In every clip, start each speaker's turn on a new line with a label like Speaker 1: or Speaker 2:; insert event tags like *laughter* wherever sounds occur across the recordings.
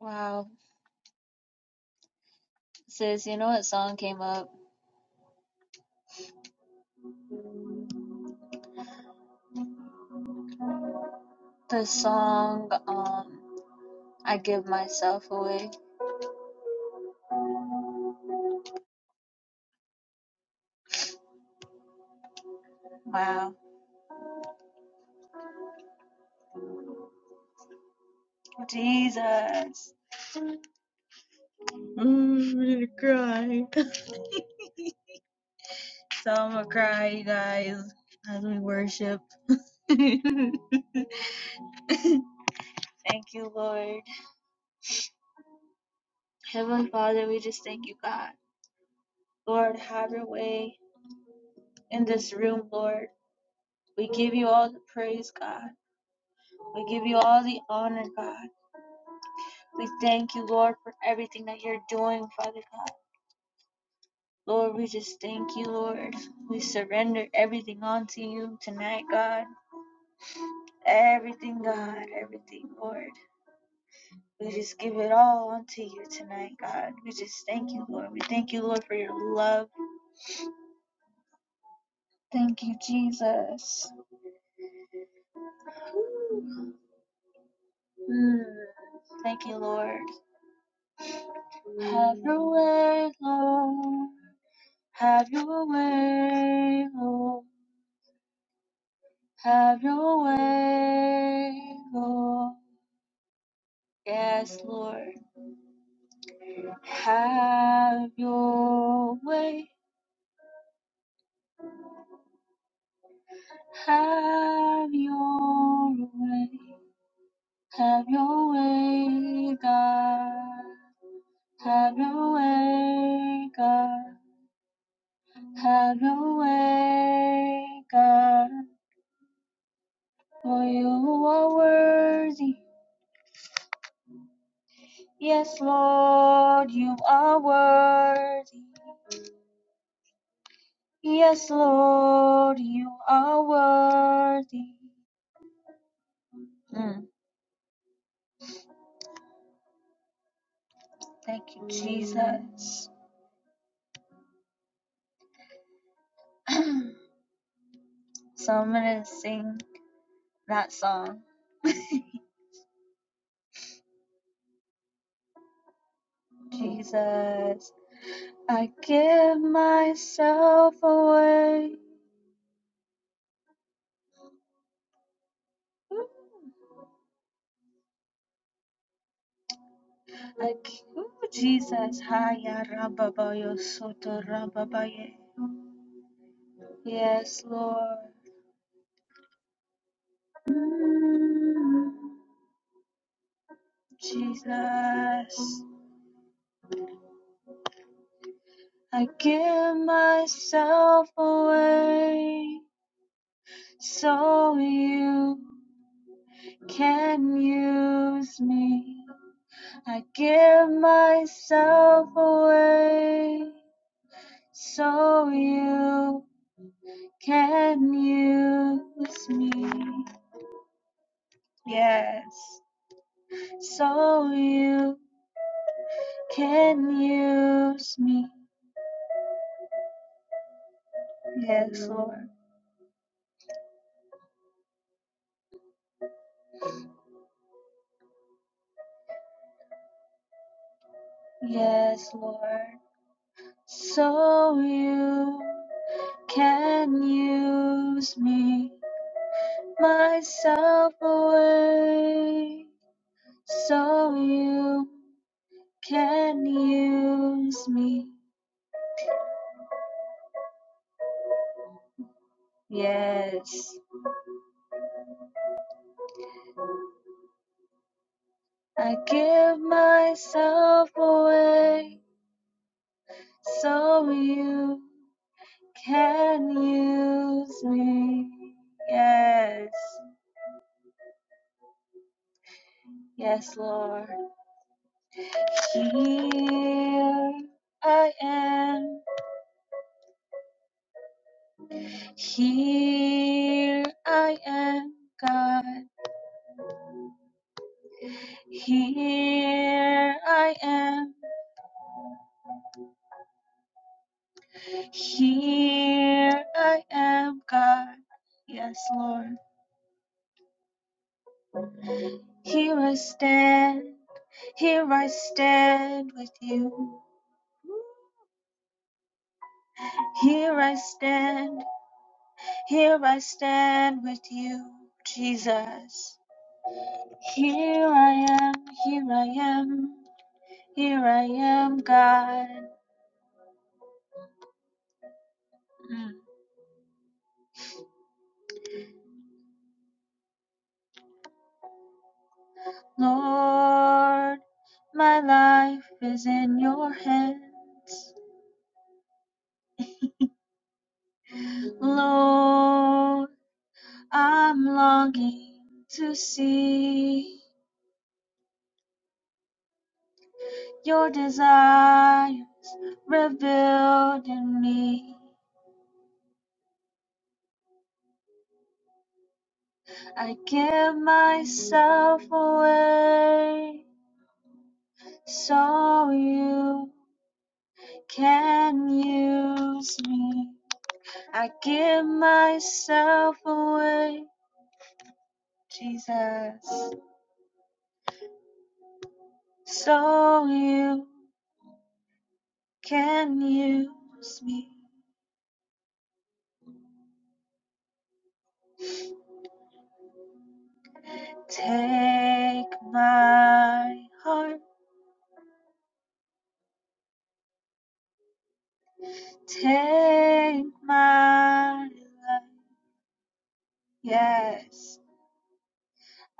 Speaker 1: Wow. Sis, you know what song came up? The song, um, I Give Myself Away. Wow. Jesus. Mm, I'm gonna cry. *laughs* So I'm gonna cry, you guys, as we worship. *laughs* Thank you, Lord. Heavenly Father, we just thank you, God. Lord, have your way in this room, Lord. We give you all the praise, God. We give you all the honor, God. We thank you, Lord, for everything that you're doing, Father God. Lord, we just thank you, Lord. We surrender everything onto you tonight, God. Everything, God. Everything, Lord. We just give it all onto you tonight, God. We just thank you, Lord. We thank you, Lord, for your love. Thank you, Jesus. Mm. Thank you, Lord. Have your way, Lord. Have your way, Lord. Have your way, Lord. Yes, Lord. Have your way, have your way, have your way, God. Have your way, God. Have your way, God. For you are worthy. Yes, Lord, you are worthy. Yes, Lord, you are worthy. Mm. Thank you, Jesus. *clears throat* So I'm gonna sing that song. Jesus, I give myself away. I, ooh, Jesus, Haya Rababayo Soto Rababaye. Yes, Lord. Mm, Jesus, I give myself away so you can use me. I give myself away so you can use me. Yes, so you can use me. Yes, Lord. Yes, Lord. So you can use me, myself away. So you can use me. Yes, I give myself away so you can use me. Yes, yes, Lord. Here I am. Here I am, God. Here I am. Here I am, God. Yes, Lord. Here I stand. Here I stand with you. Here I stand, here I stand with you, Jesus. Here I am, here I am, here I am, God. Mm. Lord, my life is in your hands. Lord, I'm longing to see your desire revealed in me. I give myself away so you can use me. I give myself away, Jesus, so you can use me. Take my heart, take my life, yes,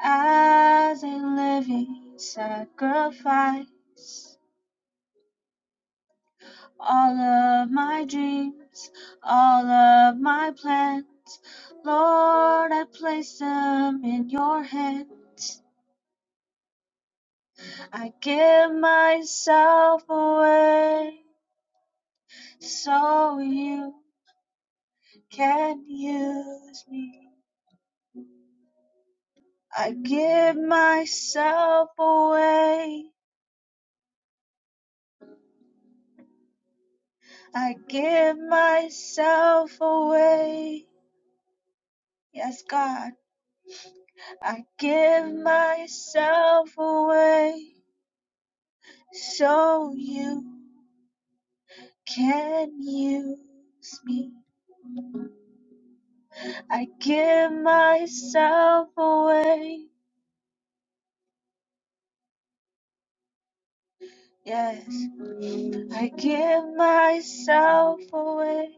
Speaker 1: as a living sacrifice. all of my dreams, all of my plans. Lord, I place them in your hands. I give myself away so you can use me. I give myself away. I give myself away. Yes, God, I give myself away so you can use me. I give myself away. Yes, I give myself away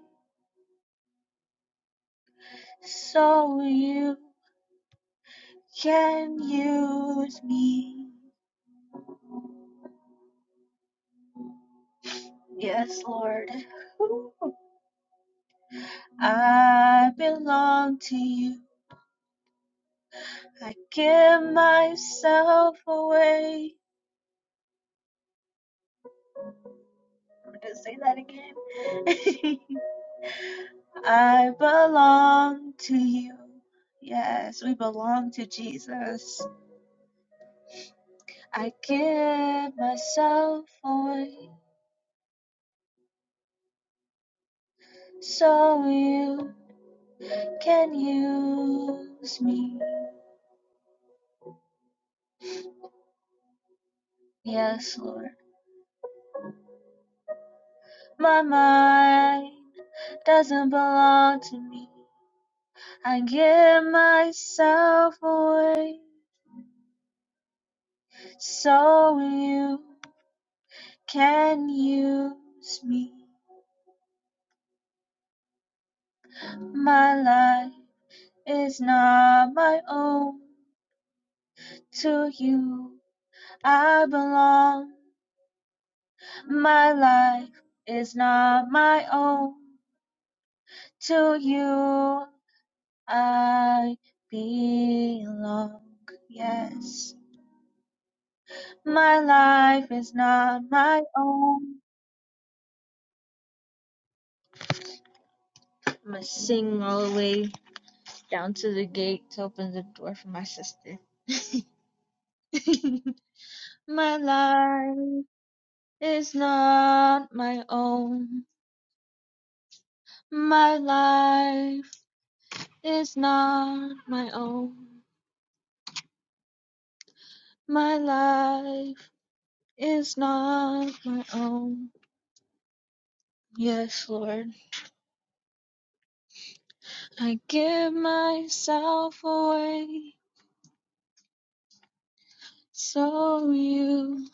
Speaker 1: so you can use me. Yes, Lord. *laughs* I belong to you. I give myself away. I'm going to say that again. *laughs* I belong to you. Yes, we belong to Jesus. I give myself away so you can use me. Yes, Lord. My mind doesn't belong to me. I give myself away so you can use me. My life is not my own. to you I belong. My life is not my own. To you I belong. Yes, my life is not my own. I'm gonna sing all the way down to the gate to open the door for my sister. *laughs* my life is not my own. My life is not my own. My life is not my own. Yes, Lord. I give myself away so you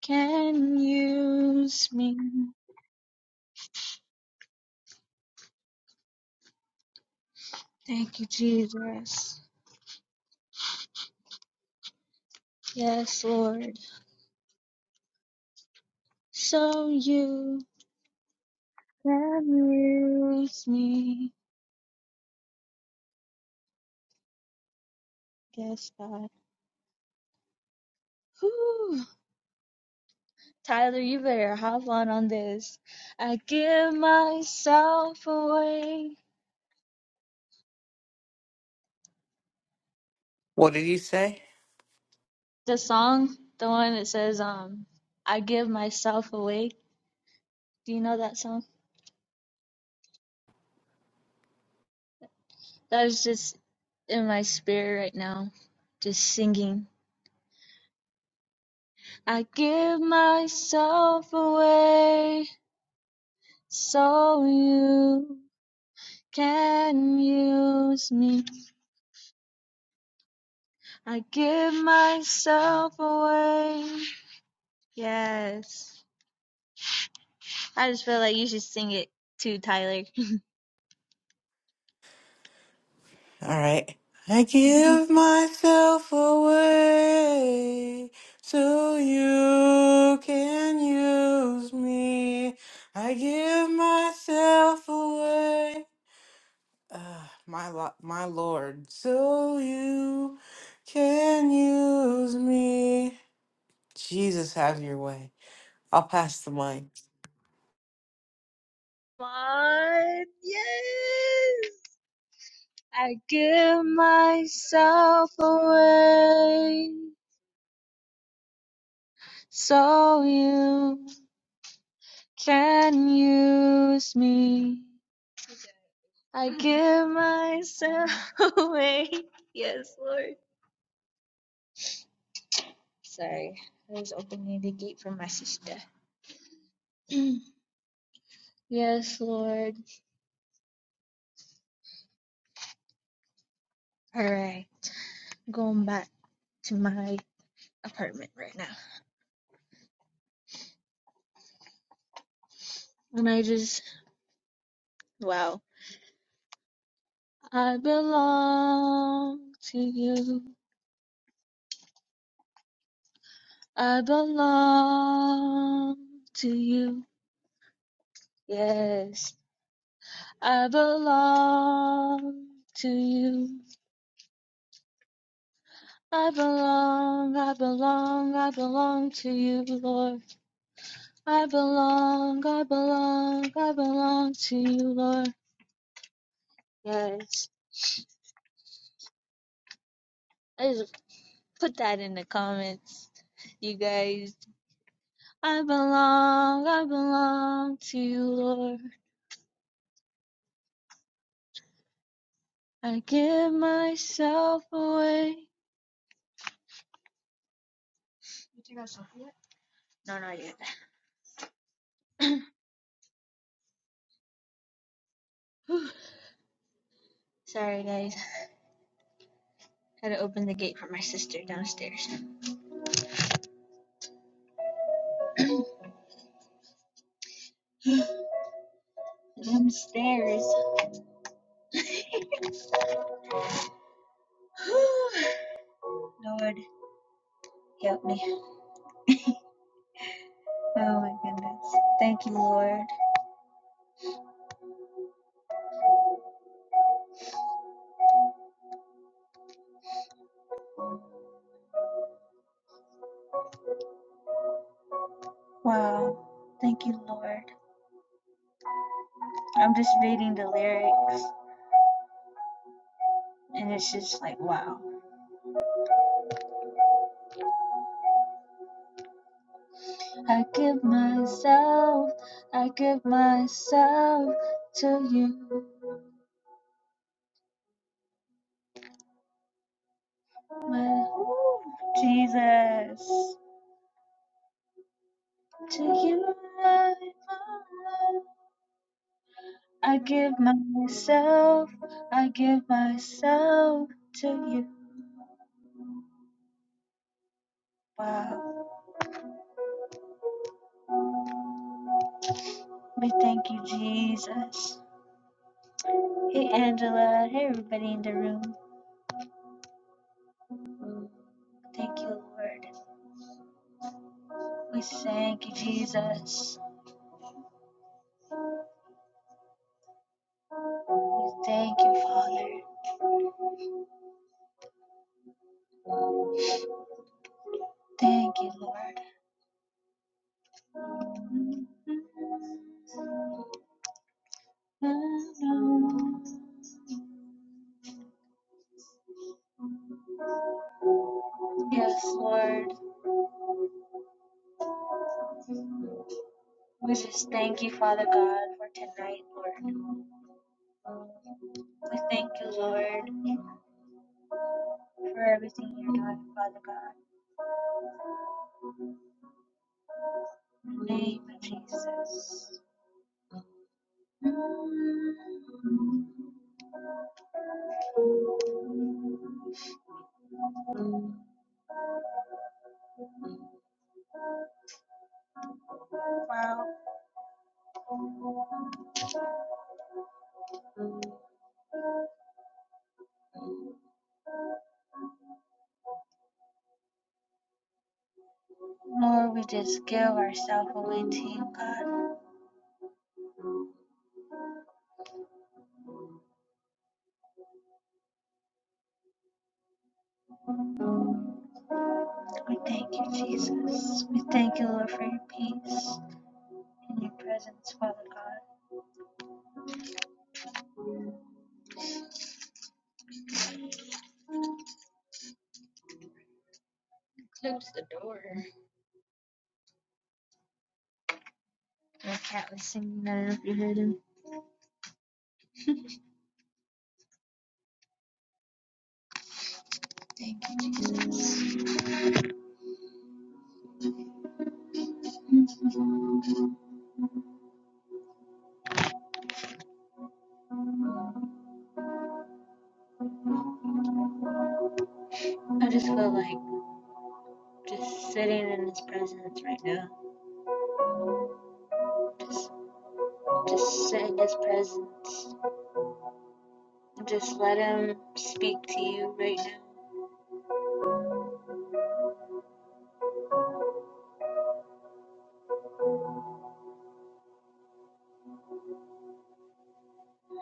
Speaker 1: can use me. Thank you, Jesus. Yes, Lord. So you can use me. Yes, God. Whew. Tyler, you better hop on on this. I give myself away
Speaker 2: What did you say?
Speaker 1: The song, the one that says, um, I give myself away. Do you know that song? That is just in my spirit right now, just singing. I give myself away so you can use me. I give myself away. Yes. I just feel like you should sing it too, Tyler.
Speaker 2: All right. I
Speaker 1: *laughs* Come
Speaker 2: give myself away so you can use me. I give myself away, uh, my lo- my Lord, so you can use me. Jesus, have your way. I'll pass the mic.
Speaker 1: on. Yes. I give myself away so you can use me. I give myself *laughs* away. Yes, Lord. Sorry, I was opening the gate for my sister. *clears throat* yes, Lord. All right, going back to my apartment right now. And I just, wow. I belong to you. I belong to you. Yes, I belong to you. I belong, I belong, I belong to you, Lord. I belong, I belong, I belong to you, Lord. Yes, I just put that in the comments, you guys. I belong, I belong to you, Lord. I give myself away. No, not yet. *clears throat* Sorry, guys. Had to open the gate for my sister downstairs. Downstairs. *sighs* Lord, help me. Oh my goodness. Thank you, Lord. Wow. Thank you, Lord. I'm just reading the lyrics, and it's just like, wow. I give myself, I give myself to you, my Jesus. To you, I belong. I give myself, I give myself to you. Wow. We thank you, Jesus. Hey, Angela. Hey, everybody in the room. Thank you, Lord. We thank you, Jesus. We thank you, Father. Thank you, Lord. Yes, Lord. We just thank you, Father God, for tonight, Lord. We thank you, Lord. for everything you're doing, Father God. In the name of Jesus. Wow, Lord, we just give ourselves away to you, God. We thank you, Jesus. We thank you, Lord, for your peace and your presence, Father God. My cat was singing, I don't know if you heard him. Thank you, Jesus. I just feel like just sitting in his presence right now. just. Just sit in His presence. Just let Him speak to you right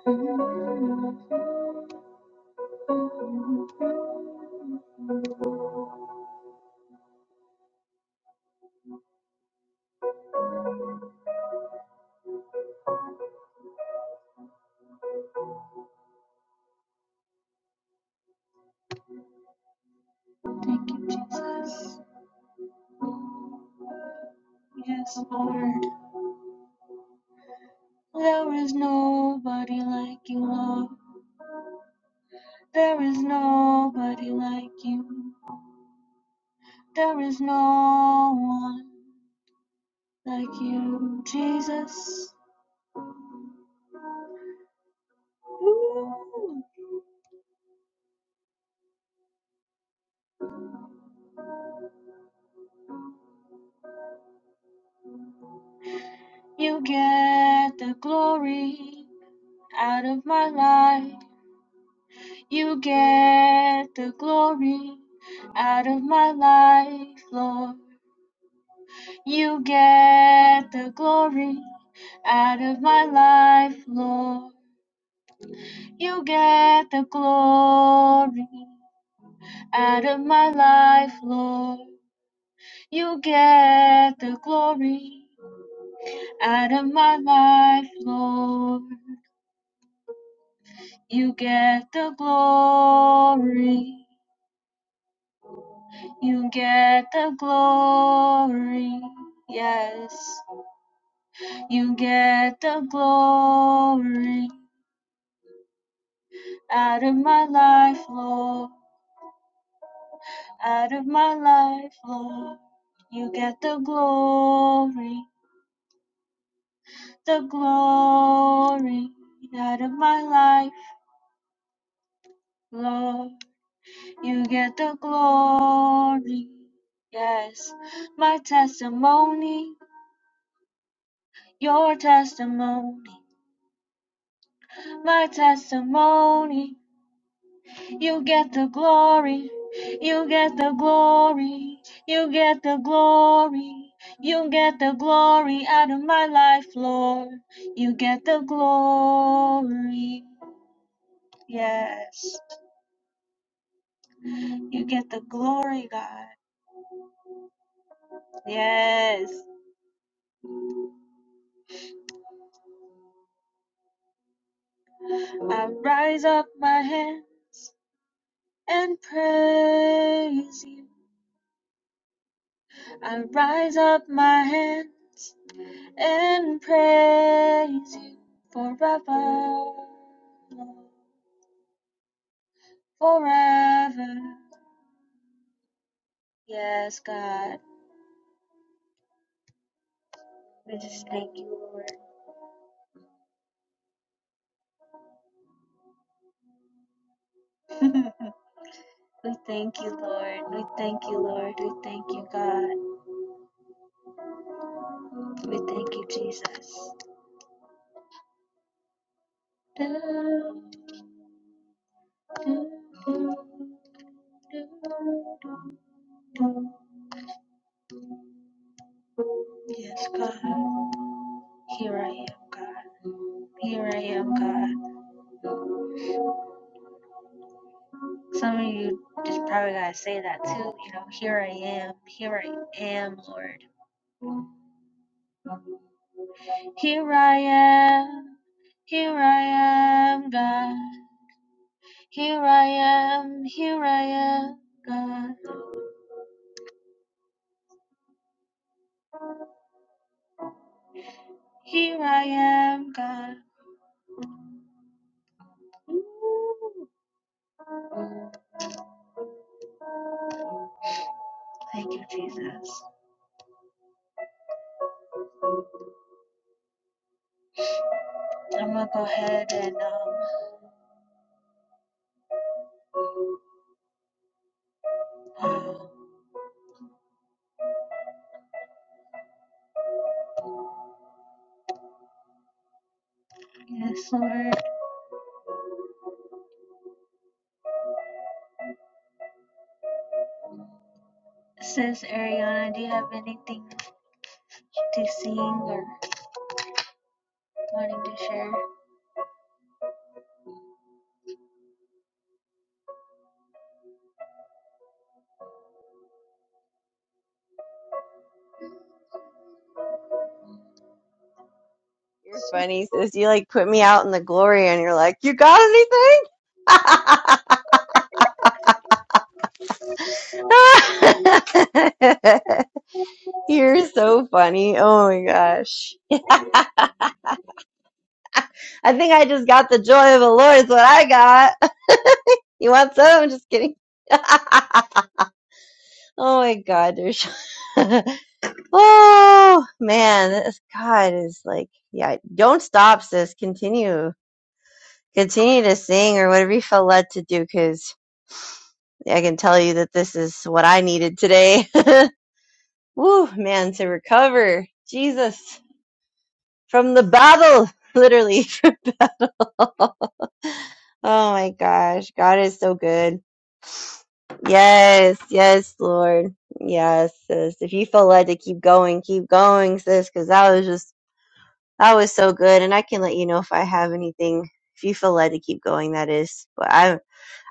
Speaker 1: now. Thank you, Jesus. Yes, Lord. There is nobody like you, Lord. There is nobody like you. There is no one like you, Jesus. Ooh. You get the glory out of my life. You get the glory out of my life, Lord. You get the glory out of my life, Lord. You get the glory out of my life, Lord. You get the glory out of my life, Lord. You get the glory You get the glory, yes. You get the glory out of my life, Lord. Out of my life, Lord. You get the glory, the glory out of my life, Lord. You get the glory, yes. My testimony, your testimony, my testimony. You get the glory. You get the glory. You get the glory. You get the glory out of my life, Lord. You get the glory. Yes. You get the glory, God. Yes. I rise up my hands and praise you. I rise up my hands and praise you forever. Lord. forever. Yes, God. We just thank you, Lord. *laughs* we thank you, Lord. We thank you, Lord. We thank you, God. We thank you, Jesus. Yes, God. Here I am, God. Here I am, God. Some of you just probably gotta say that too. You know, here I am. Here I am, Lord. Here I am. Here I am, God. Here I am, here I am, God. Here I am, God. Ooh. Thank you, Jesus. I'm gonna go ahead and um, um, yes, Lord. Says Ariana, do you have anything to sing or wanting to share?
Speaker 3: You're
Speaker 1: So,
Speaker 3: funny, sis. You like put me out in the glory and you're like, You got anything? *laughs* you're so funny. Oh my gosh. I think I just got the joy of the Lord is what I got. *laughs* You want some? I'm just kidding. *laughs* oh my god, there's *laughs* Oh man, this God is like yeah, don't stop, sis. Continue. Continue to sing or whatever you feel led to do because I can tell you that this is what I needed today. *laughs* Woo, man, to recover. Jesus. From the battle, *laughs* literally. *laughs* oh my gosh. God is so good. Yes, yes, Lord. Yes, sis. If you feel led to keep going, keep going, sis, because that was just, that was so good. And I can let you know if I have anything, if you feel led to keep going, that is. But I'm,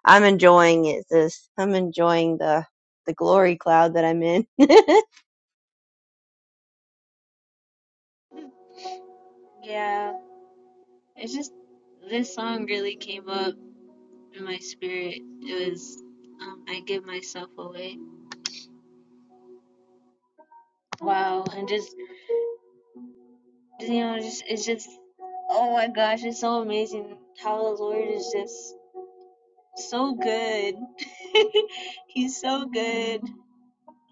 Speaker 3: I'm enjoying it, sis. I'm enjoying the, the glory cloud that I'm in. *laughs*
Speaker 1: yeah, it's just this song really came up in my spirit. It was um, I give myself away. Wow, and just you know, just it's just oh my gosh, it's so amazing how the Lord is just so good. *laughs* He's so good.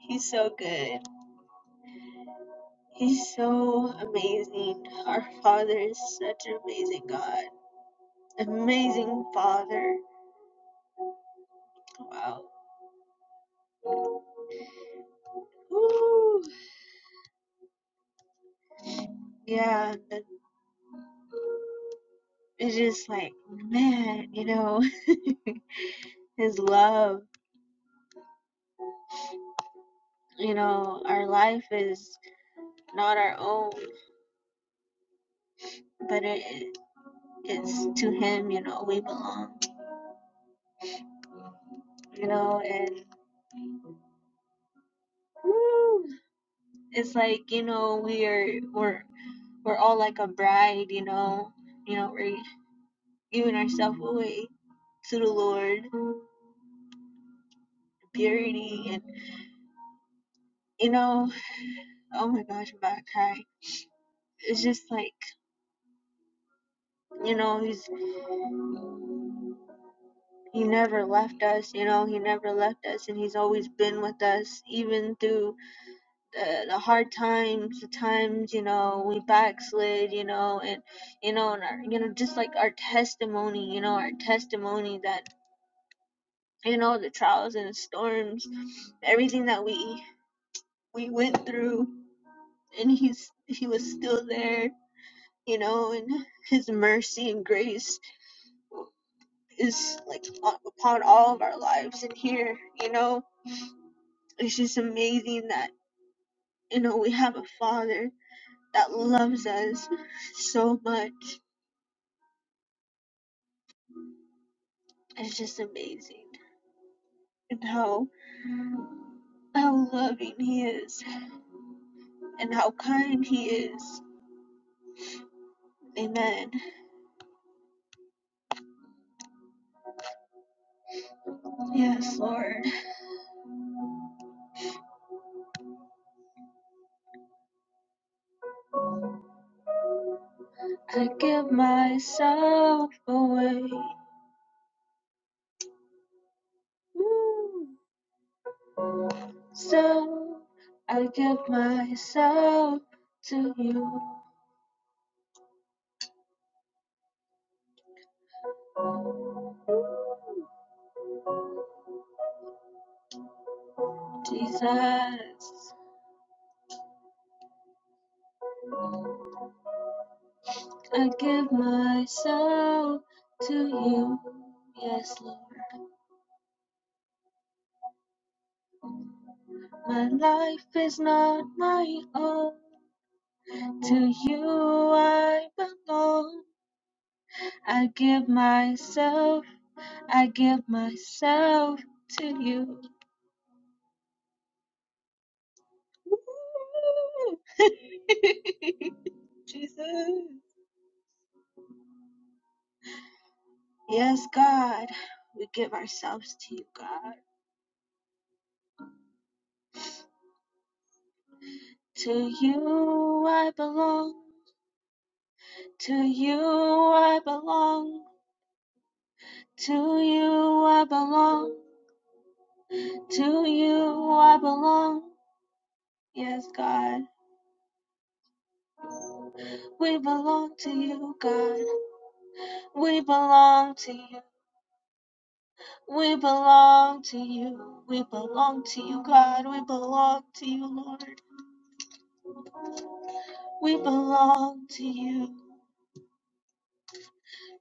Speaker 1: He's so good. He's so amazing. Our Father is such an amazing God. Amazing Father. Wow. Woo. Yeah, it's just like, man, you know, *laughs* His love, you know, our life is not our own, but it. it's to him you know we belong you know and woo, it's like you know we're we're we're all like a bride you know you know we're giving ourselves away to the lord purity and you know oh my gosh i'm about to cry it's just like you know he's he never left us you know he never left us and he's always been with us even through the, the hard times, the times you know we backslid, you know, and you know, and our, you know, just like our testimony, you know, our testimony that you know the trials and the storms, everything that we we went through, and he's he was still there, you know, and his mercy and grace is like upon all of our lives and here, you know, it's just amazing that you know we have a father that loves us so much It's just amazing. And how how loving he is and how kind he is. Amen. Yes, Lord. I give myself away. Woo. So I give myself to you, Jesus. I give myself to you. Yes, Lord. My life is not my own. To you I belong. I give myself, I give myself to you. Woo! *laughs* Jesus. Yes, God, we give ourselves to you, God. To you I belong. To you I belong. To you I belong. To you I belong. Yes, God, we belong to you, God. We belong to you. We belong to you. We belong to you, God. We belong to you, Lord. We belong to you.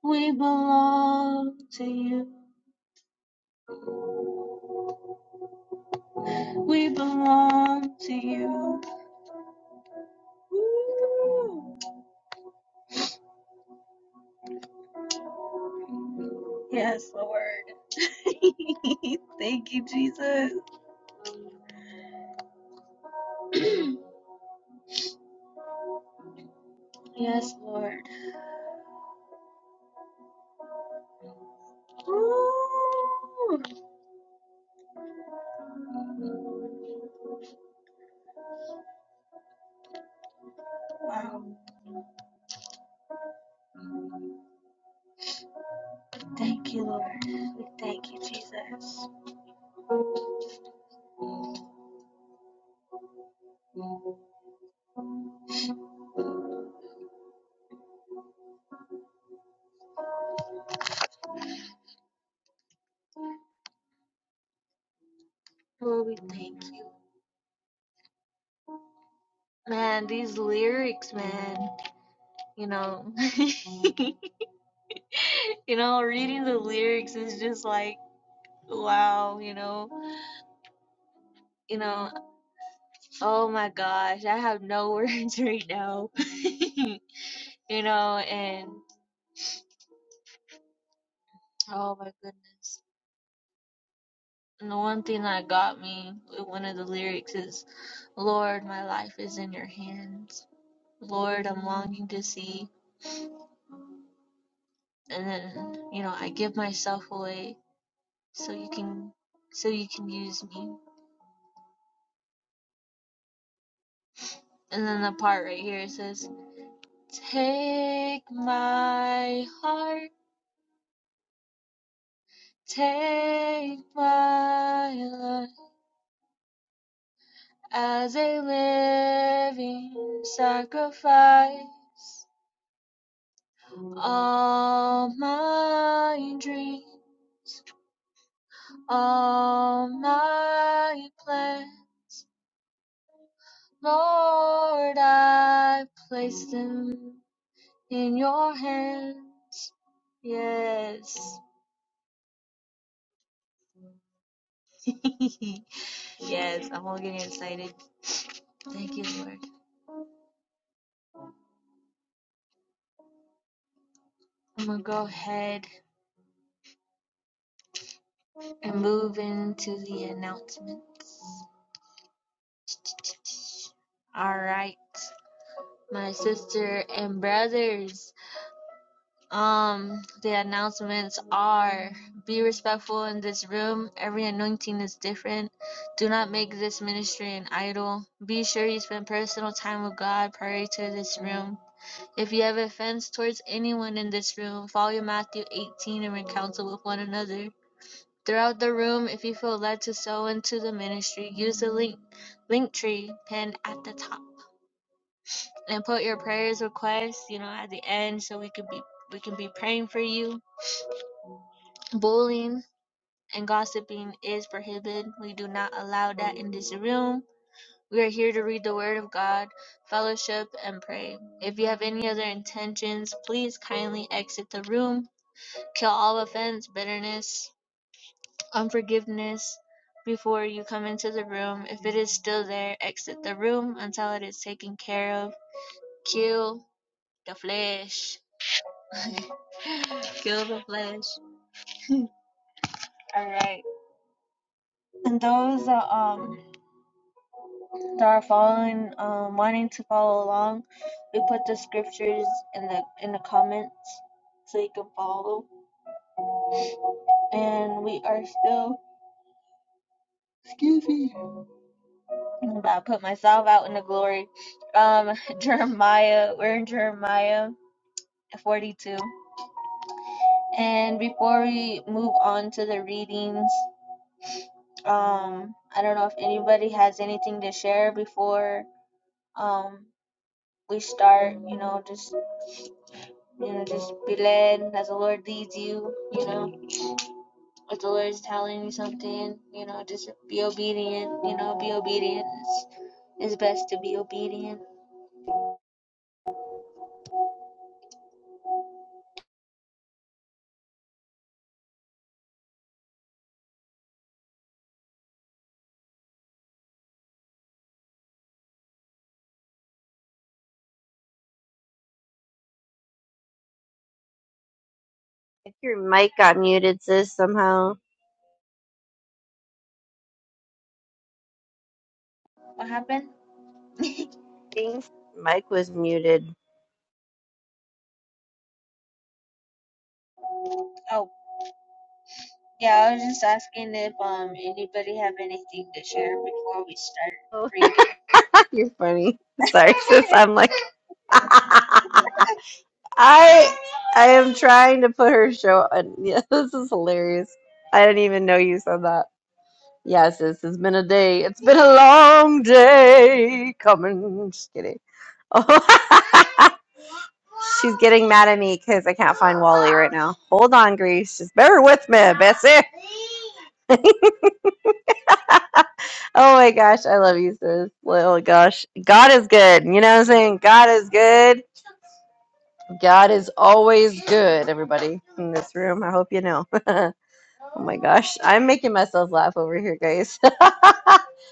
Speaker 1: We belong to you. We belong to you. Woo! Yes, Lord. *laughs* Thank you, Jesus. *clears throat* yes, Lord. Woo! Wow. Thank you, Lord. We thank you, Jesus. Lord, we thank you. Man, these lyrics, man, you know, *laughs* you know, reading the lyrics is just like, wow, you know, you know, oh my gosh, I have no words *laughs* right now, you know, and oh my goodness. And the one thing that got me with one of the lyrics is, Lord, my life is in your hands. Lord, I'm longing to see. And then, you know, I give myself away so you can, so you can use me And then the part right here it says, Take my heart, take my life as a living sacrifice. All my dreams, all my plans, Lord, I place them in your hands. Yes. *laughs* yes, I'm all getting excited. Thank you, Lord. I'm going to go ahead and move into the announcements. All right. My sister and brothers, um, the announcements are be respectful in this room. Every anointing is different. Do not make this ministry an idol. Be sure you spend personal time with God prior to this room. If you have offense towards anyone in this room, follow Matthew 18 and reconcile with one another. throughout the room. If you feel led to sow into the ministry, use the link link tree pin at the top and put your prayers requests, you know, at the end so we could be we can be praying for you. Bullying and gossiping is prohibited. We do not allow that in this room. We are here to read the word of God, fellowship, and pray. If you have any other intentions, please kindly exit the room. Kill all offense, bitterness, unforgiveness before you come into the room. If it is still there, exit the room until it is taken care of. Kill the flesh. *laughs* Kill the flesh. All right. And those uh, um that are following, um, wanting to follow along, we put the scriptures in the in the comments so you can follow. And we are still. Excuse me. I'm about to put myself out in the glory. Um, *laughs* Jeremiah. We're in Jeremiah. 42. And before we move on to the readings, um, I don't know if anybody has anything to share before um we start. You know, just you know, just be led as the Lord leads you. You know, if the Lord is telling you something, you know, just be obedient. You know, be obedient. It's, it's best to be obedient.
Speaker 3: If Your mic got muted, sis, somehow.
Speaker 1: What happened? *laughs*
Speaker 3: Thanks. Mic was muted.
Speaker 1: oh, yeah, I was just asking if um anybody have anything to share before we start
Speaker 3: Oh,
Speaker 1: reading.
Speaker 3: *laughs* you're funny. Sorry, *laughs* sis. I'm like, *laughs* I I am trying to put her show on. Yeah, *laughs* this is hilarious. I didn't even know you said that. Yeah, sis. It's been a day. It's been a long day coming. Just kidding. Oh, *laughs* she's getting mad at me because I can't find Wally right now. Hold on, Grace. Just bear with me, Bessie. Oh my gosh, I love you, sis. Oh my gosh, God is good. You know what I'm saying? God is good. God is always good, everybody in this room. I hope you know. *laughs* oh my gosh. I'm making myself laugh over here, guys.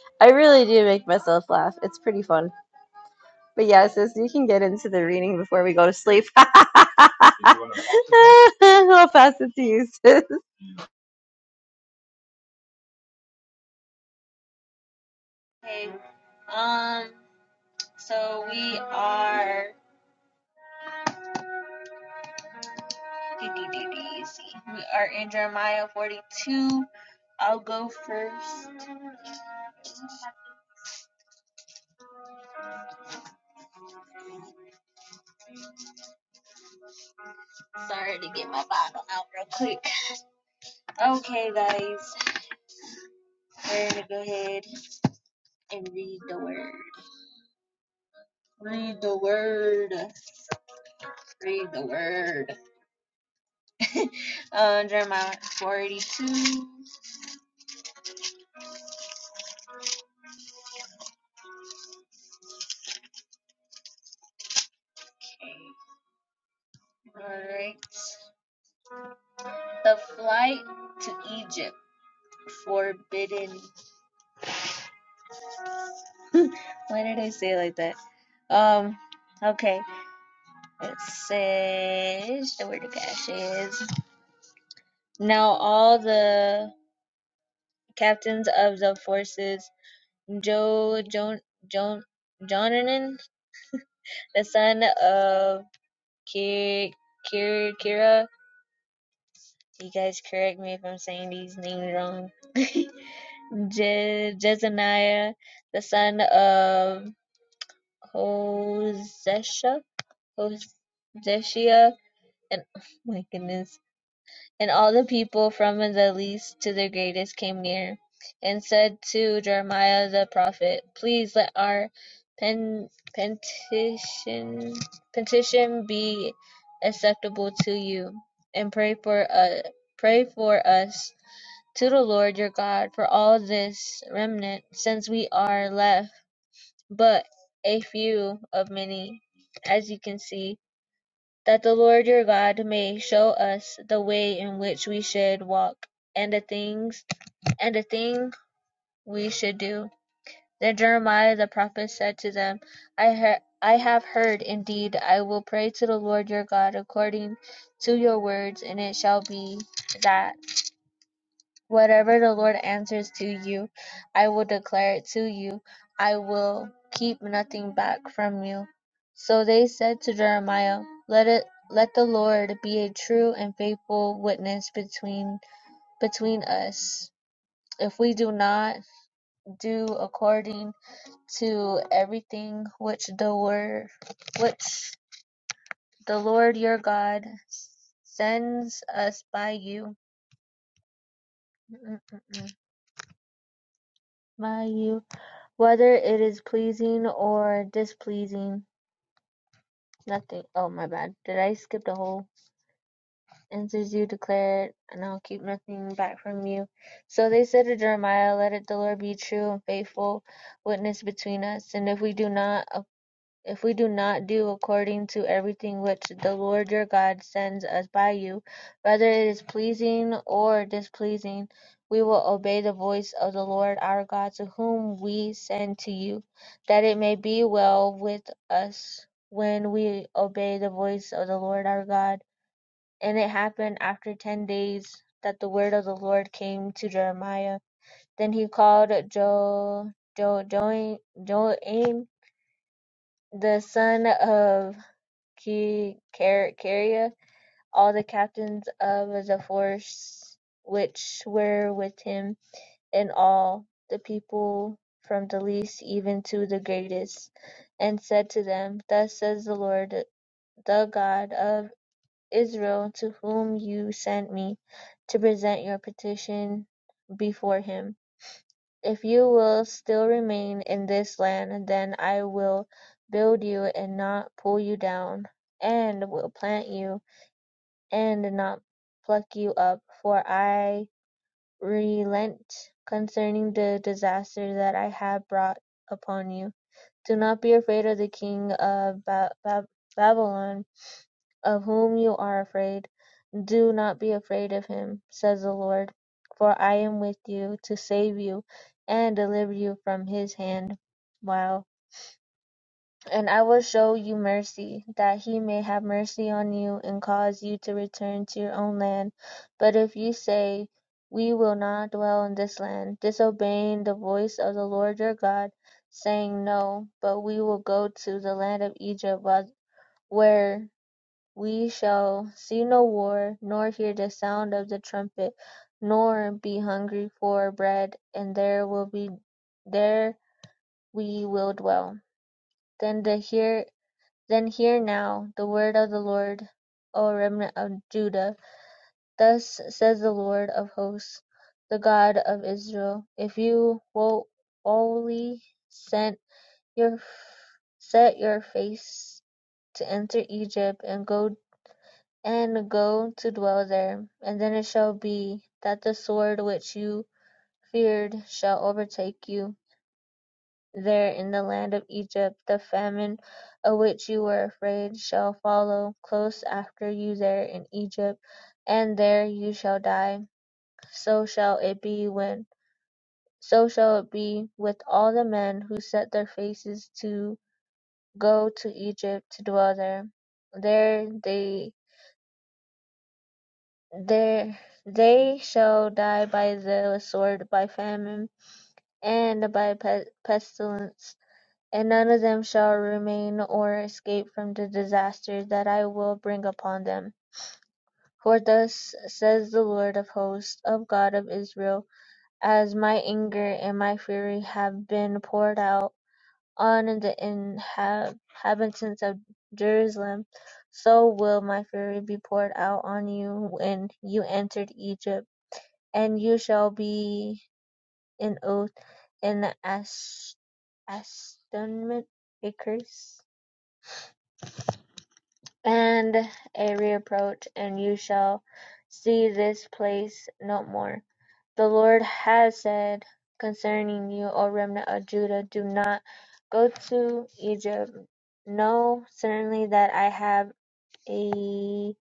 Speaker 3: *laughs* I really do make myself laugh. It's pretty fun. But yeah, sis, you can get into the reading before we go to sleep. *laughs* I'll pass it to you, sis.
Speaker 1: Hey, um, so we are, do, we are in Jeremiah 42. I'll go first. Sorry to get my Bible out real quick. Okay, guys, we're gonna go ahead and read the word. Read the word. Read the word. *laughs* uh, Jeremiah 42. Okay, alright. The flight to Egypt forbidden *laughs* Why did I say it like that? Um, okay. It says where the word of cash is now all the captains of the forces Jo John John Jonanan, the son of Kir Kir Kira. You guys correct me if I'm saying these names wrong. *laughs* Je- Jezaniah, the son of Hoseshia. Hosea and *sighs* oh my goodness. And all the people from the least to the greatest came near and said to Jeremiah the prophet, Please let our pen, petition, petition be acceptable to you, and pray for us, pray for us to the Lord your God for all this remnant, since we are left but a few of many, as you can see that the Lord your God may show us the way in which we should walk, and the things and the thing we should do. Then Jeremiah the prophet said to them, I heard I have heard indeed I will pray to the Lord your God according to your words and it shall be that Whatever the Lord answers to you, I will declare it to you. I will keep nothing back from you. So they said to Jeremiah, Let it let the Lord be a true and faithful witness between between us. If we do not do according to everything which the word which the Lord your God sends us by you, *laughs* by you Whether it is pleasing or displeasing, nothing oh my bad. Did I skip the whole? Answers you declare it, and I'll keep nothing back from you. So they said to Jeremiah, Let it the Lord be true and faithful witness between us, and if we do not if we do not do according to everything which the Lord your God sends us by you, whether it is pleasing or displeasing, we will obey the voice of the Lord our God to whom we send to you, that it may be well with us when we obey the voice of the Lord our God. And it happened after ten days that the word of the Lord came to Jeremiah. Then he called Jo Jo Join Join the son of Ki- Car- Caria all the captains of the force which were with him, and all the people from the least even to the greatest, and said to them, Thus says the Lord, the God of Israel, to whom you sent me, to present your petition before him. If you will still remain in this land, then I will build you and not pull you down, and will plant you and did not pluck you up: for I relent concerning the disaster that I have brought upon you. Do not be afraid of the king of ba- Ba- Babylon, of whom you are afraid. Do not be afraid of him, says the Lord, for I am with you to save you and deliver you from his hand. Wow. And I will show you mercy, that he may have mercy on you, and cause you to return to your own land. But if you say, We will not dwell in this land, disobeying the voice of the Lord your God, saying, No, but we will go to the land of Egypt, where we shall see no war, nor hear the sound of the trumpet, nor be hungry for bread, and there will be there we will dwell. Then the hear then hear now the word of the Lord, O remnant of Judah. Thus says the Lord of hosts, the God of Israel: If you will only set your set your face to enter Egypt and go and go to dwell there, and then it shall be that the sword which you feared shall overtake you, There in the land of Egypt the famine of which you were afraid shall follow close after you there in Egypt, and there you shall die. So shall it be when so shall it be with all the men who set their faces to go to Egypt to dwell there. There they there they shall die by the sword, by famine, and by pe- pestilence And none of them shall remain or escape from the disaster that I will bring upon them. For thus says the Lord of hosts, of God of Israel, as my anger and my fury have been poured out on the inhabitants of Jerusalem, so will my fury be poured out on you when you entered Egypt, and you shall be in oath in the as- astonishment, a curse. and a reproach, and you shall see this place no more. The Lord has said concerning you, O remnant of Judah, do not go to Egypt. Know certainly that I have astonished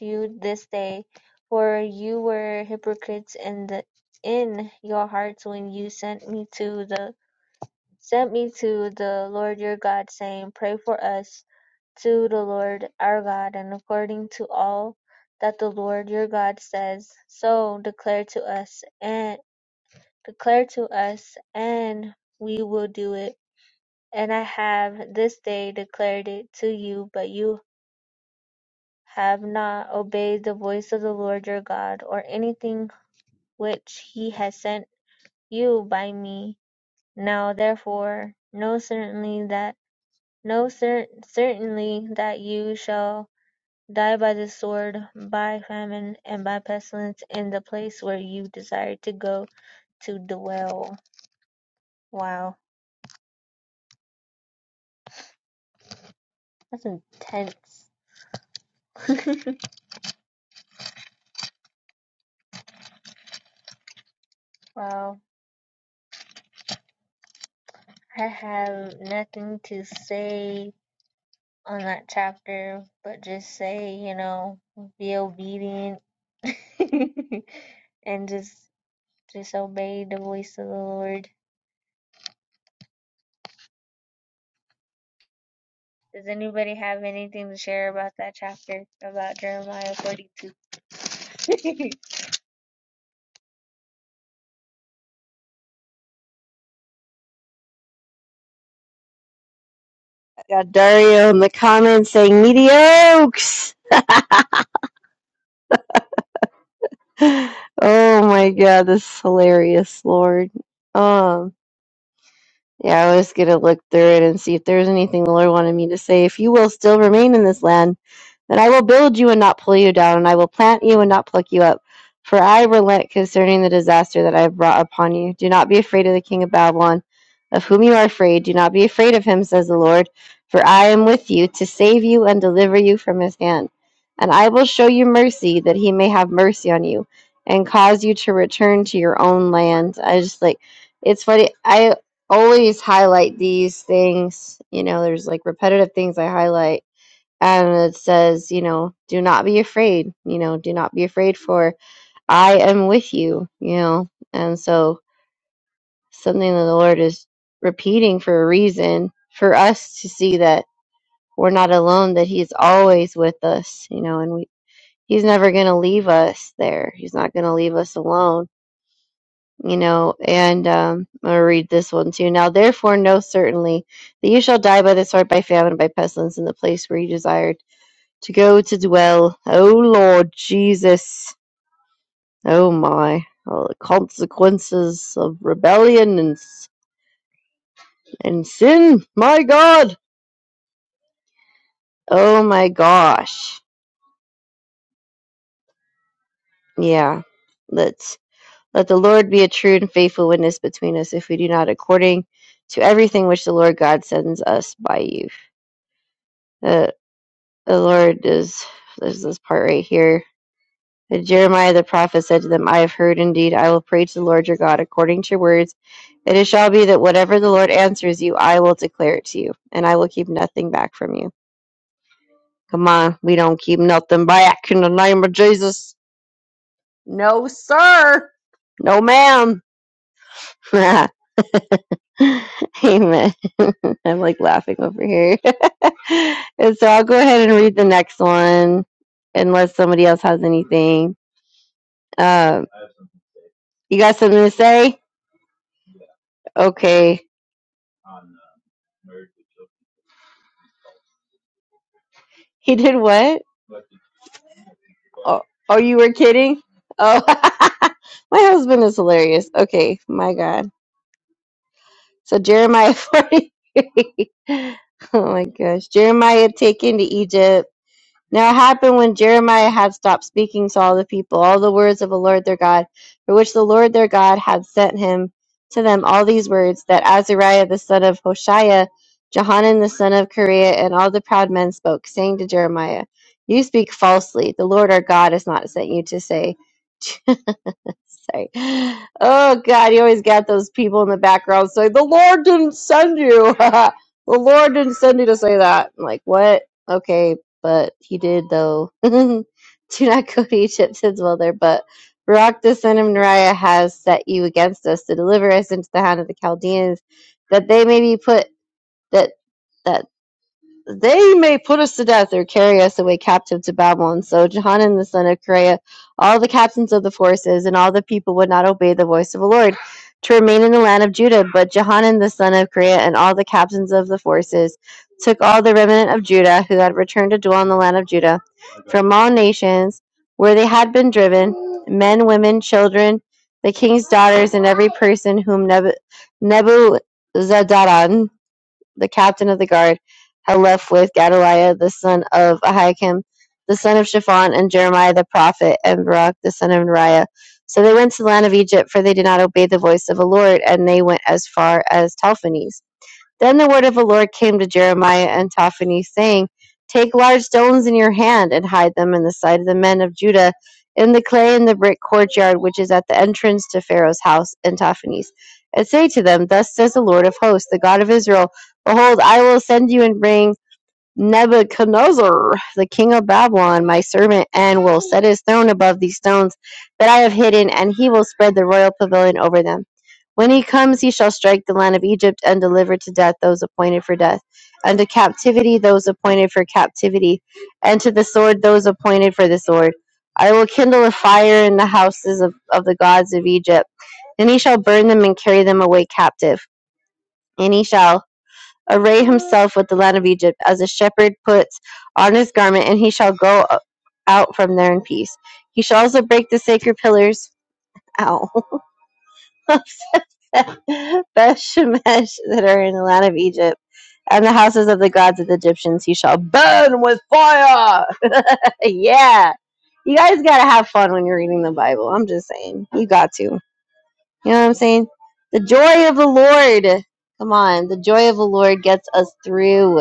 Speaker 1: you this day, for you were hypocrites in the in your hearts when you sent me to the sent me to the Lord your God, saying, Pray for us to the Lord our God, and according to all that the Lord your God says, so declare to us and declare to us, and we will do it. And I have this day declared it to you, but you have not obeyed the voice of the Lord your God, or anything which he has sent you by me. Now therefore know certainly that know cer- certainly that you shall Die by the sword, by famine, and by pestilence in the place where you desire to go to dwell. Wow. That's intense. *laughs* wow. I have nothing to say on that chapter, but just say, you know, be obedient *laughs* and just just obey the voice of the Lord. Does anybody have anything to share about that chapter about Jeremiah 42?
Speaker 3: *laughs* Got Dario in the comments saying mediocres. *sighs* Oh my god, this is hilarious, Lord. Um. Yeah, I was gonna look through it and see if there's anything the Lord wanted me to say. If you will still remain in this land, and I will build you and not pull you down, and I will plant you and not pluck you up. For I relent concerning the disaster that I have brought upon you. Do not be afraid of the king of Babylon, of whom you are afraid. Do not be afraid of him, says the Lord, for I am with you to save you and deliver you from his hand. And I will show you mercy, that he may have mercy on you, and cause you to return to your own land. I just like, it's funny. I always highlight these things. You know, there's like repetitive things I highlight and it says, you know, do not be afraid, you know, do not be afraid for I am with you, you know. And so something that the Lord is repeating for a reason for us to see that we're not alone, that he's always with us, you know, and we he's never going to leave us there. He's not going to leave us alone. You know, and um, I'm going to read this one too. Now, therefore, know certainly that you shall die by the sword, by famine, by pestilence, in the place where you desire to go to dwell. Oh Lord Jesus, oh my, oh, the consequences of rebellion and and sin. My God, oh my gosh, yeah. Let's let the Lord be a true and faithful witness between us, if we do not according to everything which the Lord God sends us by you. Uh, the Lord is there's this part right here But Jeremiah the prophet said to them, I have heard indeed, I will pray to the Lord your God according to your words, and it shall be that whatever the Lord answers you, I will declare it to you, and I will keep nothing back from you. Come on, we don't keep nothing back in the name of Jesus. No, sir. No, ma'am. *laughs* Amen. *laughs* I'm like laughing over here. *laughs* and so I'll go ahead and read the next one unless somebody else has anything. Um, you got something to say? Okay. He did what? Oh, oh, you were kidding? Oh, *laughs* my husband is hilarious. Okay, my God. So Jeremiah *laughs* 43. oh my gosh. Jeremiah taken to Egypt. Now it happened when Jeremiah had stopped speaking to all the people, all the words of the Lord their God, for which the Lord their God had sent him to them all these words, that Azariah the son of Hoshea, Johanan the son of Kareah, and all the proud men spoke, saying to Jeremiah, You speak falsely. The Lord our God has not sent you to say, say. Oh God, you always got those people in the background saying, The Lord didn't send you. *laughs* the Lord didn't send you to say that. I'm like, what? Okay, but he did though. *laughs* Do not go to Egypt, his mother, but Barak the son of Neriah has set you against us to deliver us into the hand of the Chaldeans, that they may be put that. that they may put us to death or carry us away captive to Babylon. So Johanan the son of Kareah, all the captains of the forces, and all the people would not obey the voice of the Lord to remain in the land of Judah. But Johanan the son of Kareah and all the captains of the forces took all the remnant of Judah who had returned to dwell in the land of Judah from all nations where they had been driven, men, women, children, the king's daughters, and every person whom Nebu- Nebuchadnezzar the captain of the guard, had left with Gedaliah the son of Ahikam, the son of Shaphan, and Jeremiah the prophet, and Barak the son of Neriah. So they went to the land of Egypt, for they did not obey the voice of the Lord, and they went as far as Telphanes. Then the word of the Lord came to Jeremiah and Tophany, saying, Take large stones in your hand and hide them in the sight of the men of Judah in the clay in the brick courtyard which is at the entrance to Pharaoh's house and Tophany's. And say to them, Thus says the Lord of hosts, the God of Israel, Behold, I will send you and bring Nebuchadnezzar, the king of Babylon, my servant, and will set his throne above these stones that I have hidden, and he will spread the royal pavilion over them. When he comes, he shall strike the land of Egypt and deliver to death those appointed for death, and to captivity those appointed for captivity, and to the sword those appointed for the sword. I will kindle a fire in the houses of, of the gods of Egypt, and he shall burn them and carry them away captive. And he shall array himself with the land of Egypt, as a shepherd puts on his garment, and he shall go out from there in peace. He shall also break the sacred pillars, ow, *laughs* of Beth Shemesh that are in the land of Egypt, and the houses of the gods of the Egyptians he shall burn with fire. *laughs* yeah. You guys gotta have fun when you're reading the Bible. I'm just saying. You got to. You know what I'm saying? The joy of the Lord. Come on. The joy of the Lord gets us through.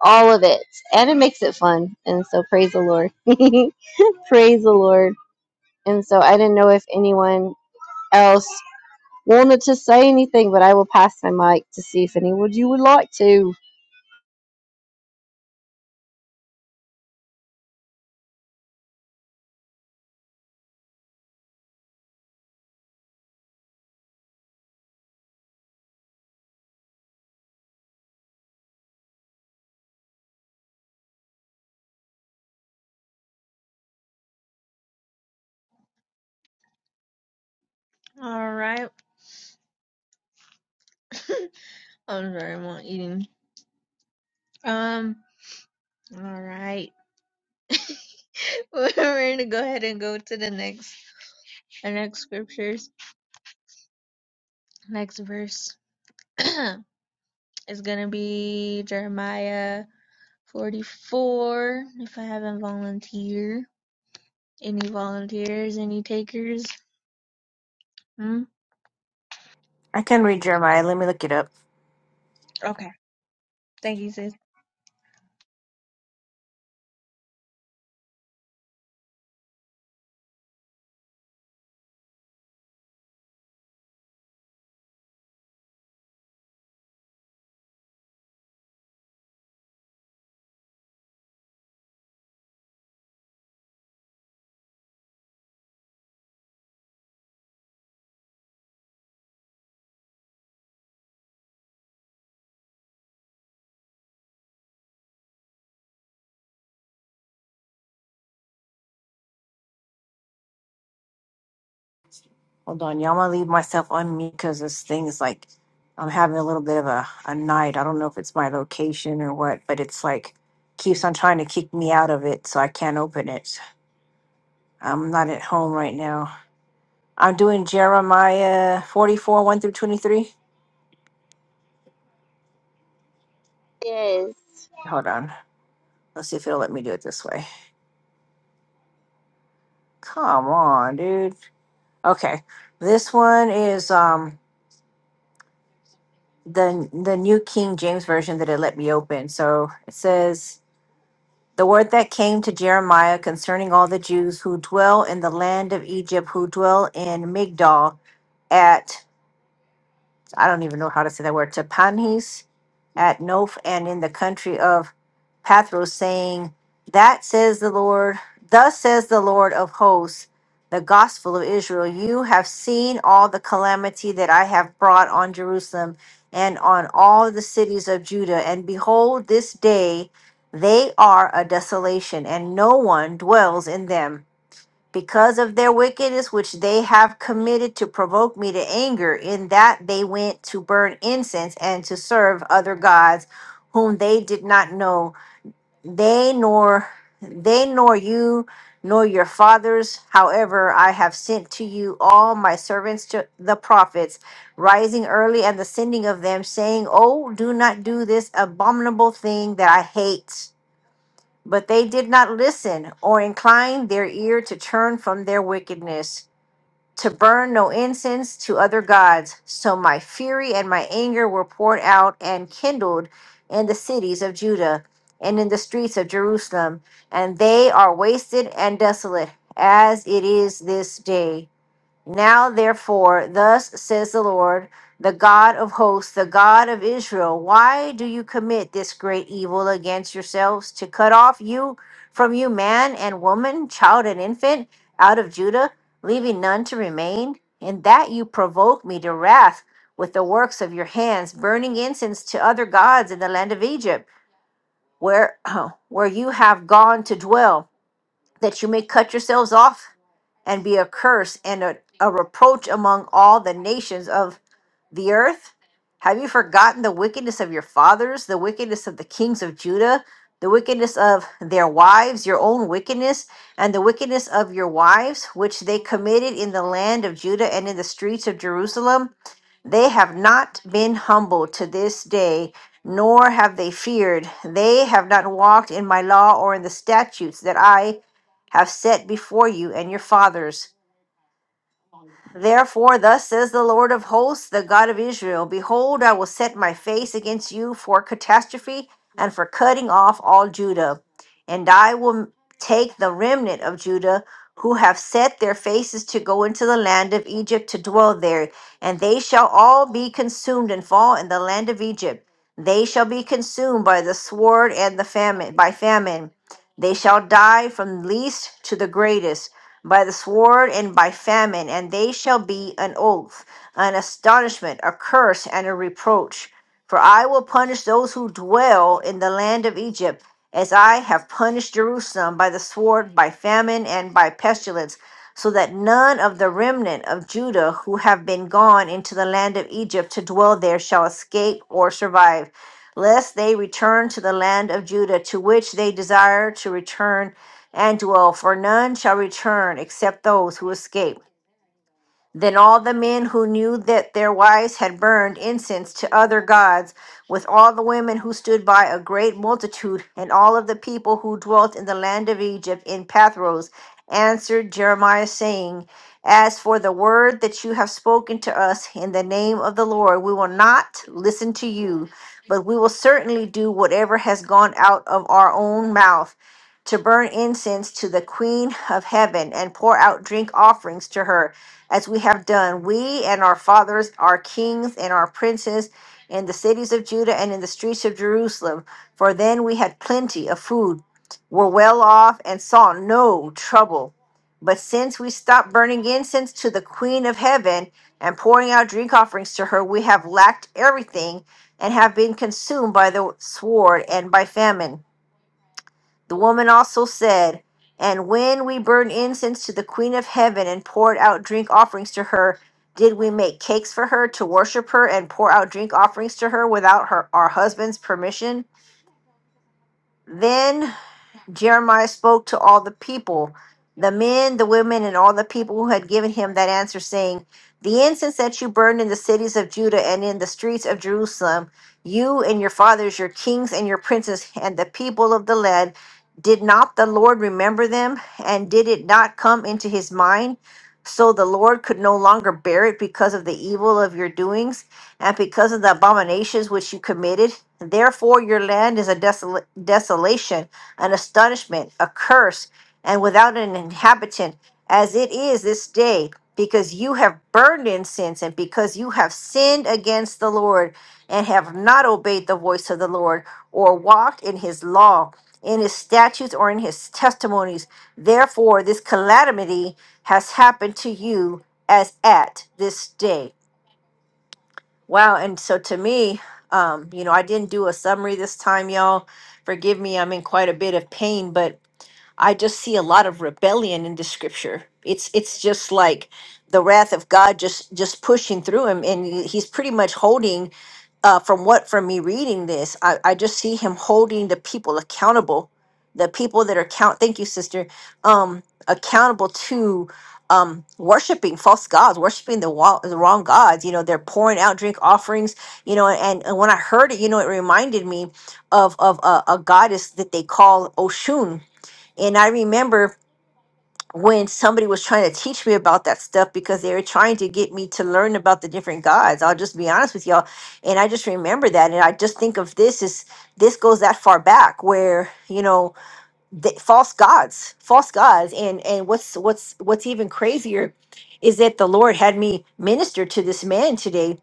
Speaker 3: all of it and it makes it fun and so praise the lord *laughs* praise the lord and so i didn't know if anyone else wanted to say anything but i will pass my mic to see if anyone you would like to
Speaker 1: *laughs* All right. *laughs* I'm sorry, I'm not eating. Um, all right. *laughs* We're gonna go ahead and go to the next, the next scriptures. Next verse *clears throat* is gonna be Jeremiah 44. If I haven't volunteer, any volunteers, any takers? Hmm?
Speaker 4: I can read Jeremiah. Let me look it up.
Speaker 1: Okay. Thank you, sis.
Speaker 4: Hold on. Y'all, I'm going to leave myself on mute because this thing is like, I'm having a little bit of a, a night. I don't know if it's my location or what, but it's like, keeps on trying to kick me out of it, so I can't open it. I'm not at home right now. I'm doing Jeremiah 44, 1 through 23.
Speaker 3: yes
Speaker 4: Hold on. Let's see if it'll let me do it this way. Come on, dude. Okay. This one is um the the New King James version that it let me open. So it says the word that came to Jeremiah concerning all the Jews who dwell in the land of Egypt, who dwell in Migdol, at. I don't even know how to say that word, Tapanhes at Noph and in the country of Pathros, saying, That says the Lord, thus says the Lord of hosts, the gospel of Israel. You have seen all the calamity that I have brought on Jerusalem and on all the cities of Judah. And behold, this day they are a desolation, and no one dwells in them because of their wickedness which they have committed to provoke me to anger, in that they went to burn incense and to serve other gods whom they did not know, they nor they nor you nor your fathers. However, I have sent to you all my servants to the prophets, rising early and the sending of them, saying, Oh, do not do this abominable thing that I hate. But they did not listen or incline their ear to turn from their wickedness, to burn no incense to other gods. So my fury and my anger were poured out and kindled in the cities of Judah and in the streets of Jerusalem, and they are wasted and desolate, as it is this day. Now, therefore, thus says the Lord, the God of hosts, the God of Israel, why do you commit this great evil against yourselves to cut off you from you, man and woman, child and infant, out of Judah, leaving none to remain? In that you provoke me to wrath with the works of your hands, burning incense to other gods in the land of Egypt, where, *clears throat* where you have gone to dwell that you may cut yourselves off and be a curse and a, a reproach among all the nations of the earth? Have you forgotten the wickedness of your fathers, the wickedness of the kings of Judah, the wickedness of their wives, your own wickedness, and the wickedness of your wives, which they committed in the land of Judah and in the streets of Jerusalem? They have not been humble to this day, nor have they feared. They have not walked in my law or in the statutes that I have set before you and your fathers. Therefore, thus says the Lord of hosts, the God of Israel Behold, I will set my face against you for catastrophe and for cutting off all Judah. And I will take the remnant of Judah who have set their faces to go into the land of Egypt to dwell there, and they shall all be consumed and fall in the land of Egypt. They shall be consumed by the sword and the famine, by famine. They shall die from least to the greatest by the sword and by famine, and they shall be an oath, an astonishment, a curse, and a reproach. For I will punish those who dwell in the land of Egypt, as I have punished Jerusalem by the sword, by famine, and by pestilence, so that none of the remnant of Judah who have been gone into the land of Egypt to dwell there shall escape or survive, lest they return to the land of Judah to which they desire to return and dwell, for none shall return except those who escape. Then all the men who knew that their wives had burned incense to other gods, with all the women who stood by a great multitude, and all of the people who dwelt in the land of Egypt in Pathros, answered Jeremiah, saying, As for the word that you have spoken to us in the name of the Lord, we will not listen to you, but we will certainly do whatever has gone out of our own mouth to burn incense to the Queen of Heaven and pour out drink offerings to her as we have done. We and our fathers, our kings and our princes, in the cities of Judah and in the streets of Jerusalem, for then we had plenty of food, were well off, and saw no trouble. But since we stopped burning incense to the Queen of Heaven and pouring out drink offerings to her, we have lacked everything and have been consumed by the sword and by famine. The woman also said, And when we burned incense to the Queen of Heaven and poured out drink offerings to her, did we make cakes for her to worship her and pour out drink offerings to her without her our husband's permission? Then. Jeremiah spoke to all the people, the men, the women, and all the people who had given him that answer, saying, The incense that you burned in the cities of Judah and in the streets of Jerusalem, you and your fathers, your kings and your princes, and the people of the land, did not the Lord remember them? And did it not come into his mind? So the Lord could no longer bear it because of the evil of your doings and because of the abominations which you committed. Therefore, your land is a desola- desolation an astonishment, a curse, and without an inhabitant, as it is this day, because you have burned incense, and because you have sinned against the Lord, and have not obeyed the voice of the Lord, or walked in his law, in his statutes, or in his testimonies. Therefore, this calamity has happened to you as at this day. Wow. And so to me, um, you know, I didn't do a summary this time, y'all. Forgive me, I'm in quite a bit of pain, but I just see a lot of rebellion in the scripture. It's it's just like the wrath of God just just pushing through him, and he- he's pretty much holding. Uh, from what from me reading this, I, I just see him holding the people accountable, the people that are count. Thank you, sister. Um, accountable to um worshiping false gods, worshiping the, wa- the wrong gods. You know, they're pouring out drink offerings. You know, and, and when I heard it, you know, it reminded me of of a, a goddess that they call Oshun and I remember when somebody was trying to teach me about that stuff because they were trying to get me to learn about the different gods. I'll just be honest with y'all. And I just remember that. And I just think of this as this goes that far back where, you know, th- false gods false gods and and what's what's what's even crazier is that the lord had me minister to this man today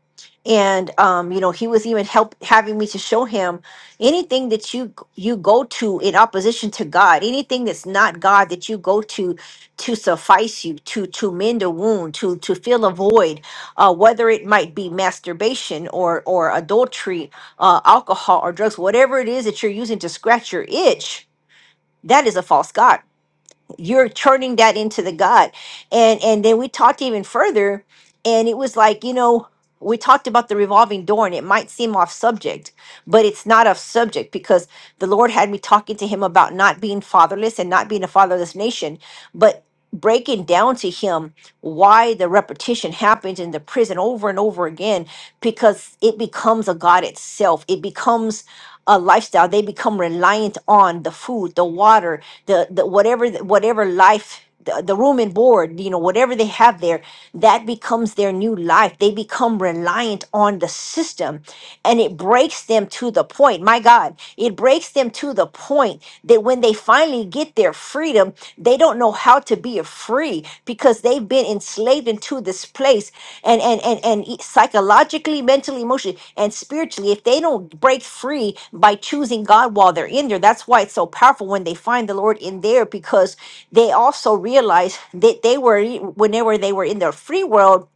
Speaker 4: and um you know he was even help having me to show him anything that you you go to in opposition to god anything that's not god that you go to to suffice you to to mend a wound to to fill a void uh whether it might be masturbation or or adultery uh alcohol or drugs whatever it is that you're using to scratch your itch that is a false god you're turning that into the god and and then we talked even further and it was like you know we talked about the revolving door and it might seem off subject but it's not off subject because the lord had me talking to him about not being fatherless and not being a fatherless nation but breaking down to him why the repetition happens in the prison over and over again because it becomes a god itself it becomes uh, lifestyle. They become reliant on the food, the water, the, the whatever whatever life. The, the room and board, you know, whatever they have there, that becomes their new life. They become reliant on the system and it breaks them to the point. My God, it breaks them to the point that when they finally get their freedom, they don't know how to be free because they've been enslaved into this place and and and and e- psychologically, mentally, emotionally, and spiritually. If they don't break free by choosing God while they're in there, that's why it's so powerful when they find the Lord in there because they also realize that they were when they were they were in the free world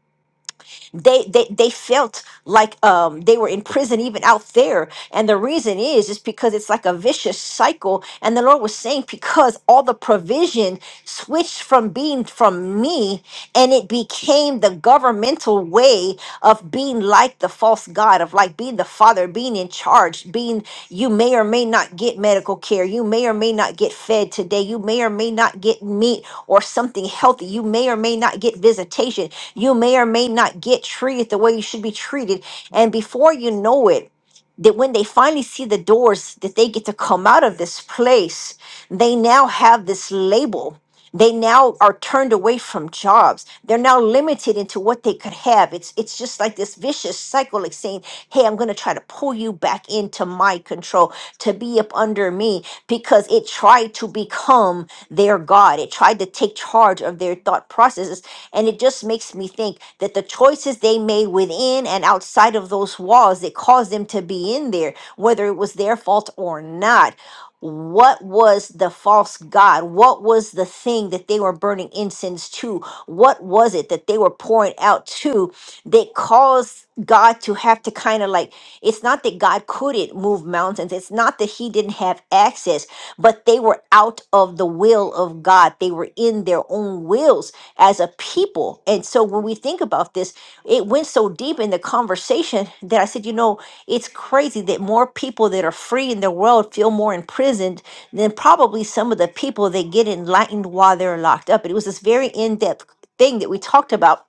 Speaker 4: they they they felt like um they were in prison even out there. And the reason is is because it's like a vicious cycle. And the Lord was saying, because all the provision switched from being from me and it became the governmental way of being like the false god of like being the father, being in charge, being you may or may not get medical care, you may or may not get fed today, you may or may not get meat or something healthy, you may or may not get visitation, you may or may not get treated the way you should be treated. And before you know it, that when they finally see the doors that they get to come out of this place, they now have this label. They now are turned away from jobs. They're now limited into what they could have. It's it's just like this vicious cycle like saying, "Hey, I'm going to try to pull you back into my control to be up under me because it tried to become their god. It tried to take charge of their thought processes and it just makes me think that the choices they made within and outside of those walls that caused them to be in there, whether it was their fault or not, what was the false god? What was the thing that they were burning incense to? What was it that they were pouring out to that caused God to have to kind of like, it's not that God couldn't move mountains, it's not that he didn't have access, but they were out of the will of of God. They were in their own wills as a people. And so when we think about this, it went so deep in the conversation that I said, you know, it's crazy that more people that are free in the world feel more imprisoned than probably some of the people that get enlightened while they're locked up. And it was this very in depth thing that we talked about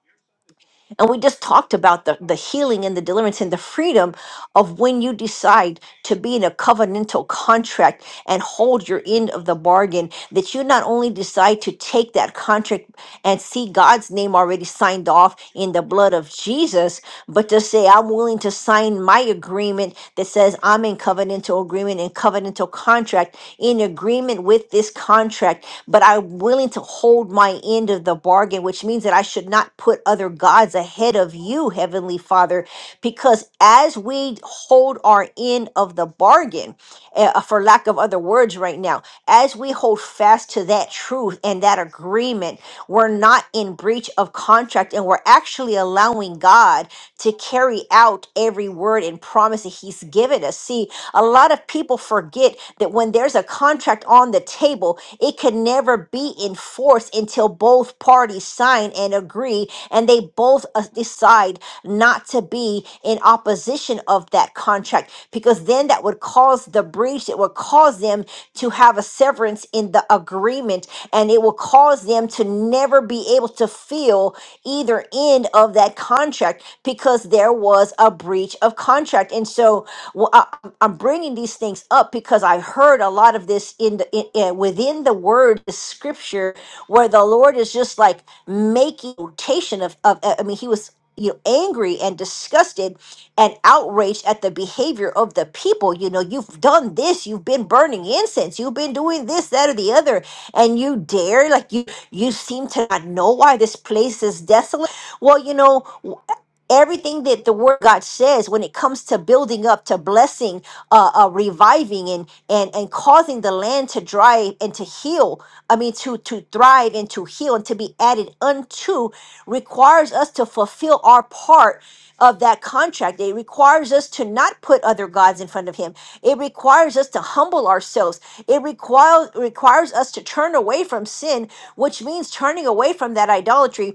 Speaker 4: and we just talked about the, the healing and the deliverance and the freedom of when you decide to be in a covenantal contract and hold your end of the bargain, that you not only decide to take that contract and see God's name already signed off in the blood of Jesus, but to say, I'm willing to sign my agreement that says I'm in covenantal agreement and covenantal contract in agreement with this contract, but I'm willing to hold my end of the bargain, which means that I should not put put other gods ahead of you, Heavenly Father, because as we hold our end of the bargain, eh, uh, for lack of other words right now, as we hold fast to that truth and that agreement, we're not in breach of contract and we're actually allowing God to carry out every word and promise that He's given us. See, a lot of people forget that when there's a contract on the table, it it can never be enforced until both parties sign and agree and they both uh, decide not to be in opposition of that contract because then that would cause the breach it would cause them to have a severance in the agreement and it will cause them to never be able to feel either end of that contract because there was a breach of contract and so I'm I'm bringing these things up because I heard a lot of this in the in, in- within the word the scripture where the Lord is just like making notation of of uh, I mean he was you know angry and disgusted and outraged at the behavior of the people you know you've done this you've been burning incense you've been doing this that or the other and you dare like you you seem to not know why this place is desolate well you know everything that the word of god says when it comes to building up to blessing uh, uh reviving and and and causing the land to dry and to heal i mean to to thrive and to heal and to be added unto requires us to fulfill our part of that contract it requires us to not put other gods in front of him it requires us to humble ourselves it requires requires us to turn away from sin which means turning away from that idolatry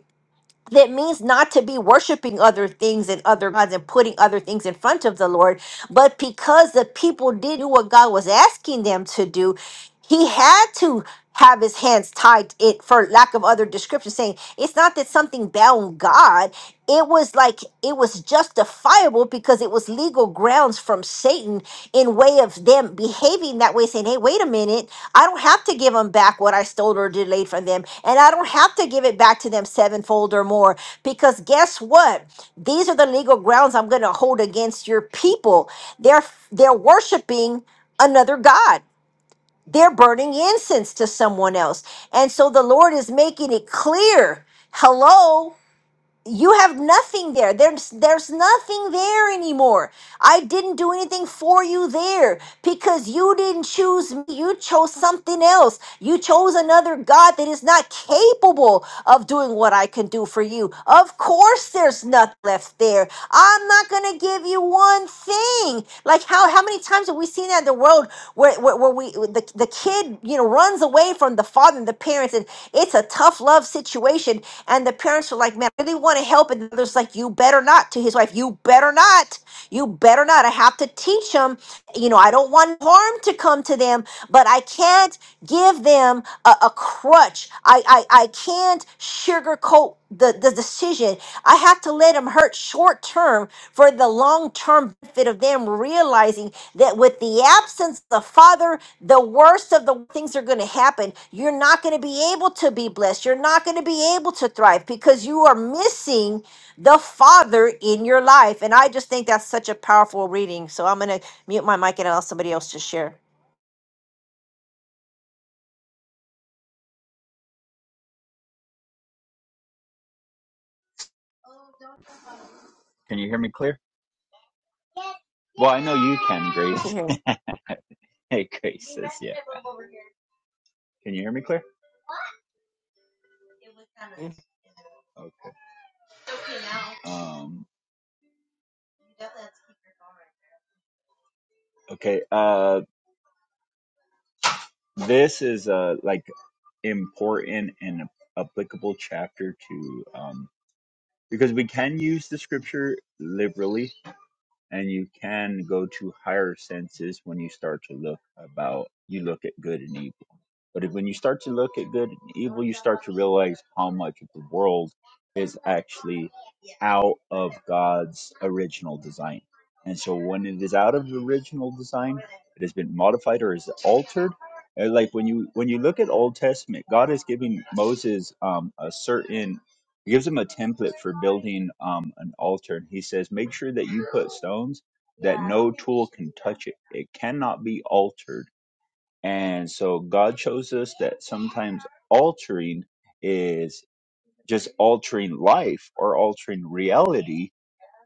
Speaker 4: that means not to be worshiping other things and other gods and putting other things in front of the Lord, but because the people did do what God was asking them to do, he had to have his hands tied it for lack of other description saying it's not that something bound god it was like it was justifiable because it was was legal grounds from Satan in way of them behaving that way, saying, Hey, wait a minute, I don't have to give them back what I stole or delayed from them, and I don't have to give it back to them sevenfold or more. Because guess what? These are the legal grounds I'm gonna hold against your people. They're they're worshiping another God. They're burning incense to someone else. And so the Lord is making it clear. Hello, you have nothing there there's there's nothing there anymore i didn't do anything for you there because you didn't choose me you chose something else you chose another god that is not capable of doing what i can do for you of course there's nothing left there i'm not going to give you one thing like how? how how many times have we seen that in the world where where, where we the, the kid you know runs away from the father and the parents and it's a tough love situation and the parents are like man I really want to help and the other's like you better not to his wife you better not you better not I have to teach them you know I don't want harm to come to them but I can't give them a, a crutch. I, I, I can't sugarcoat the, the decision. I have to let them hurt short term for the long term benefit of them realizing that with the absence of the Father, the worst of the things are going to happen. You're not going to be able to be blessed. You're not going to be able to thrive because you are missing the Father in your life. And I just think that's such a powerful reading. So I'm going to mute my mic and allow somebody else to share.
Speaker 5: Can you hear me clear? Well, I know you can,
Speaker 4: We can
Speaker 5: Grace. *laughs*
Speaker 4: hear
Speaker 5: Hey, Grace says, yeah. Can you hear me clear?
Speaker 4: you.
Speaker 5: Okay. Um, okay. Uh, this is a like important and applicable chapter to um because we can use the scripture liberally and you can go to higher senses when you start to look about you look at good and evil but if, when you start to look at good and evil you start to realize how much of the world is actually out of god's original design and so when it is out of the original design it has been modified or is altered And like when you when you look at old testament god is giving moses um, a certain he gives him a template for building um, an altar, and he says, "Make sure that you put stones that no tool can touch it. It cannot be altered." And so God shows us that sometimes altering is just altering life or altering reality.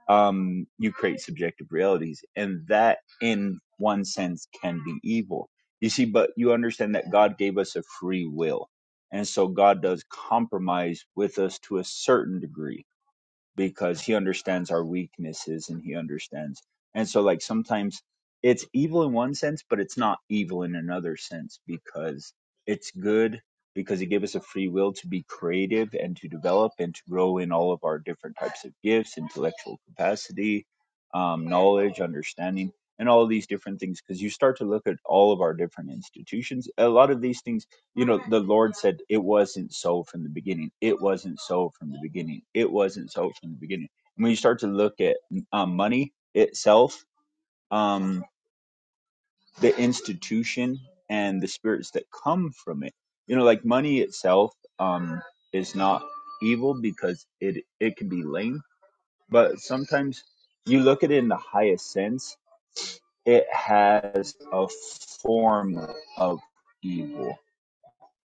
Speaker 5: Um, you create subjective realities, and that, in one sense, can be evil. You see, but you understand that God gave us a free will. And so God does compromise with us to a certain degree because he understands our weaknesses and he understands. And so, like, sometimes it's evil in one sense, but it's not evil in another sense because it's good because he gave us a free will to be creative and to develop and to grow in all of our different types of gifts, intellectual capacity, um, knowledge, understanding, and all these different things. Because you start to look at all of our different institutions, a lot of these things you know the lord said it wasn't so from the beginning it wasn't so from the beginning it wasn't so from the beginning and when you start to look at um, money itself um, the institution and the spirits that come from it you know like money itself um, is not evil because it it can be lame but sometimes you look at it in the highest sense it has a form of evil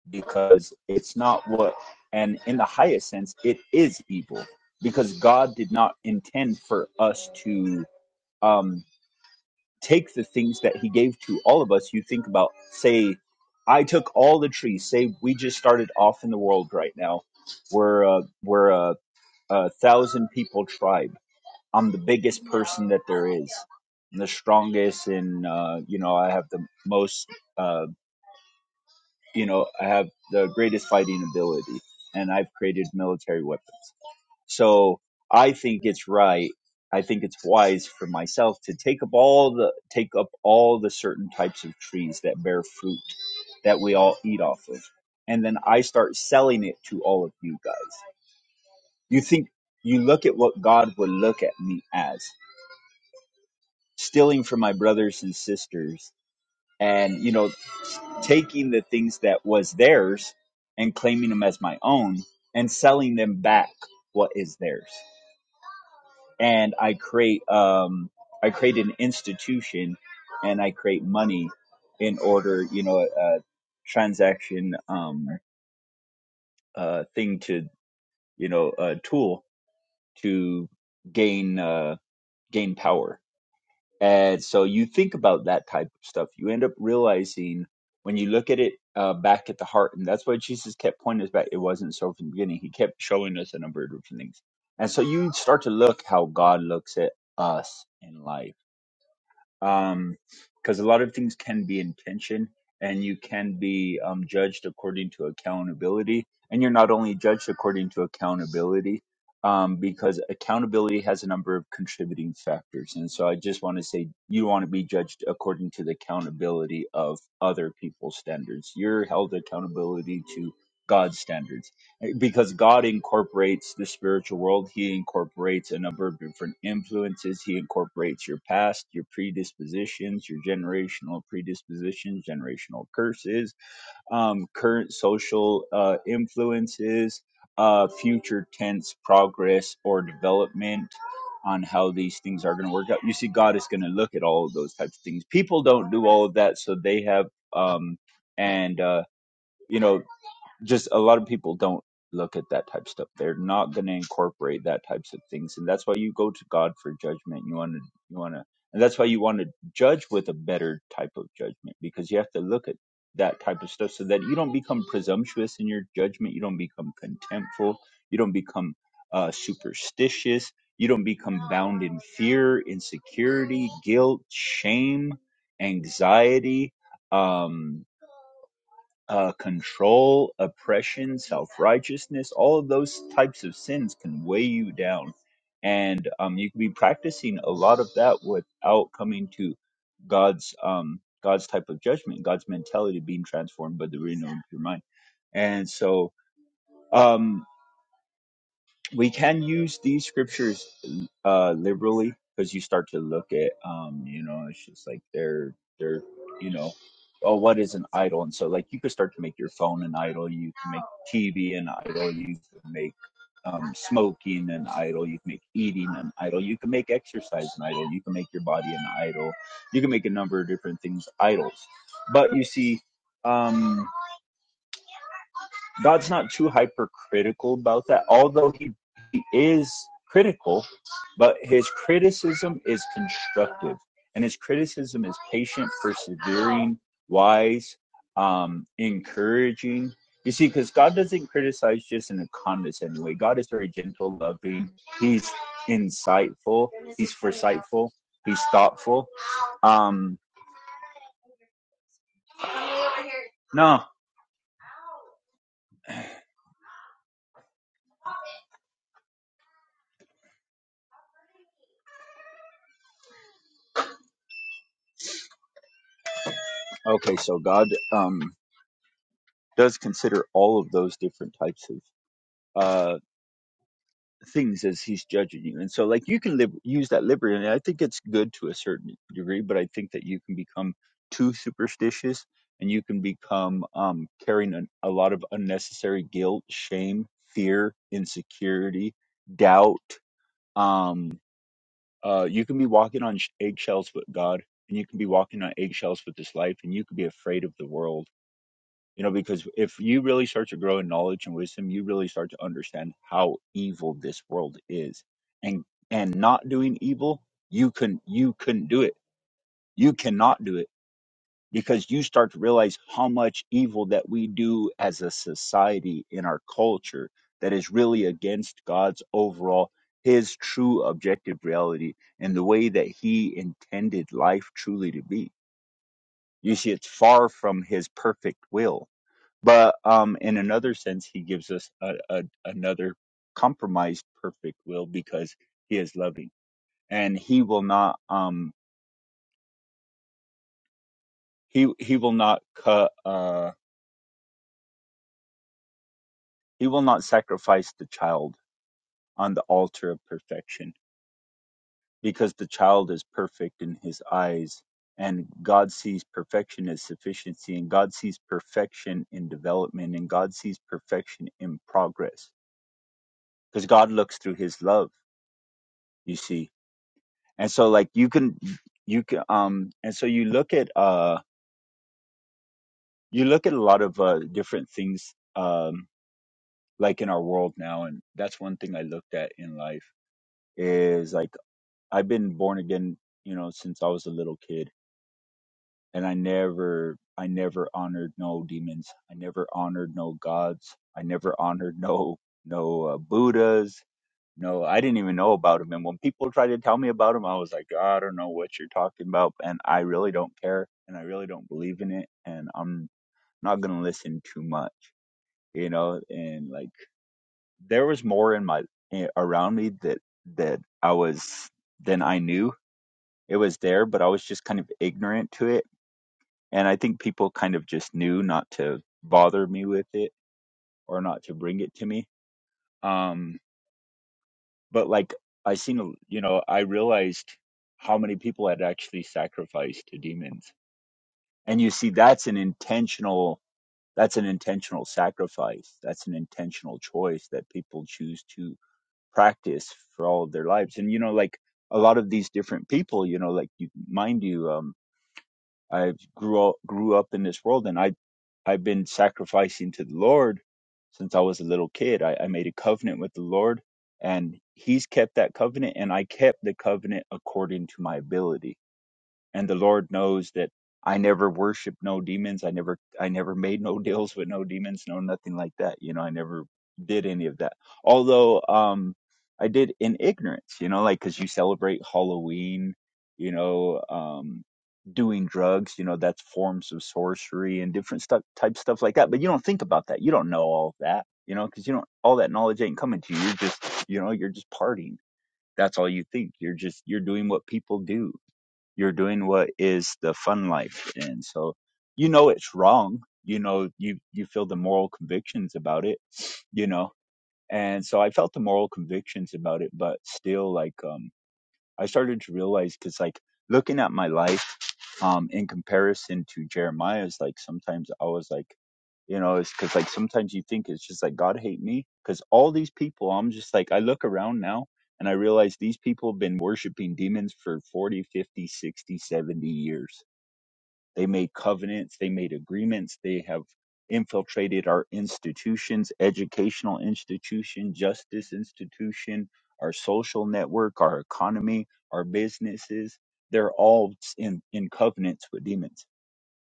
Speaker 5: because it's not what and in the highest sense it is evil because god did not intend for us to um take the things that he gave to all of us you think about say i took all the trees say we just started off in the world right now we're uh, we're a, a thousand people tribe i'm the biggest person that there is I'm the strongest and uh, you know i have the most uh, you know, I have the greatest fighting ability and I've created military weapons. So I think it's right. I think it's wise for myself to take up all the take up all the certain types of trees that bear fruit that we all eat off of. And then I start selling it to all of you guys. You think you look at what God would look at me as, stealing from my brothers and sisters and you know taking the things that was theirs and claiming them as my own and selling them back what is theirs and i create um i create an institution and i create money in order you know a, a transaction um uh thing to you know a tool to gain uh gain power And so you think about that type of stuff, you end up realizing when you look at it uh, back at the heart, and that's why Jesus kept pointing us back. It wasn't so from the beginning. He kept showing us a number of different things. And so you start to look how God looks at us in life um because a lot of things can be in tension and you can be um judged according to accountability and you're not only judged according to accountability um because accountability has a number of contributing factors and so i just want to say you want to be judged according to the accountability of other people's standards you're held accountability to god's standards because God incorporates the spiritual world. He incorporates a number of different influences. He incorporates your past, your predispositions, your generational predispositions, generational curses, um, current social uh, influences, uh, future tense progress or development on how these things are going to work out. You see, God is going to look at all of those types of things. People don't do all of that, so they have, um, and, uh, you know just a lot of people don't look at that type of stuff. They're not going to incorporate that types of things, and that's why you go to God for judgment. You want to, you want to, and that's why you want to judge with a better type of judgment because you have to look at that type of stuff so that you don't become presumptuous in your judgment. You don't become contemptful. You don't become uh, superstitious. You don't become bound in fear, insecurity, guilt, shame, anxiety. Um, uh, control, oppression, self righteousness, all of those types of sins can weigh you down. And um, you can be practicing a lot of that without coming to God's um, God's type of judgment, God's mentality being transformed by the renewing of your mind. And so, um, we can use these scriptures uh liberally because you start to look at um you know it's just like they're they're you know oh what is an idol and so like you could start to make your phone an idol you can make tv an idol you can make um smoking an idol you can make eating an idol you can make exercise an idol you can make your body an idol you can make a number of different things idols but you see um God's not too hypercritical about that, although he, he is critical, but his criticism is constructive, and his criticism is patient, persevering, wise, um, encouraging. You see, because God doesn't criticize just in a condescending way. God is very gentle, loving. He's insightful. He's foresightful. He's thoughtful. Um, no, okay. So God um, does consider all of those different types of uh, things as he's judging you. And so, like, you can live, use that liberty. And I think it's good to a certain degree, but I think that you can become too superstitious and you can become um, carrying an, a lot of unnecessary guilt, shame, fear, insecurity, doubt. Um, uh, you can be walking on sh- eggshells with God and you can be walking on eggshells with this life and you can be afraid of the world you know, because if you really start to grow in knowledge and wisdom, you really start to understand how evil this world is. And and not doing evil, you can you couldn't do it. You cannot do it because you start to realize how much evil that we do as a society in our culture that is really against God's overall his true objective reality and the way that he intended life truly to be. You see, it's far from his perfect will but um, in another sense, he gives us a, a, another compromised perfect will because he is loving, and he will not um, he he will not cut uh, he will not sacrifice the child on the altar of perfection because the child is perfect in his eyes, and God sees perfection as sufficiency, and God sees perfection in development, and God sees perfection in progress because God looks through His love. You see, and so like you can you can um and so you look at uh you look at a lot of uh different things um like in our world now and that's one thing i looked at in life is like i've been born again you know since i was a little kid and i never i never honored no demons i never honored no gods i never honored no no uh, buddhas No, I didn't even know about him. And when people tried to tell me about him, I was like, I don't know what you're talking about. And I really don't care. And I really don't believe in it. And I'm not going to listen too much, you know? And like, there was more in my, eh, around me that, that I was, than I knew it was there, but I was just kind of ignorant to it. And I think people kind of just knew not to bother me with it or not to bring it to me. Um, but like I seen, a- you know, I realized how many people had actually sacrificed to demons, and you see, that's an intentional, that's an intentional sacrifice, that's an intentional choice that people choose to practice for all of their lives, and you know, like a lot of these different people, you know, like you, mind you, um, I grew up, grew up in this world, and I I've been sacrificing to the Lord since I was a little kid. I, I made a covenant with the Lord, and He's kept that covenant, and I kept the covenant according to my ability and the lord knows that i never worshiped no demons i never i never made no *laughs* deals with no demons no nothing like that you know i never did any of that although um i did in ignorance you know like because you celebrate halloween you know um doing drugs you know that's forms of sorcery and different stuff type stuff like that but you don't think about that you don't know all of that you know because you don't all that knowledge ain't coming to you you're just you know you're just partying that's all you think you're just you're doing what people do you're doing what is the fun life. And so you know it's wrong. You know, you, you feel the moral convictions about it, you know. And so I felt the moral convictions about it, but still like um, I started to realize because like looking at my life um in comparison to Jeremiah's like sometimes I was like you know it's because like sometimes you think it's just like God hate me because all these people I'm just like I look around now and I realize these people have been worshiping demons for 40, 50, 60, seventy years they made covenants, they made agreements, they have infiltrated our institutions, educational institution, justice institution, our social network, our economy, our businesses. They're all in, in covenants with demons.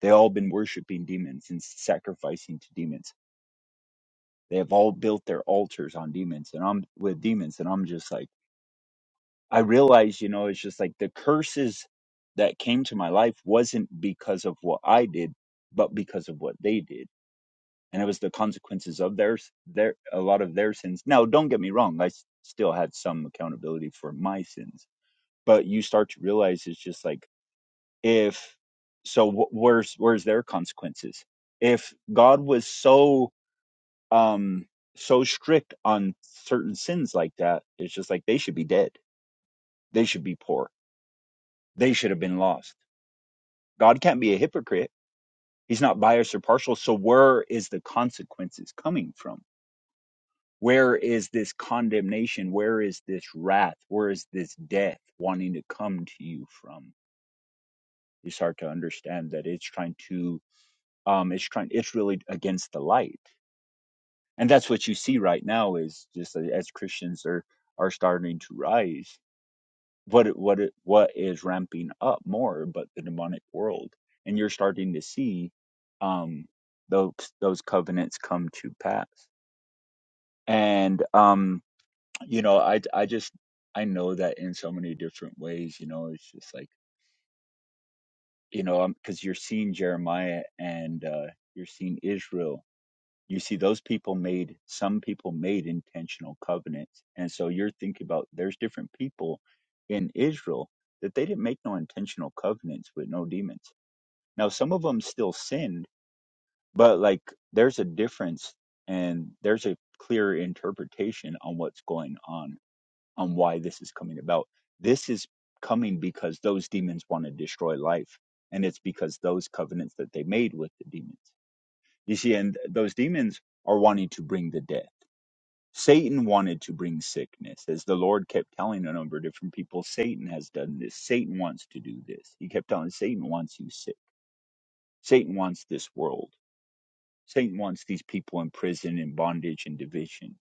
Speaker 5: They all been worshiping demons and sacrificing to demons. They have all built their altars on demons and I'm with demons. And I'm just like I realized, you know, it's just like the curses that came to my life wasn't because of what I did, but because of what they did. And it was the consequences of theirs, their, a lot of their sins. Now, don't get me wrong. I s- still had some accountability for my sins, but you start to realize it's just like, if, so wh- where's, where's their consequences? If God was so, um, so strict on certain sins like that, it's just like they should be dead. They should be poor They should have been lost. God can't be a hypocrite. He's not biased or partial. So where is the consequences coming from? Where is this condemnation? Where is this wrath? Where is this death wanting to come to you from? It's hard to understand that it's trying to, um, it's trying, it's really against the light, and that's what you see right now. Is just uh, as Christians are are starting to rise. what it- what it, what is ramping up more but the demonic world and you're starting to see um those those covenants come to pass and um you know i i just i know that in so many different ways you know it's just like you know because you're seeing jeremiah and uh you're seeing israel you see those people made some people made intentional covenants and so you're thinking about there's different people in israel that they didn't make no intentional covenants with no demons now some of them still sinned but like there's a difference and there's a clear interpretation on what's going on on why this is coming about this is coming because those demons want to destroy life and it's because those covenants that they made with the demons you see and those demons are wanting to bring the dead Satan wanted to bring sickness, as the Lord kept telling a number of different people. Satan has done this. Satan wants to do this. He kept telling Satan wants you sick. Satan wants this world. Satan wants these people in prison and bondage and division.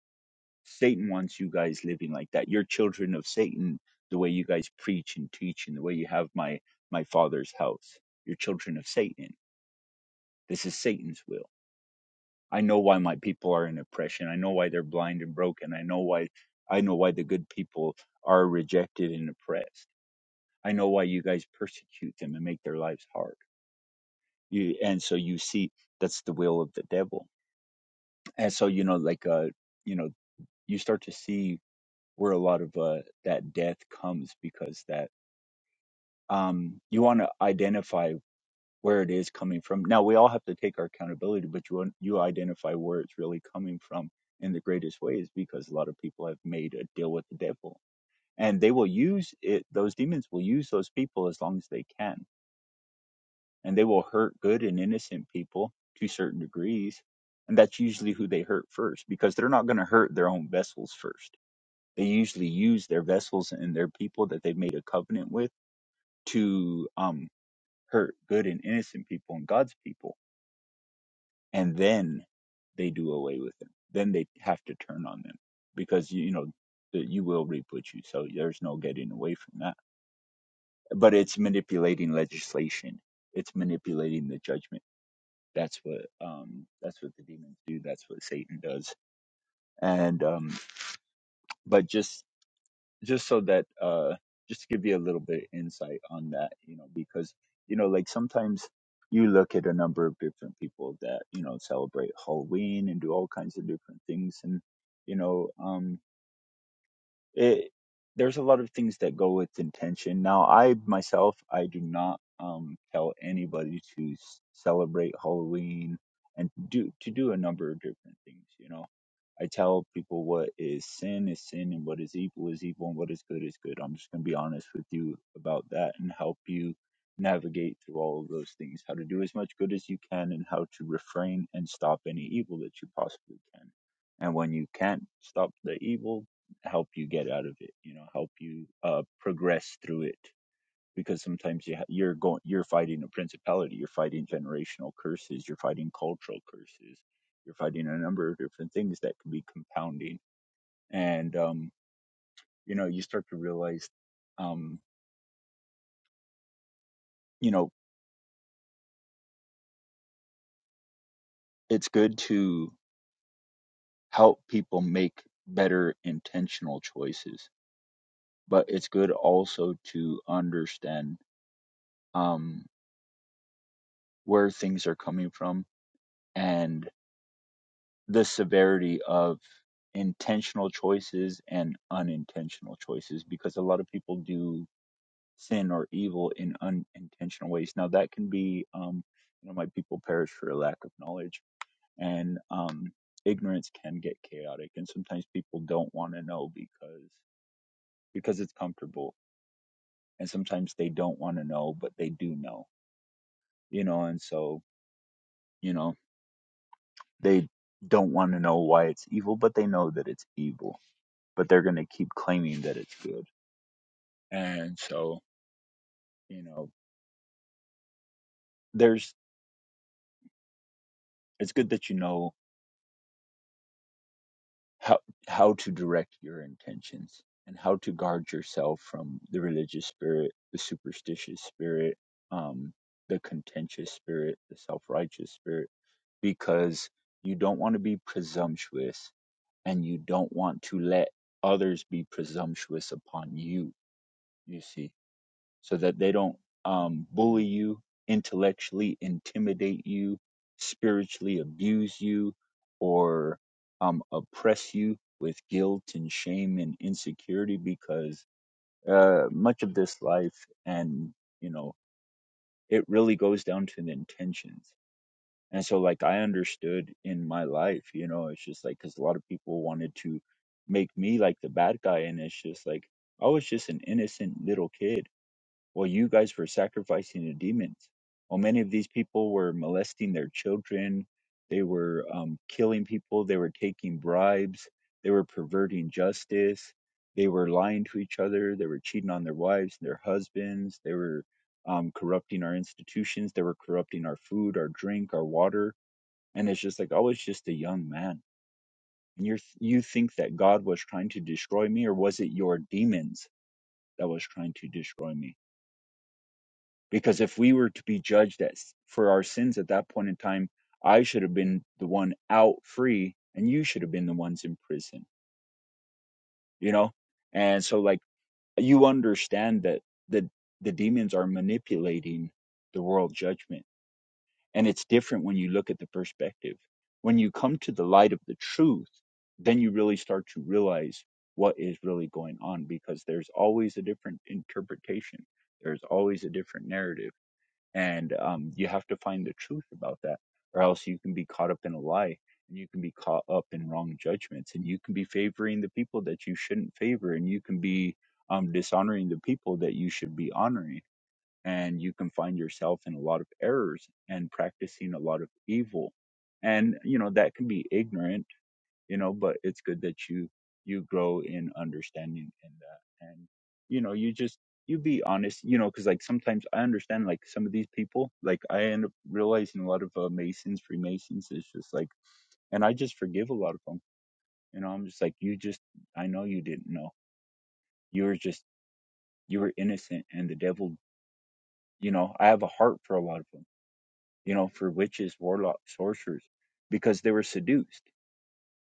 Speaker 5: Satan wants you guys living like that. You're children of Satan. The way you guys preach and teach, and the way you have my my father's house, you're children of Satan. This is Satan's will. I know why my people are in oppression. I know why they're blind and broken. I know why I know why the good people are rejected and oppressed. I know why you guys persecute them and make their lives hard. You and so you see that's the will of the devil. And so you know like uh you know you start to see where a lot of uh that death comes because that um you want to identify where it is coming from. Now we all have to take our accountability, but you you identify where it's really coming from in the greatest ways because a lot of people have made a deal with the devil, and they will use it. Those demons will use those people as long as they can, and they will hurt good and innocent people to certain degrees, and that's usually who they hurt first because they're not going to hurt their own vessels first. They usually use their vessels and their people that they've made a covenant with to um, hurt good and innocent people and God's people and then they do away with them. Then they have to turn on them because you know that you will reap what you sow. There's no getting away from that. But it's manipulating legislation. It's manipulating the judgment. That's what um that's what the demons do. That's what Satan does. And um but just just so that uh just to give you a little bit of insight on that you know because you know like sometimes you look at a number of different people that you know celebrate halloween and do all kinds of different things and you know um it there's a lot of things that go with intention now i myself i do not um tell anybody to s- celebrate halloween and do to do a number of different things you know i tell people what is sin is sin and what is evil is evil and what is good is good i'm just going to be honest with you about that and help you navigate through all of those things how to do as much good as you can and how to refrain and stop any evil that you possibly can and when you can't stop the evil help you get out of it you know help you uh progress through it because sometimes you ha- you're going you're fighting a principality you're fighting generational curses you're fighting cultural curses you're fighting a number of different things that can be compounding and um you know you start to realize um you know it's good to help people make better intentional choices but it's good also to understand um where things are coming from and. the severity of intentional choices and unintentional choices because a lot of people do sin or evil in unintentional ways now that can be um you know my people perish for a lack of knowledge and um ignorance can get chaotic and sometimes people don't want to know because because it's comfortable and sometimes they don't want to know but they do know you know and so you know they don't want to know why it's evil but they know that it's evil but they're going to keep claiming that it's good. And so, you know, there's it's good that you know how how to direct your intentions and how to guard yourself from the religious spirit, the superstitious spirit, um, the contentious spirit, the self-righteous spirit, because you don't want to be presumptuous and you don't want to let others be presumptuous upon you. You see so that they don't um, bully you intellectually, intimidate you spiritually, abuse you, or um, oppress you with guilt and shame and insecurity because uh, much of this life and you know it really goes down to the intentions and so like i understood in my life you know it's just like because a lot of people wanted to make me like the bad guy and it's just like i was just an innocent little kid well, you guys were sacrificing to demons. Well, many of these people were molesting their children. They were um, killing people. They were taking bribes. They were perverting justice. They were lying to each other. They were cheating on their wives and their husbands. They were um, corrupting our institutions. They were corrupting our food, our drink, our water. And it's just like, oh, it's just a young man. And you are you think that God was trying to destroy me, or was it your demons that was trying to destroy me? because if we were to be judged at, for our sins at that point in time i should have been the one out free and you should have been the ones in prison you know and so like you understand that the the demons are manipulating the world judgment and it's different when you look at the perspective when you come to the light of the truth then you really start to realize what is really going on because there's always a different interpretation there's always a different narrative and um, you have to find the truth about that or else you can be caught up in a lie and you can be caught up in wrong judgments and you can be favoring the people that you shouldn't favor and you can be um, dishonoring the people that you should be honoring and you can find yourself in a lot of errors and practicing a lot of evil and you know that can be ignorant you know but it's good that you you grow in understanding in that and you know you just you be honest you know because like sometimes i understand like some of these people like i end up realizing a lot of uh, masons freemasons it's just like and i just forgive a lot of them you know i'm just like you just i know you didn't know you were just you were innocent and the devil you know i have a heart for a lot of them you know for witches warlocks sorcerers because they were seduced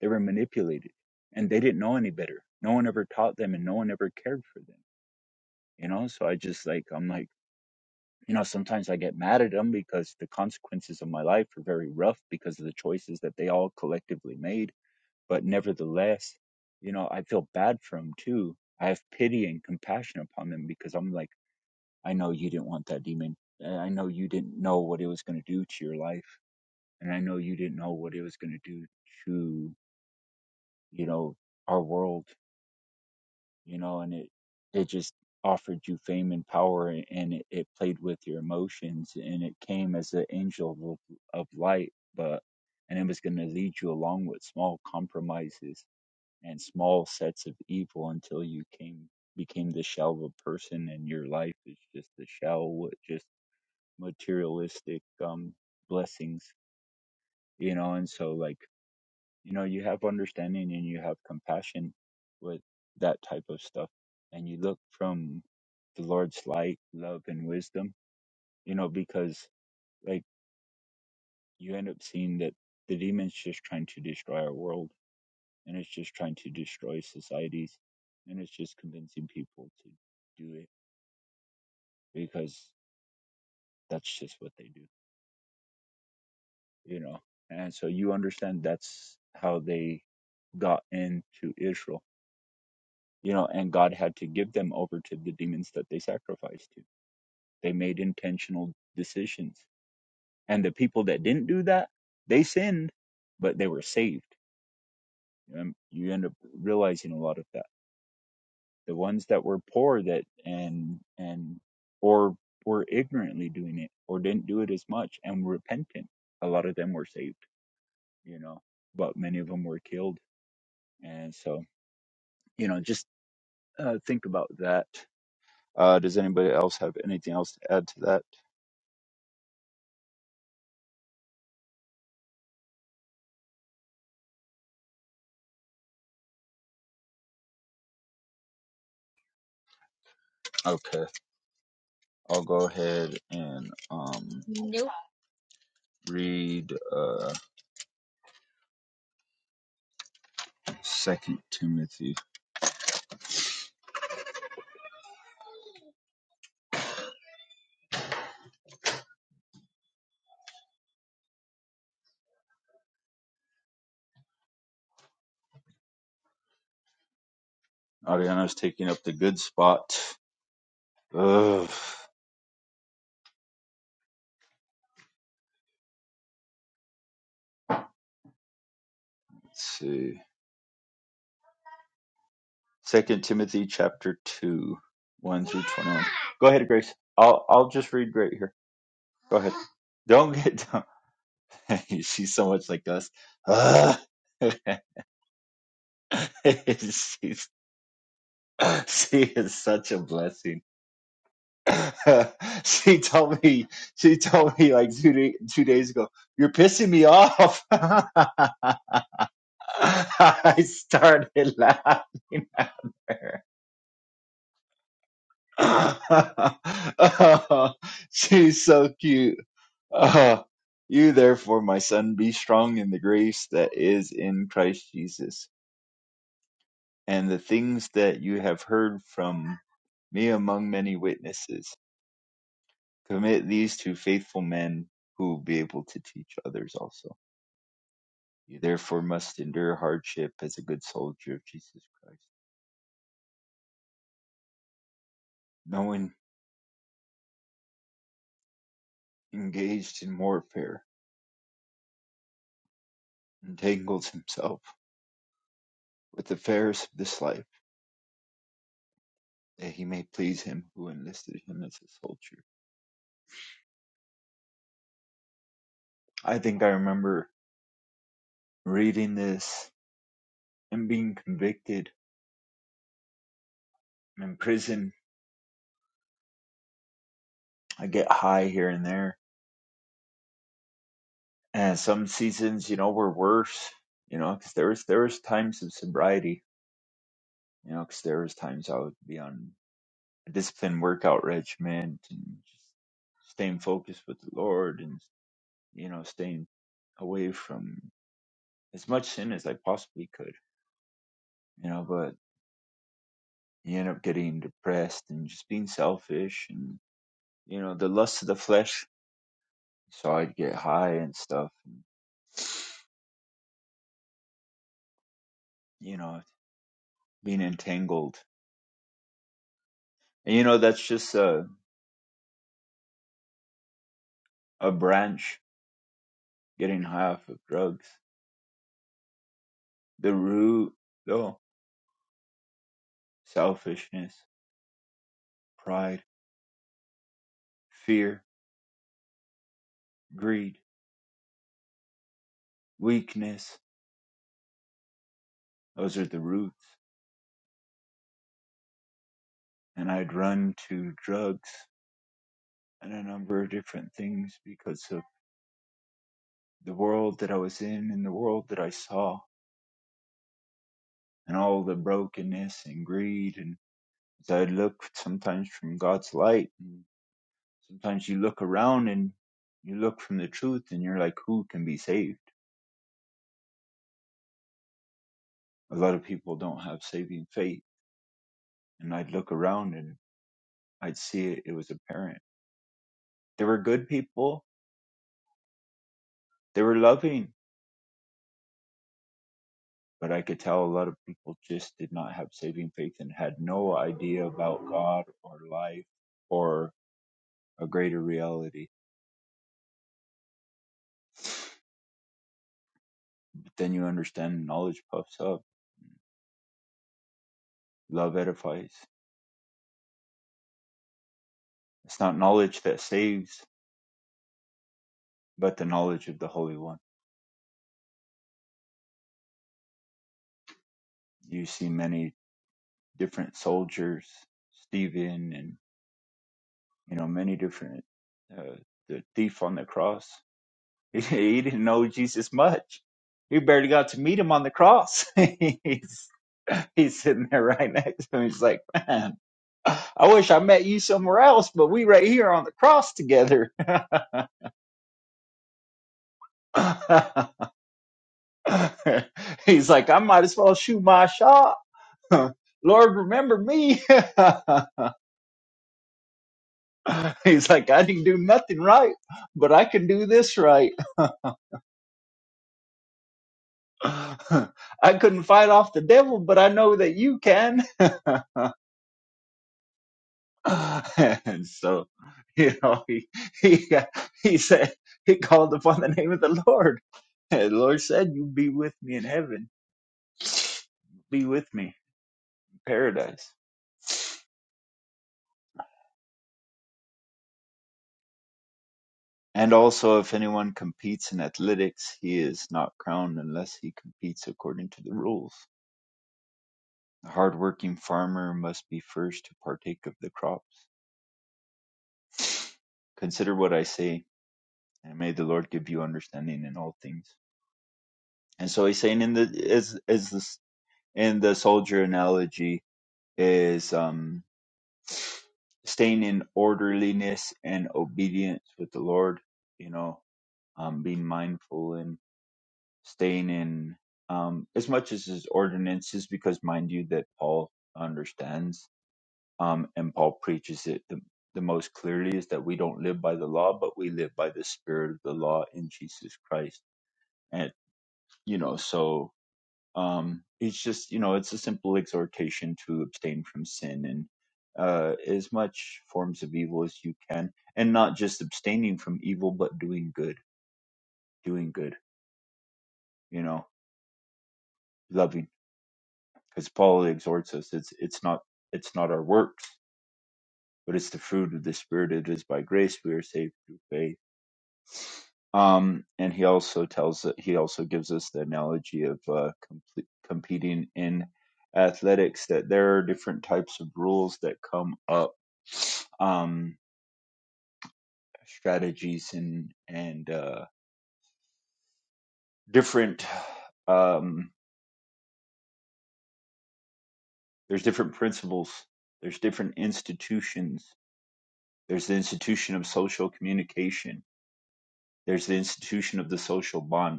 Speaker 5: They were manipulated and they didn't know any better. No one ever taught them and no one ever cared for them, you know? So I just like, I'm like, you know, sometimes I get mad at them because the consequences of my life are very rough because of the choices that they all collectively made. But nevertheless, you know, I feel bad for them too. I have pity and compassion upon them because I'm like, I know you didn't want that demon. And I know you didn't know what it was going to do to your life. And I know you didn't know what it was going to do to, you know, our world you know, and it it just offered you fame and power, and it, it played with your emotions, and it came as an angel of, of light, but and it was going to lead you along with small compromises and small sets of evil until you came became the shell of a person, and your life is just a shell with just materialistic um blessings, you know, and so like you know you have understanding and you have compassion with that type of stuff and you look from the lord's light love and wisdom you know because like you end up seeing that the demons just trying to destroy our world and it's just trying to destroy societies and it's just convincing people to do it because that's just what they do you know and so you understand that's how they got into israel you know and god had to give them over to the demons that they sacrificed to they made intentional decisions and the people that didn't do that they sinned but they were saved Um, you end up realizing a lot of that the ones that were poor that and and or were ignorantly doing it or didn't do it as much and were repentant a lot of them were saved you know but many of them were killed and so you know just uh, think about that uh, does anybody else have anything else to add to that Okay, I'll go ahead and um
Speaker 1: Nope.
Speaker 5: read uh Second Timothy. Ariana's taking up the good spot. Ugh. Let's see. Second Timothy chapter two, one through twenty-one. Go ahead, Grace. I'll I'll just read right here. Go ahead. Don't get down. *laughs* She's so much like us. Ugh. *laughs* She's she is such a blessing. *laughs* she told me she told me like two day, two days ago you're pissing me off *laughs* i started laughing at her *laughs* oh, she's so cute *laughs* oh, you therefore my son be strong in the grace that is in christ jesus and the things that you have heard from me among many witnesses Commit these to faithful men who will be able to teach others also. You therefore must endure hardship as a good soldier of Jesus Christ. No one engaged in warfare entangles himself with the affairs of this life that he may please him who enlisted him as a soldier. I think I remember reading this and being convicted. I'm in prison. I get high here and there. And some seasons, you know, were worse, you know, because there was, there was times of sobriety You know, because there was times I would be on a disciplined workout regimen and just staying focused with the Lord and, you know, staying away from as much sin as I possibly could, you know, but you end up getting depressed and just being selfish and, you know, the lust of the flesh. So I'd get high and stuff, and, you know, being entangled. And, you know, that's just a, a branch getting high off of drugs. The root, though, selfishness, pride fear, greed, weakness. Those are the roots. And I'd run to drugs and a number of different things because of the world that I was in and the world that I saw and all the brokenness and greed. And as I look sometimes from God's light, and sometimes you look around and you look from the truth and you're like, who can be saved? A lot of people don't have saving faith. And I'd look around and I'd see it, it was apparent. There were good people, they were loving, but I could tell a lot of people just did not have saving faith and had no idea about God or life or a greater reality. But then you understand knowledge puffs up, love edifies. It's not knowledge that saves, but the knowledge of the Holy One. You see many different soldiers, Stephen, and you know many different uh, the thief on the cross. *laughs* he didn't know Jesus much. He barely got to meet him on the cross. *laughs* he's he's sitting there right next to him. He's like, man, I wish I met you somewhere else, but we right here on the cross together. *laughs* he's like, I might as well shoot my shot. *laughs* Lord, remember me. *laughs* he's like, I didn't do nothing right, but I can do this right. *laughs* I couldn't fight off the devil, but I know that you can. *laughs* *laughs* and so, you know, he he uh, he said he called upon the name of the Lord. And the Lord said, "You be with me in heaven. Be with me in paradise." And also, if anyone competes in athletics, he is not crowned unless he competes according to the rules. The hardworking farmer must be first to partake of the crops. Consider what I say, and may the Lord give you understanding in all things. And so he's saying, in the as as this in the soldier analogy, is um, staying in orderliness and obedience with the Lord, you know, um, being mindful and staying in um, as much as his ordinances, because mind you, that Paul understands um, and Paul preaches it the, the most clearly is that we don't live by the law, but we live by the spirit of the law in Jesus Christ. And, you know, so um, it's just you know it's a simple exhortation to abstain from sin and uh, as much forms of evil as you can and not just abstaining from evil but doing good doing good you know loving because paul exhorts us it's it's not it's not our works but it's the fruit of the spirit it is by grace we are saved through faith Um, and he also tells he also gives us the analogy of uh, comple competing in athletics that there are different types of rules that come up, um, strategies and and uh, different um, there's different principles, there's different institutions, there's the institution of social communication, there's the institution of the social bond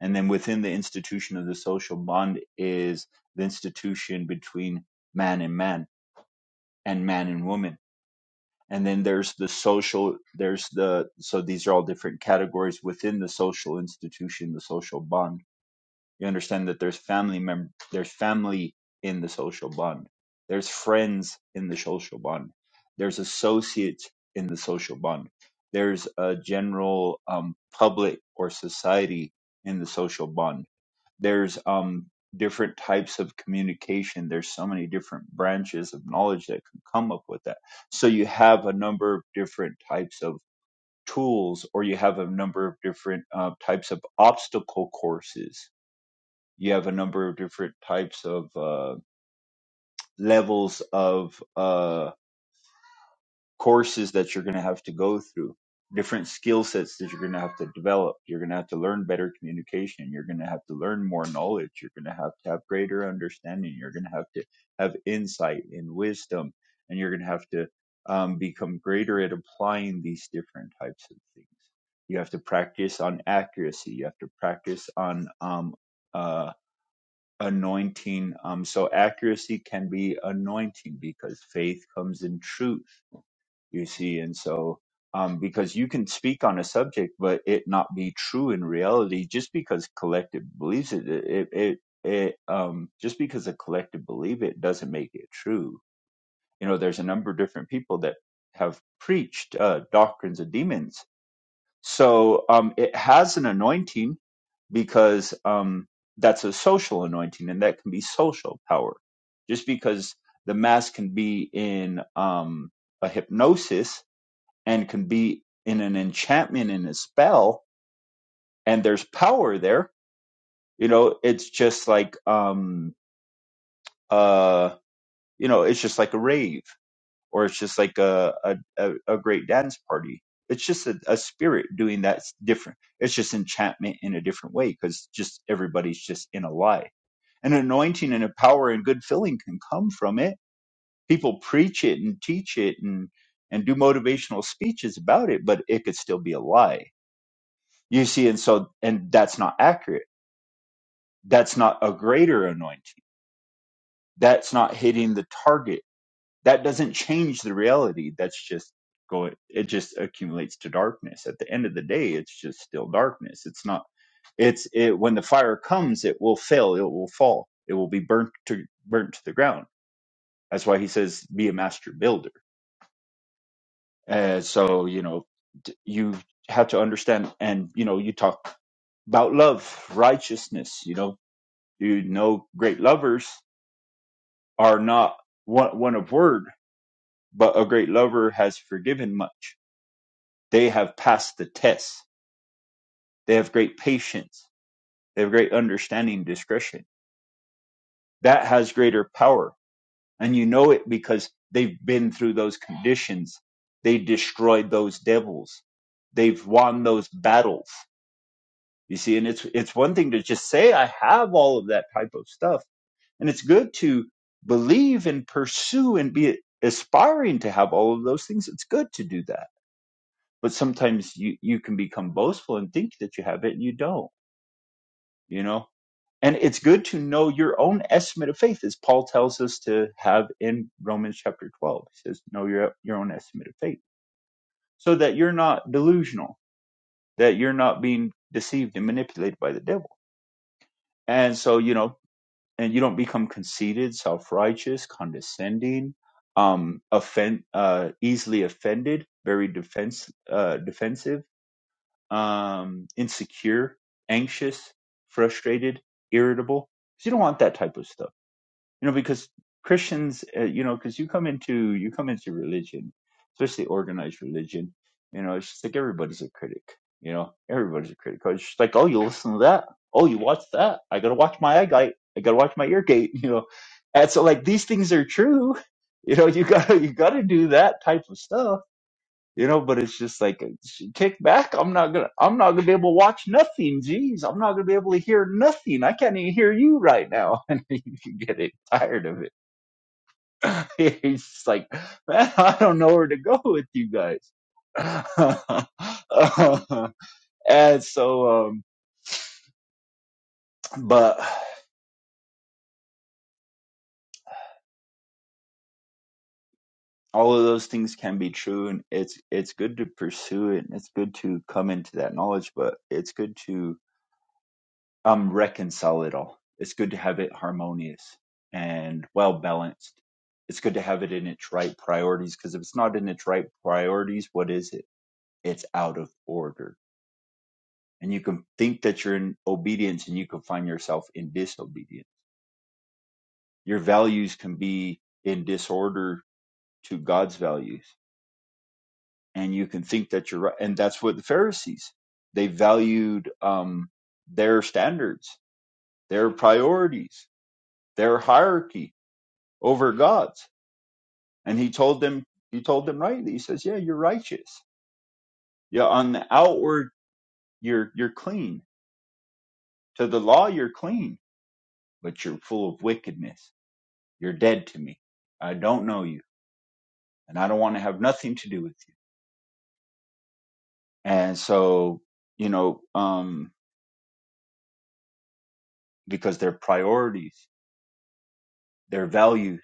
Speaker 5: And then within the institution of the social bond is the institution between man and man and man and woman. And then there's the social, there's the, so these are all different categories within the social institution, the social bond. You understand that there's family mem- there's family in the social bond. There's friends in the social bond. There's associates in the social bond. There's a general um, public or society in the social bond there's um different types of communication there's so many different branches of knowledge that can come up with that so you have a number of different types of tools or you have a number of different uh, types of obstacle courses you have a number of different types of uh, levels of uh, courses that you're going to have to go through, different skill sets that you're going to have to develop. You're going to have to learn better communication. You're going to have to learn more knowledge. You're going to have to have greater understanding. You're going to have to have insight and wisdom, and you're going to have to um, become greater at applying these different types of things. You have to practice on accuracy. You have to practice on um, uh, anointing. Um, so accuracy can be anointing because faith comes in truth, you see. And so, um, because you can speak on a subject, but it not be true in reality, just because collective believes it, it, it, it um, just because a collective believe it doesn't make it true. You know, there's a number of different people that have preached uh, doctrines of demons so um, it has an anointing because um, that's a social anointing and that can be social power. Just because the mass can be in um, a hypnosis and can be in an enchantment and a spell, and there's power there, you know, it's just like, um, uh, you know, it's just like a rave or it's just like a a, a a great dance party. It's just a, a spirit doing that's different. It's just enchantment in a different way because just everybody's just in a lie. And anointing and a power and good feeling can come from it. People preach it and teach it and and do motivational speeches about it, but it could still be a lie. You see, and so and that's not accurate. That's not a greater anointing. That's not hitting the target that doesn't change the reality. That's just going, it just accumulates to darkness. At the end of the day, it's just still darkness. It's not, it's, it, when the fire comes, it will fail, it will fall, it will be burnt to, burnt to the ground. That's why he says, be a master builder. Uh, so, you know, d- you have to understand, and, you know, you talk about love, righteousness, you know, you know, great lovers are not one, one of word, but a great lover has forgiven much They have passed the test. They have great patience. They have great understanding discretion. That has greater power. And you know it because they've been through those conditions. They destroyed those devils. They've won those battles. You see, and it's it's one thing to just say I have all of that type of stuff. And it's good to believe and pursue and be aspiring to have all of those things. It's good to do that. But sometimes you, you can become boastful and think that you have it and you don't you know And it's good to know your own estimate of faith, as Paul tells us to have in Romans chapter 12. He says, Know your, your own estimate of faith, so that you're not delusional, that you're not being deceived and manipulated by the devil. And so, you know, and you don't become conceited, self righteous, condescending, um, offend, uh, easily offended, very defense, uh, defensive, um, insecure, anxious, frustrated, irritable. 'Cause You don't want that type of stuff you know because christians uh, you know because you come into you come into religion especially organized religion you know it's just like everybody's a critic you know everybody's a critic it's just like oh you listen to that oh you watch that i gotta watch my eye gate i gotta watch my ear gate *laughs* you know and so like these things are true *laughs* you know you gotta you gotta do that type of stuff you know but it's just like sh- kick back i'm not gonna i'm not gonna be able to watch nothing jeez i'm not gonna be able to hear nothing i can't even hear you right now *laughs* and you can get it tired of it *laughs* he's just like man *laughs* i don't know where to go with you guys *laughs* and so um but all of those things can be true and it's it's good to pursue it and it's good to come into that knowledge but it's good to um reconcile it all. It's good to have it harmonious and well balanced. It's good to have it in its right priorities because if it's not in its right priorities, what is it? It's out of order. And you can think that you're in obedience and you can find yourself in disobedience. Your values can be in disorder to God's values. And you can think that you're right. And that's what the Pharisees, they valued um, their standards, their priorities, their hierarchy over God's. And he told them, he told them rightly. He says, yeah, you're righteous. Yeah, on the outward, you're, you're clean. To the law, you're clean, but you're full of wickedness. You're dead to me. I don't know you and I don't want to have nothing to do with you. And so, you know, um, because their priorities, their values,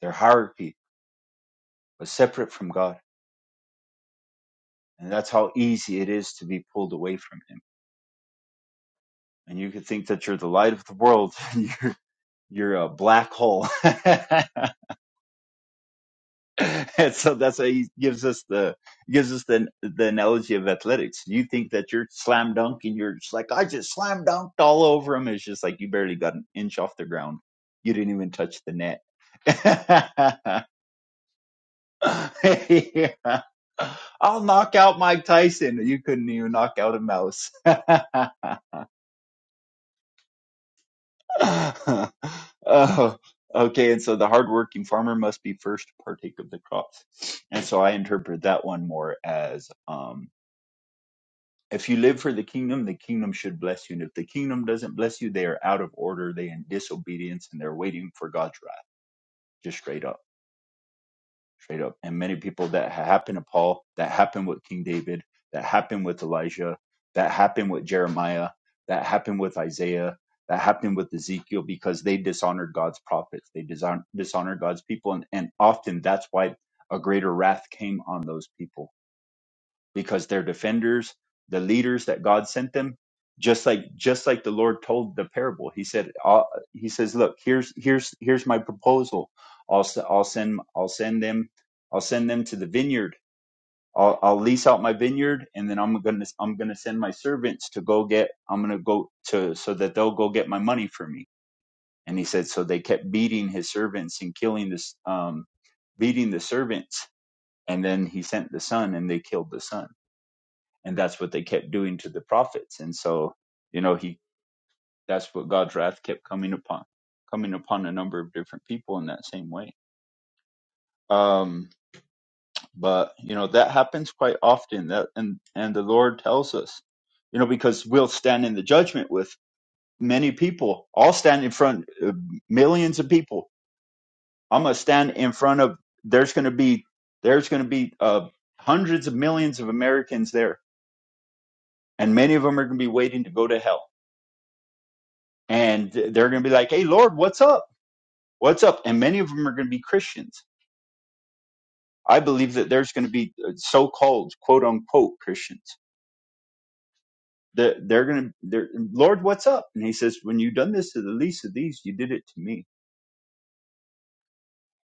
Speaker 5: their hierarchy was separate from God. And that's how easy it is to be pulled away from him. And you could think that you're the light of the world. *laughs* and you're. you're a black hole. *laughs* and so that's why he gives us the gives us the the analogy of athletics. You think that you're slam dunk and you're just like I just slam dunked all over him. It's just like you barely got an inch off the ground. You didn't even touch the net. *laughs* Yeah. I'll knock out Mike Tyson. You couldn't even knock out a mouse. *laughs* *laughs* oh, okay. And so the hardworking farmer must be first to partake of the crops. And so I interpret that one more as um, if you live for the kingdom, the kingdom should bless you. And if the kingdom doesn't bless you, they are out of order, they are in disobedience, and they're waiting for God's wrath, just straight up. straight up. And many people that happened to Paul, that happened with King David, that happened with Elijah, that happened with Jeremiah, that happened with Isaiah, that happened with Ezekiel because they dishonored God's prophets. They dishon- dishonored God's people. And, and often that's why a greater wrath came on those people because they're defenders, the leaders that God sent them. Just like just like the Lord told the parable, He said, uh, He says, look, here's here's here's my proposal. I'll s- I'll send I'll send them I'll send them to the vineyard. I'll, I'll lease out my vineyard, and then I'm gonna I'm gonna send my servants to go get I'm gonna go to so that they'll go get my money for me. And he said, so they kept beating his servants and killing this um, beating the servants, and then he sent the son, and they killed the son and that's what they kept doing to the prophets and so you know he that's what god's wrath kept coming upon coming upon a number of different people in that same way um but you know that happens quite often that and and the lord tells us you know because we'll stand in the judgment with many people i'll stand in front of millions of people i'm gonna stand in front of there's gonna be there's gonna be uh hundreds of millions of americans there and many of them are gonna be waiting to go to hell and they're going to be like, "Hey, Lord, what's up? What's up?" And many of them are going to be Christians. I believe that there's going to be uh, so-called "quote unquote" Christians. That they're going to, they're, Lord, what's up? And He says, "When you have done this to the least of these, you did it to me."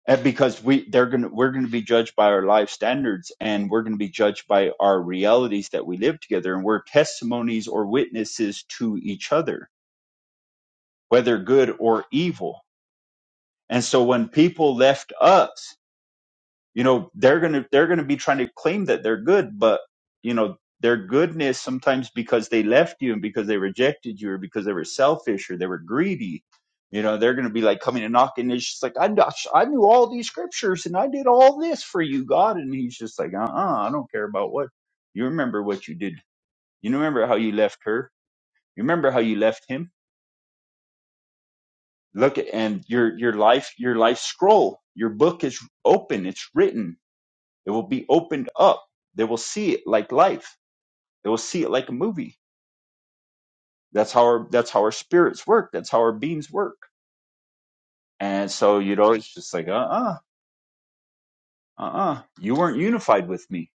Speaker 5: And because we, they're going to, we're going to be judged by our life standards, and we're going to be judged by our realities that we live together, and we're testimonies or witnesses to each other, whether good or evil. And so when people left us you know they're gonna they're gonna be trying to claim that they're good but you know their goodness sometimes because they left you and because they rejected you or because they were selfish or they were greedy you know they're gonna be like coming and knocking it's just like i kn- i knew all these scriptures and i did all this for you god and he's just like uh-uh i don't care about what you remember what you did you remember how you left her you remember how you left him look at and your your life your life scroll your book is open it's written It will be opened up. They will see it like life. They will see it like a movie. That's how our that's how our spirits work. That's how our beings work. And so, you know, it's just like, uh-uh, uh-uh. You weren't unified with me.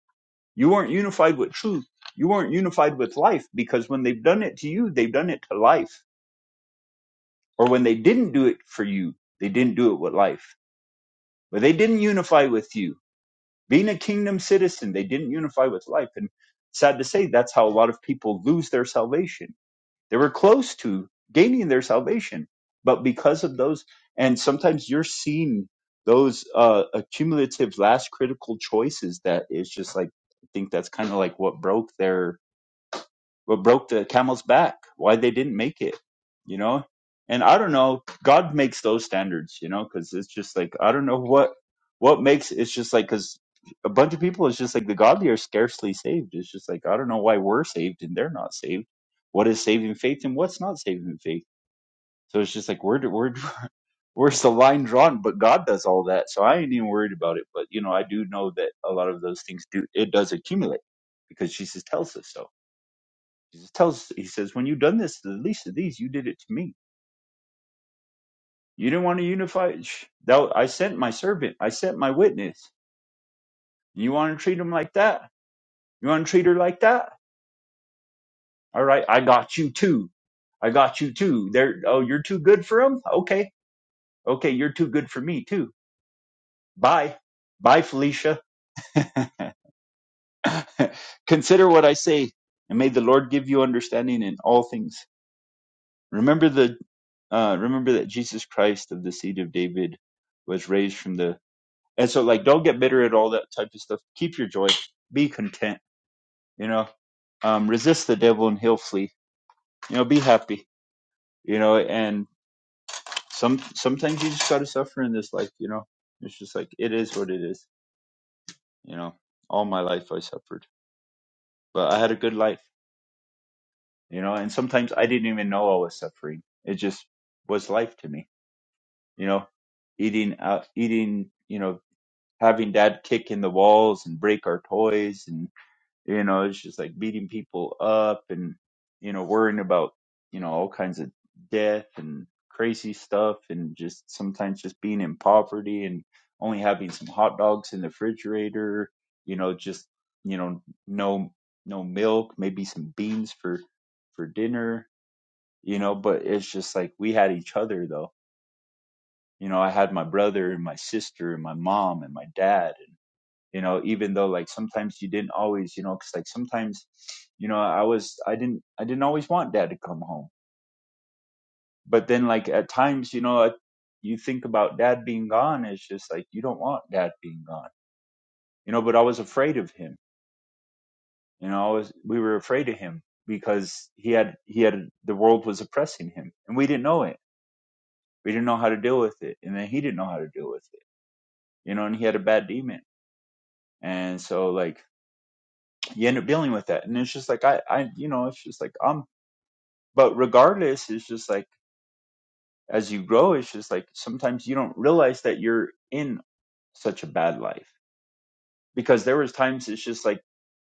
Speaker 5: You weren't unified with truth. You weren't unified with life because when they've done it to you, they've done it to life. Or when they didn't do it for you, they didn't do it with life. But they didn't unify with you. Being a kingdom citizen, they didn't unify with life. And sad to say, that's how a lot of people lose their salvation They were close to gaining their salvation, but because of those, and sometimes you're seeing those uh, accumulative last critical choices that is just like, I think that's kind of like what broke their what broke the camel's back why they didn't make it you know and i don't know god makes those standards you know because it's just like i don't know what what makes it's just like because a bunch of people it's just like the godly are scarcely saved it's just like i don't know why we're saved and they're not saved what is saving faith and what's not saving faith so it's just like where do- where *laughs* where's the line drawn but god does all that so i ain't even worried about it but you know i do know that a lot of those things do it does accumulate because jesus tells us so Jesus tells, he says, when you've done this to the least of these, you did it to me. You didn't want to unify. Shh, Thou, I sent my servant. I sent my witness. And You want to treat him like that? You want to treat her like that? All right. I got you too. I got you too. There. Oh, you're too good for him. Okay. Okay. You're too good for me too. Bye. Bye, Felicia. *laughs* Consider what I say and may the Lord give you understanding in all things. Remember the, uh, remember that Jesus Christ of the seed of David was raised from the And so like don't get bitter at all that type of stuff. Keep your joy. Be content, you know. Um resist the devil and he'll flee. You know, be happy. You know, and some some things you just gotta suffer in this life, you know. It's just like it is what it is, you know. All my life I suffered. But I had a good life, you know, and sometimes I didn't even know I was suffering. It just was life to me, you know. Eating out eating, you know, having dad kick in the walls and break our toys you know it's just like beating people up and you know worrying about you know all kinds of death and crazy stuff and just sometimes just being in poverty and only having some hot dogs in the refrigerator you know just you know no no milk maybe some beans for for dinner you know but it's just like we had each other though you know i had my brother and my sister and my mom and my dad you know even though like sometimes you didn't always you know because like sometimes you know i was i didn't i didn't always want dad to come home but then like at times you know you think about dad being gone it's just like you don't want dad being gone you know but i was afraid of him you know i was we were afraid of him because he had he had the world was oppressing him and we didn't know it we didn't know how to deal with it and then he didn't know how to deal with it you know and he had a bad demon and so like you end up dealing with that and it's just like i i you know it's just like i'm but regardless it's just like as you grow it's just like sometimes you don't realize that you're in such a bad life because there was times it's just like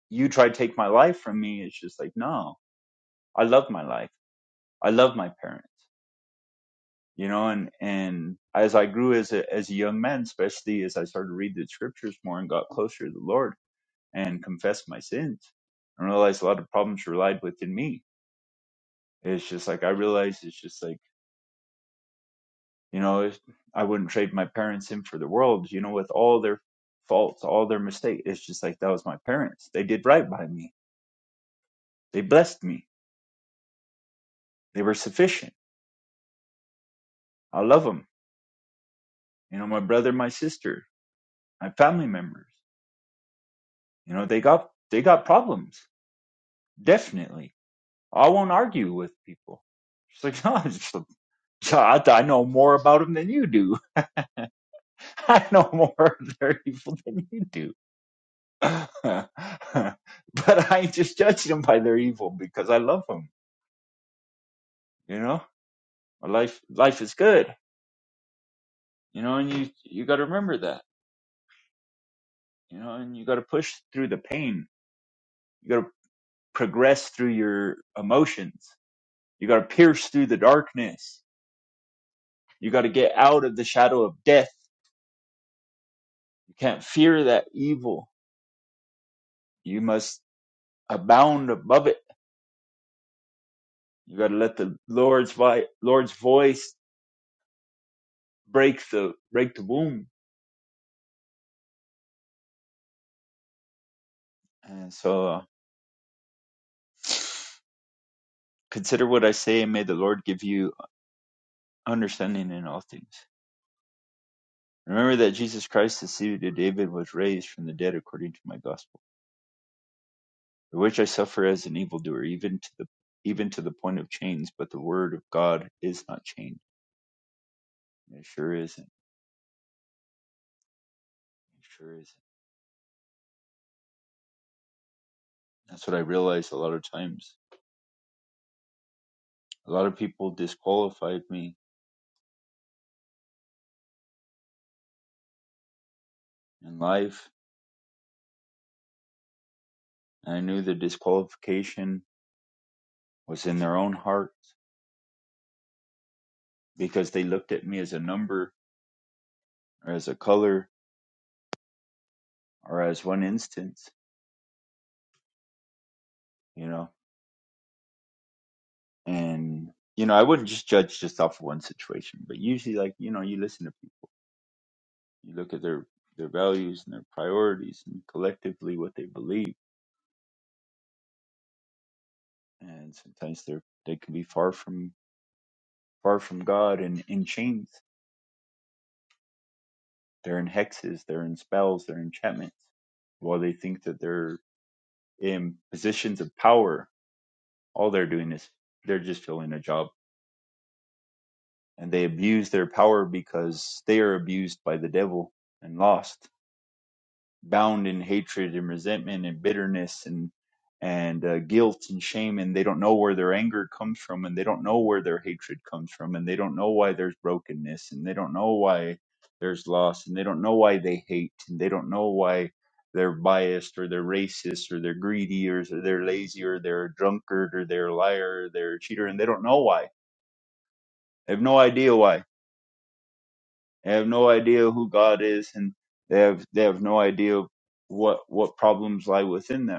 Speaker 5: you try to take my life from me it's just like no i love my life i love my parents you know and and as i grew as a as a young man especially as i started to read the scriptures more and got closer to the lord and confessed my sins and realized a lot of problems relied within me it's just like i realized it's just like You know, I wouldn't trade my parents in for the world, you know, with all their faults, all their mistakes. It's just like that was my parents. They did right by me. They blessed me. They were sufficient. I love them. You know, my brother, my sister, my family members. You know, they got they got problems. Definitely. I won't argue with people. It's like, *laughs* no, it's just a, I, I know more about them than you do. *laughs* I know more of their evil than you do *laughs* but I ain't just judge them by their evil because I love them. You know, life life is good. You know, and you you got to remember that. You know, and you got to push through the pain. You got to progress through your emotions. You got to pierce through the darkness. You got to get out of the shadow of death. You can't fear that evil. You must abound above it. You got to let the Lord's vi- Lord's voice break the break the womb. And so Consider what I say, and may the Lord give you understanding in all things. Remember that Jesus Christ, the seed of David, was raised from the dead according to my gospel, for which I suffer as an evildoer, even to the even to the point of chains. But the word of God is not chained. It sure isn't. It sure isn't. That's what I realized a lot of times. A lot of people disqualified me in life, and I knew the disqualification was in their own hearts because they looked at me as a number or as a color or as one instance you know and you know i wouldn't just judge just off one situation but usually like you know you listen to people you look at their their values and their priorities and collectively what they believe and sometimes they're they can be far from far from god and in chains they're in hexes they're in spells they're enchantments while they think that they're in positions of power all they're doing is they're just filling a job and they abuse their power because they are abused by the devil and lost bound in hatred and resentment and bitterness and and uh, guilt and shame and they don't know where their anger comes from and they don't know where their hatred comes from and they don't know why there's brokenness and they don't know why there's loss and they don't know why they hate and they don't know why they're biased or they're racist or they're greedy or they're lazy or they're a drunkard or they're a liar or they're a cheater and they don't know why they have no idea why they have no idea who god is and they have they have no idea what what problems lie within them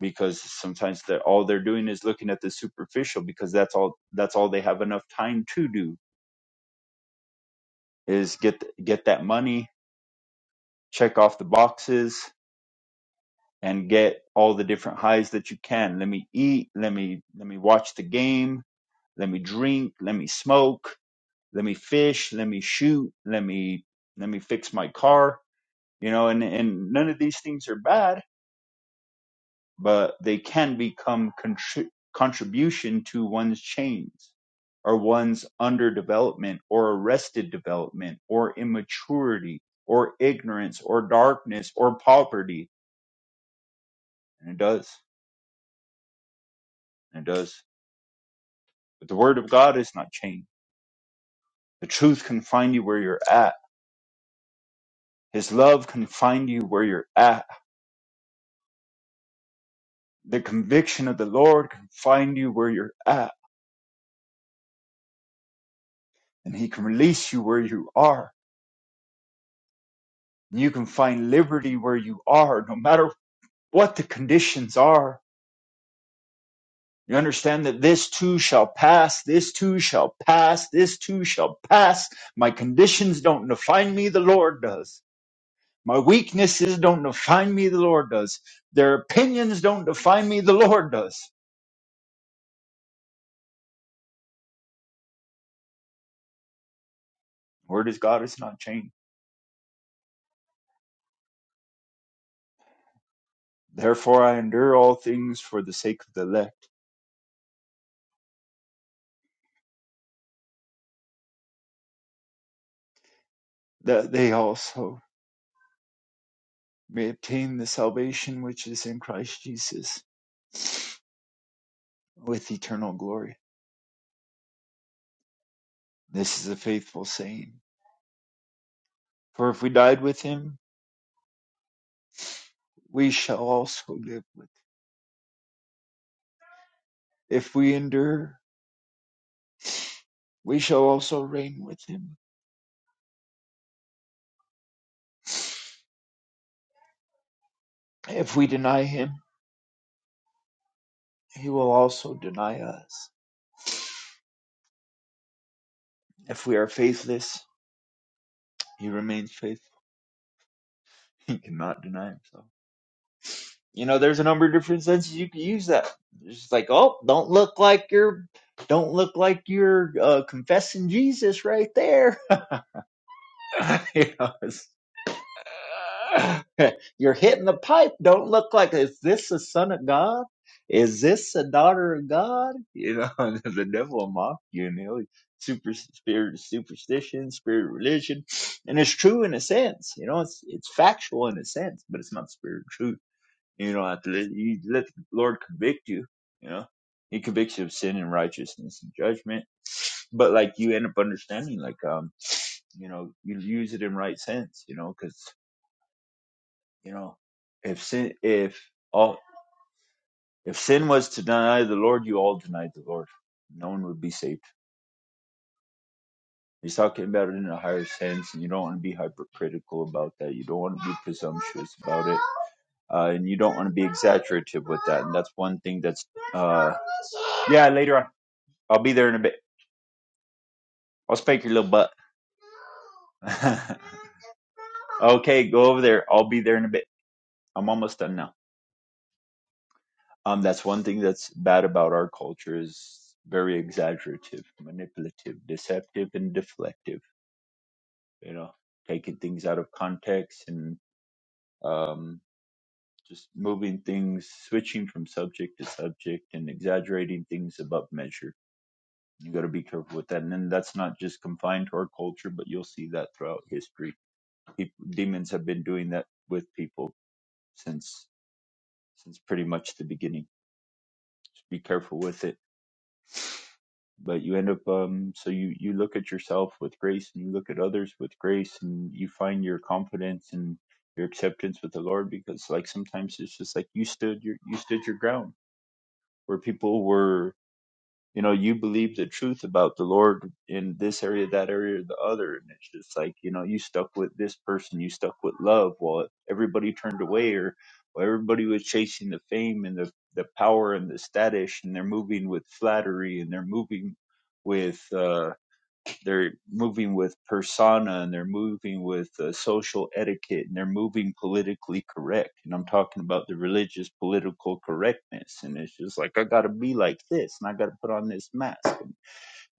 Speaker 5: because sometimes they're all they're doing is looking at the superficial because that's all that's all they have enough time to do is get get that money check off the boxes and get all the different highs that you can let me eat let me let me watch the game let me drink let me smoke let me fish let me shoot let me let me fix my car you know and and none of these things are bad but they can become contri- contribution to one's chains or one's underdevelopment or arrested development or immaturity or ignorance or darkness or poverty. And it does. And it does. But the word of God is not chained. The truth can find you where you're at. His love can find you where you're at. The conviction of the Lord can find you where you're at. And he can release you where you are. And You can find liberty where you are, no matter what the conditions are. You understand that this too shall pass, this too shall pass, this too shall pass. My conditions don't define me, the Lord does. My weaknesses don't define me, the Lord does. Their opinions don't define me, the Lord does. The Word is God is not changed. Therefore I endure all things for the sake of the elect, that they also may obtain the salvation which is in Christ Jesus with eternal glory. This is a faithful saying. For if we died with him, we shall also live with him. If we endure, we shall also reign with him. If we deny him, he will also deny us. If we are faithless, he remains faithful. *laughs* He cannot deny himself. You know, there's a number of different senses you can use that. It's just like, oh, don't look like you're, don't look like you're uh, confessing Jesus right there. *laughs* you know, it's, *laughs* You're hitting the pipe. Don't look like is this the son of God? Is this the daughter of God? You know, *laughs* and the devil will mock you, and he'll super spirit of superstition, spirit of religion, and it's true in a sense. You know, it's it's factual in a sense, but it's not spirit of truth. You don't have to let, you let the Lord convict you. You know, He convicts you of sin and righteousness and judgment. But like you end up understanding, like um, you know, you use it in right sense. You know, because. You know, if sin, if all, if sin was to deny the Lord, you all denied the Lord. No one would be saved. He's talking about it in a higher sense, and you don't want to be hypercritical about that. You don't want to be presumptuous about it, uh, and you don't want to be exaggerative with that. And that's one thing that's, uh, yeah, later on. I'll be there in a bit. I'll spank your little butt. *laughs* okay, go over there. I'll be there in a bit. I'm almost done now. Um, that's one thing that's bad about our culture is very exaggerative, manipulative, deceptive, and deflective. You know, taking things out of context and um, just moving things, switching from subject to subject, and exaggerating things above measure. You got to be careful with that. And then that's not just confined to our culture, but you'll see that throughout history. People, demons have been doing that with people since since pretty much the beginning. Just be careful with it but you end up um so you you look at yourself with grace and you look at others with grace and you find your confidence and your acceptance with the lord because like sometimes it's just like you stood your you stood your ground where people were you know you believe the truth about the lord in this area that area or the other and it's just like you know you stuck with this person you stuck with love while everybody turned away or while everybody was chasing the fame and the the power and the status and they're moving with flattery and they're moving with uh, they're moving with persona and they're moving with uh, social etiquette and they're moving politically correct and i'm talking about the religious political correctness and it's just like i gotta be like this and i gotta put on this mask and,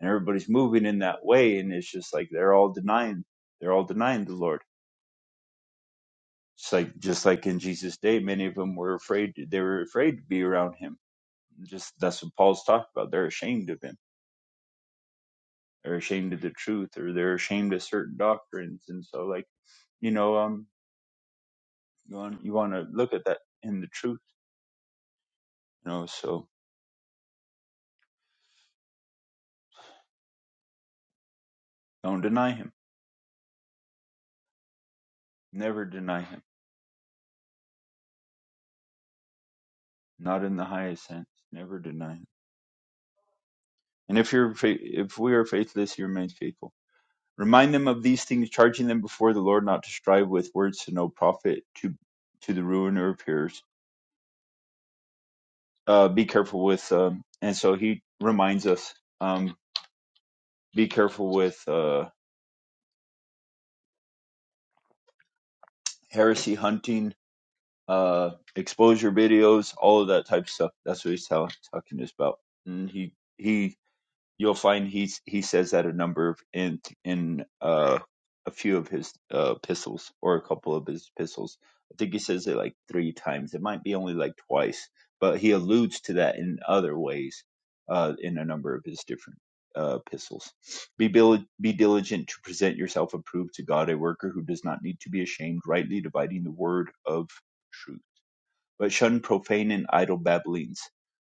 Speaker 5: and everybody's moving in that way and it's just like they're all denying they're all denying the lord it's like just like in jesus day many of them were afraid they were afraid to be around him just that's what paul's talking about they're ashamed of him they're ashamed of the truth or they're ashamed of certain doctrines and so like You know, um, you want you want to look at that in the truth. You know, so don't deny him. Never deny him. Not in the highest sense. Never deny him. And if you're fa- if we are faithless, he remains faithful. Remind them of these things, charging them before the Lord not to strive with words to no profit to to the ruin of peers. Uh, be careful with. Um, and so he reminds us. Um, be careful with uh, heresy hunting uh, exposure videos, all of that type of stuff. That's what he's tell- talking is about. And he he, you'll find he's he says that a number of in in uh, a few of his uh, epistles or a couple of his epistles. I think he says it like three times. It might be only like twice, but he alludes to that in other ways uh, in a number of his different uh, epistles. Be, bil- be diligent to present yourself approved to God, a worker who does not need to be ashamed, rightly dividing the word of truth but shun profane and idle babblings,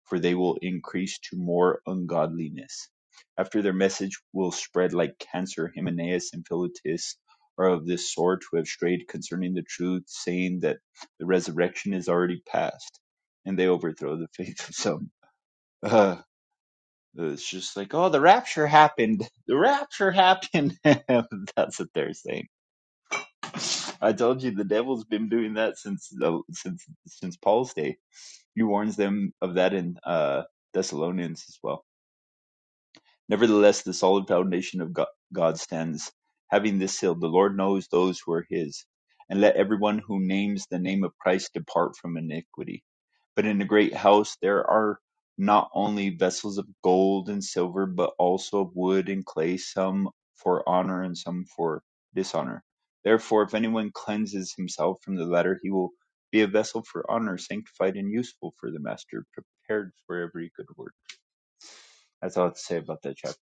Speaker 5: for they will increase to more ungodliness. After their message will spread like cancer, Hymenaeus and Philetus are of this sort who have strayed concerning the truth, saying that the resurrection is already past, and they overthrow the *laughs* faith of some. Uh, it's just like, oh, the rapture happened. The rapture happened. *laughs* That's what they're saying. I told you the devil's been doing that since the, since since Paul's day he warns them of that in uh, Thessalonians as well. Nevertheless, the solid foundation of God stands. Having this seal, the Lord knows those who are his. And let everyone who names the name of Christ depart from iniquity. But in the great house there are not only vessels of gold and silver, but also of wood and clay, some for honor and some for dishonor. Therefore, if anyone cleanses himself from the latter, he will be a vessel for honor, sanctified and useful for the master, prepared for every good work. That's all I have to say about that chapter.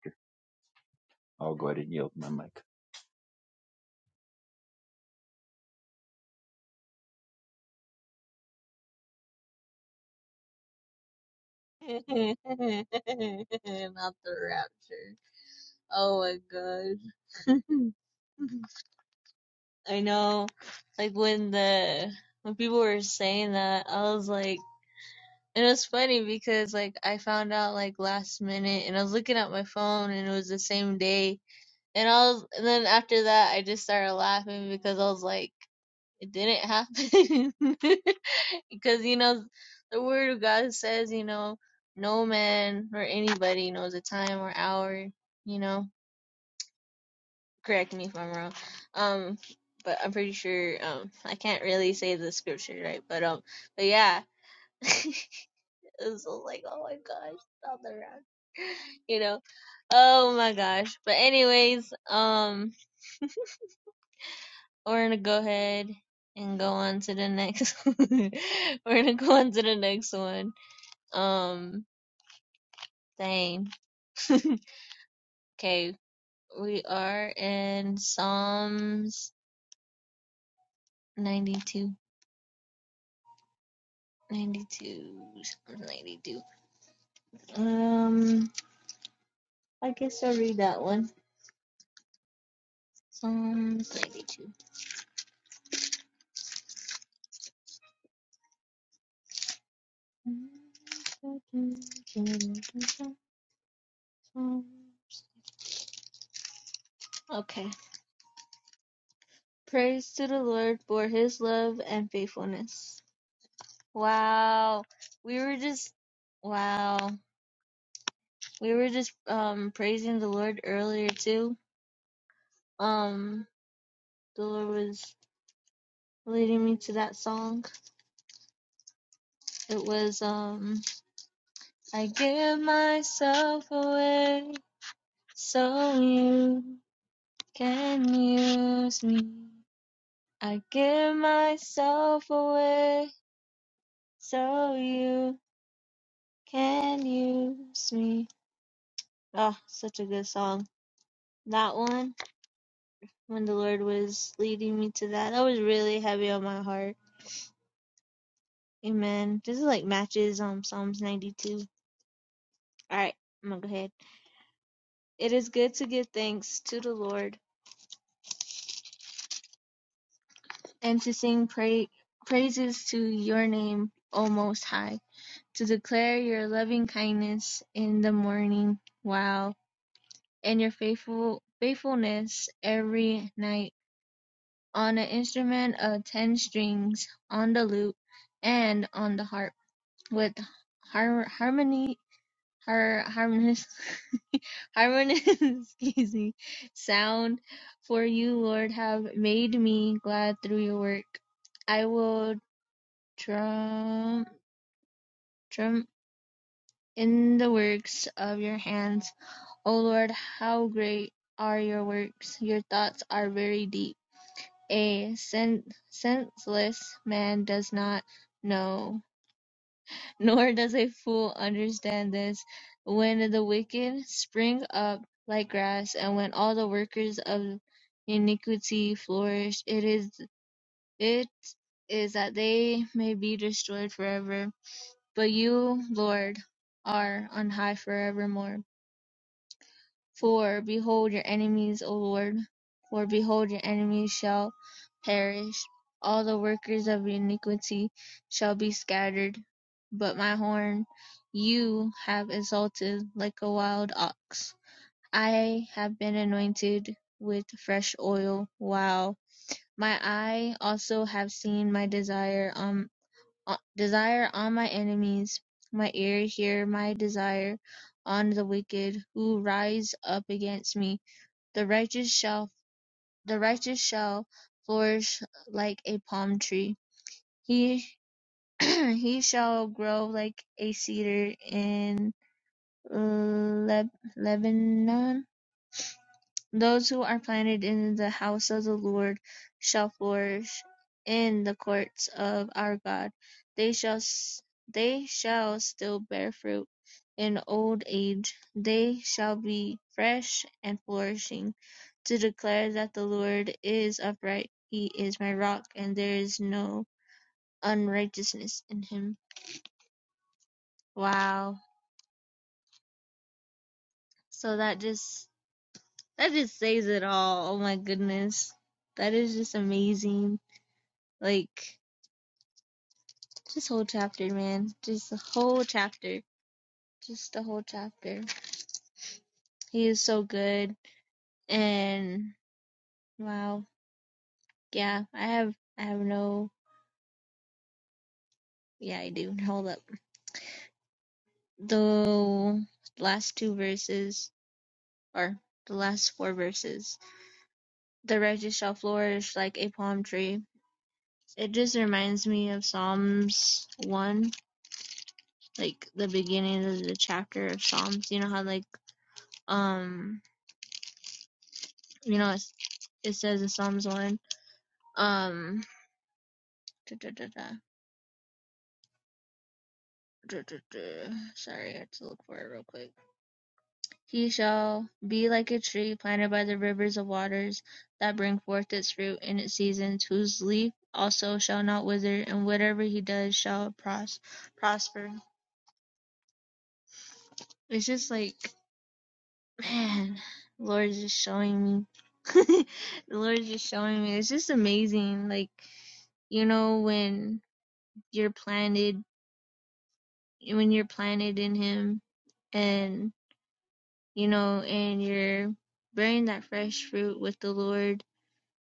Speaker 5: I'll go ahead and yield my mic.
Speaker 1: *laughs* Not the rapture. Oh my gosh. *laughs* I know, like when the when people were saying that, I was like, and it was funny because like I found out like last minute, and I was looking at my phone, and it was the same day, and I was, and then after that, I just started laughing because I was like, it didn't happen, *laughs* because you know, the word of God says, you know, no man or anybody knows a time or hour, you know correct me if I'm wrong. Um, but I'm pretty sure. Um, I can't really say the scripture right, but um, but yeah, *laughs* it was like, oh my gosh, stop the rap, *laughs* you know. Oh my gosh. But anyways, um, we're gonna go ahead and go on to the next. *laughs* we're gonna go on to the next one. Um, dang. *laughs* okay, we are in Psalms 92. 92, Psalms 92. Um, I guess I'll read that one. Psalms 92. Okay. Praise to the Lord for his love and faithfulness. Wow. We were just, wow. We were just, um, praising the Lord earlier too. Um, the Lord was leading me to that song. It was, um, I give myself away, so you. can use me. I give myself away so you can use me. Oh, such a good song. That one, when the Lord was leading me to that, that was really heavy on my heart. Amen. This is like matches um Psalms 92. All right, I'm gonna go ahead. It is good to give thanks to the Lord and to sing pra- praises to your name, O Most High to declare your loving kindness in the morning, wow, and your faithful faithfulness every night on an instrument of ten strings, on the lute, and on the harp, with har- harmony, har- harmonious, *laughs* harmonious, excuse me, sound. For you, Lord, have made me glad through your work. I will drum, drum in the works of your hands O Lord, how great are your works! Your thoughts are very deep. A sen- senseless man does not know, *laughs* nor does a fool understand this. When the wicked spring up like grass, and when all the workers of iniquity flourish, it is it is that they may be destroyed forever. But you, Lord, are on high forevermore. For behold your enemies, O Lord, for behold your enemies shall perish. All the workers of iniquity shall be scattered. But my horn you have exalted like a wild ox. I have been anointed with fresh oil. Wow. My eye also have seen my desire on uh, desire on my enemies. My ear hear my desire on the wicked who rise up against me the righteous shall the righteous shall flourish like a palm tree; he *clears throat* he shall grow like a cedar in Leb- Lebanon. Those who are planted in the house of the Lord shall flourish in the courts of our God. They shall they shall still bear fruit in old age. They shall be fresh and flourishing to declare that the Lord is upright. He is my rock and there is no unrighteousness in him. Wow. So that just that just says it all. Oh my goodness. That is just amazing. Like This whole chapter, man. Just the whole chapter. Just the whole chapter. He is so good. And wow. Yeah, I have I have no yeah, I do. Hold up. The last two verses or the last four verses. The righteous shall flourish like a palm tree. It just reminds me of Psalms one, like the beginning of the chapter of Psalms. You know how like um you know it's, it says in Psalms one, um duh, duh, duh, duh, duh, duh, duh. Sorry, I had to look for it real quick. He shall be like a tree planted by the rivers of waters that bring forth its fruit in its seasons, whose leaf also shall not wither, and whatever he does shall pros- prosper. It's just like, man, the Lord is just showing me. *laughs* the Lord is just showing me. It's just amazing. Like, you know, when you're planted, when you're planted in Him, and you know, and you're bearing that fresh fruit with the Lord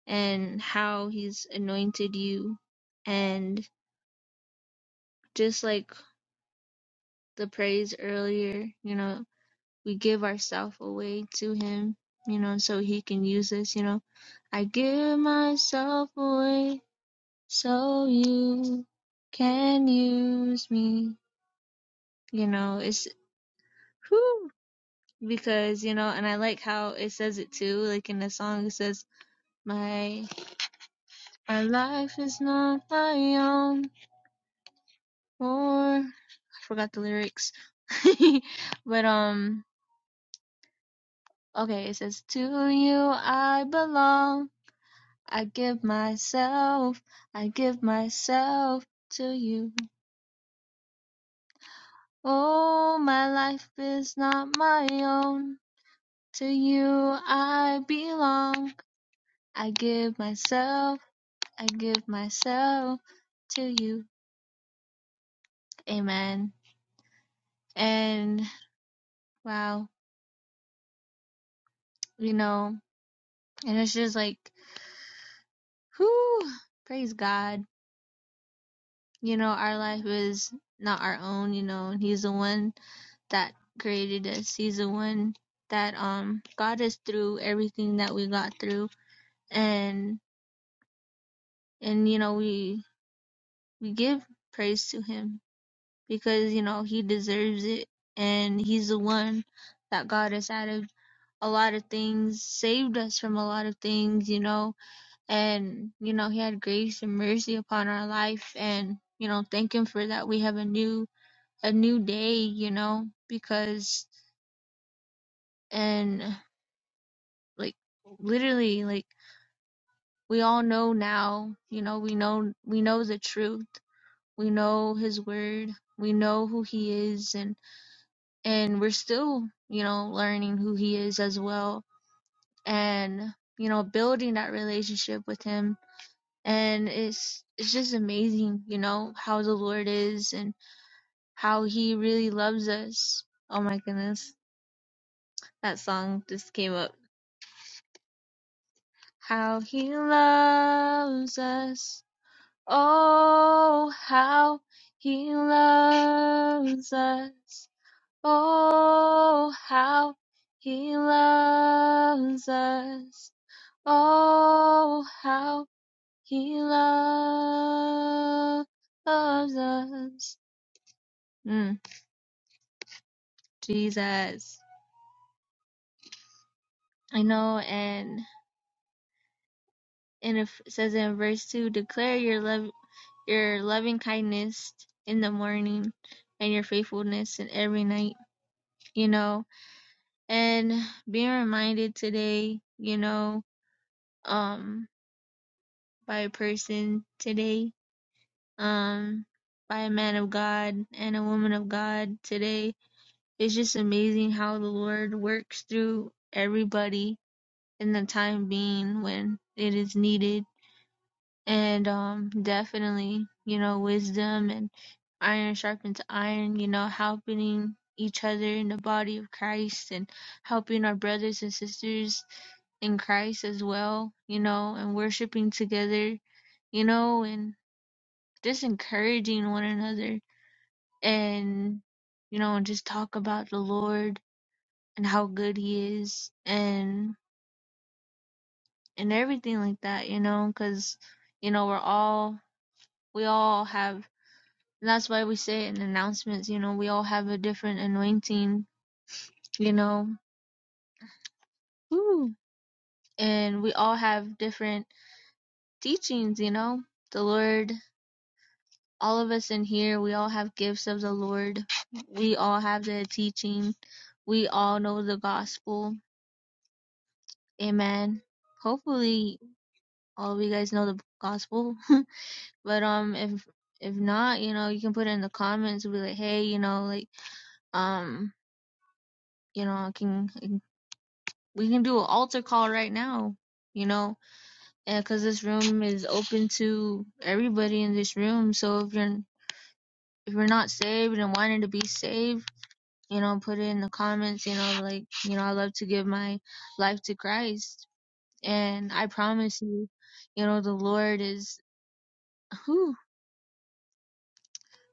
Speaker 1: and how He's anointed you. And just like the praise earlier, you know, we give ourselves away to Him, you know, so He can use us, you know. I give myself away so you can use me, you know, it's whew, because, you know, and I like how it says it too, like in the song, it says, my Our life is not my own. Or I forgot the lyrics. *laughs* but um okay, it says to you I belong. I give myself. I give myself to you. Oh, my life is not my own. To you I belong. I give myself. I give myself to you. Amen. And wow, you know, And it's just like, whoo, praise God. You know, our life is not our own, you know, and He's the one that created us. He's the one that um got us through everything that we got through. And and you know, we we give praise to him because, you know, he deserves it and he's the one that got us out of a lot of things, saved us from a lot of things, you know, and you know he had grace and mercy upon our life and you know thank him for that we have a new a new day you know because and like literally like we all know now you know we know we know the truth we know his word we know who he is and and we're still you know learning who he is as well and you know building that relationship with him and it's it's just amazing, you know, how the Lord is and how He really loves us. Oh my goodness, that song just came up. How He loves us. Oh, how He loves us. Oh, how He loves us. Oh, how He loves us. Mm. Jesus. I know, and and it says in verse two, declare your love, your loving kindness in the morning, and your faithfulness in every night. You know, and being reminded today, you know, um, by a person today, um, by a man of God and a woman of God today. It's just amazing how the Lord works through everybody in the time being when it is needed And um, definitely, you know, wisdom and iron sharpens iron, you know, helping each other in the body of Christ and helping our brothers and sisters in Christ as well, you know, and worshiping together, you know, and just encouraging one another and, you know, and just talk about the Lord and how good He is and, and everything like that, you know, because, you know, we're all, we all have And that's why we say in announcements, you know, we all have a different anointing, you know, Woo. and we all have different teachings, you know. The Lord, all of us in here, we all have gifts of the Lord. We all have the teaching. We all know the gospel. Amen. Hopefully, all of you guys know the gospel. *laughs* but um, if if not, you know, you can put it in the comments. Be like, hey, you know, like um, you know, I can we can do an altar call right now, you know, because this room is open to everybody in this room. So if you're if you're not saved and wanting to be saved, you know, put it in the comments. You know, like you know, I love to give my life to Christ, and I promise you, you know, the Lord is who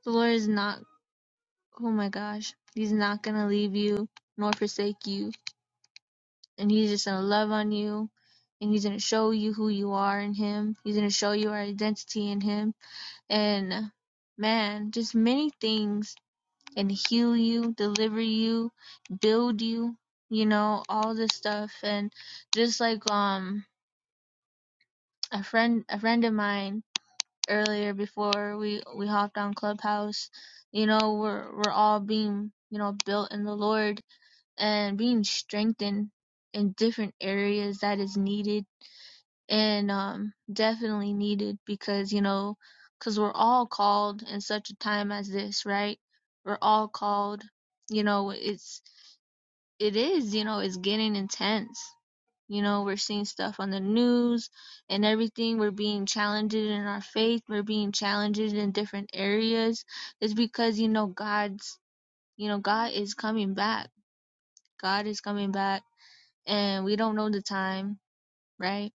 Speaker 1: the Lord is not. Oh my gosh, He's not gonna leave you nor forsake you. and he's just gonna love on you and he's gonna show you who you are in him he's gonna show you our identity in him and man just many things and heal you deliver you build you you know all this stuff and just like um a friend a friend of mine earlier before we we hopped on clubhouse you know we're we're all being you know built in the lord and being strengthened in different areas that is needed and um, definitely needed because you know because we're all called in such a time as this right we're all called you know it's it is you know it's getting intense you know we're seeing stuff on the news and everything we're being challenged in our faith we're being challenged in different areas it's because you know god's you know god is coming back god is coming back and we don't know the time right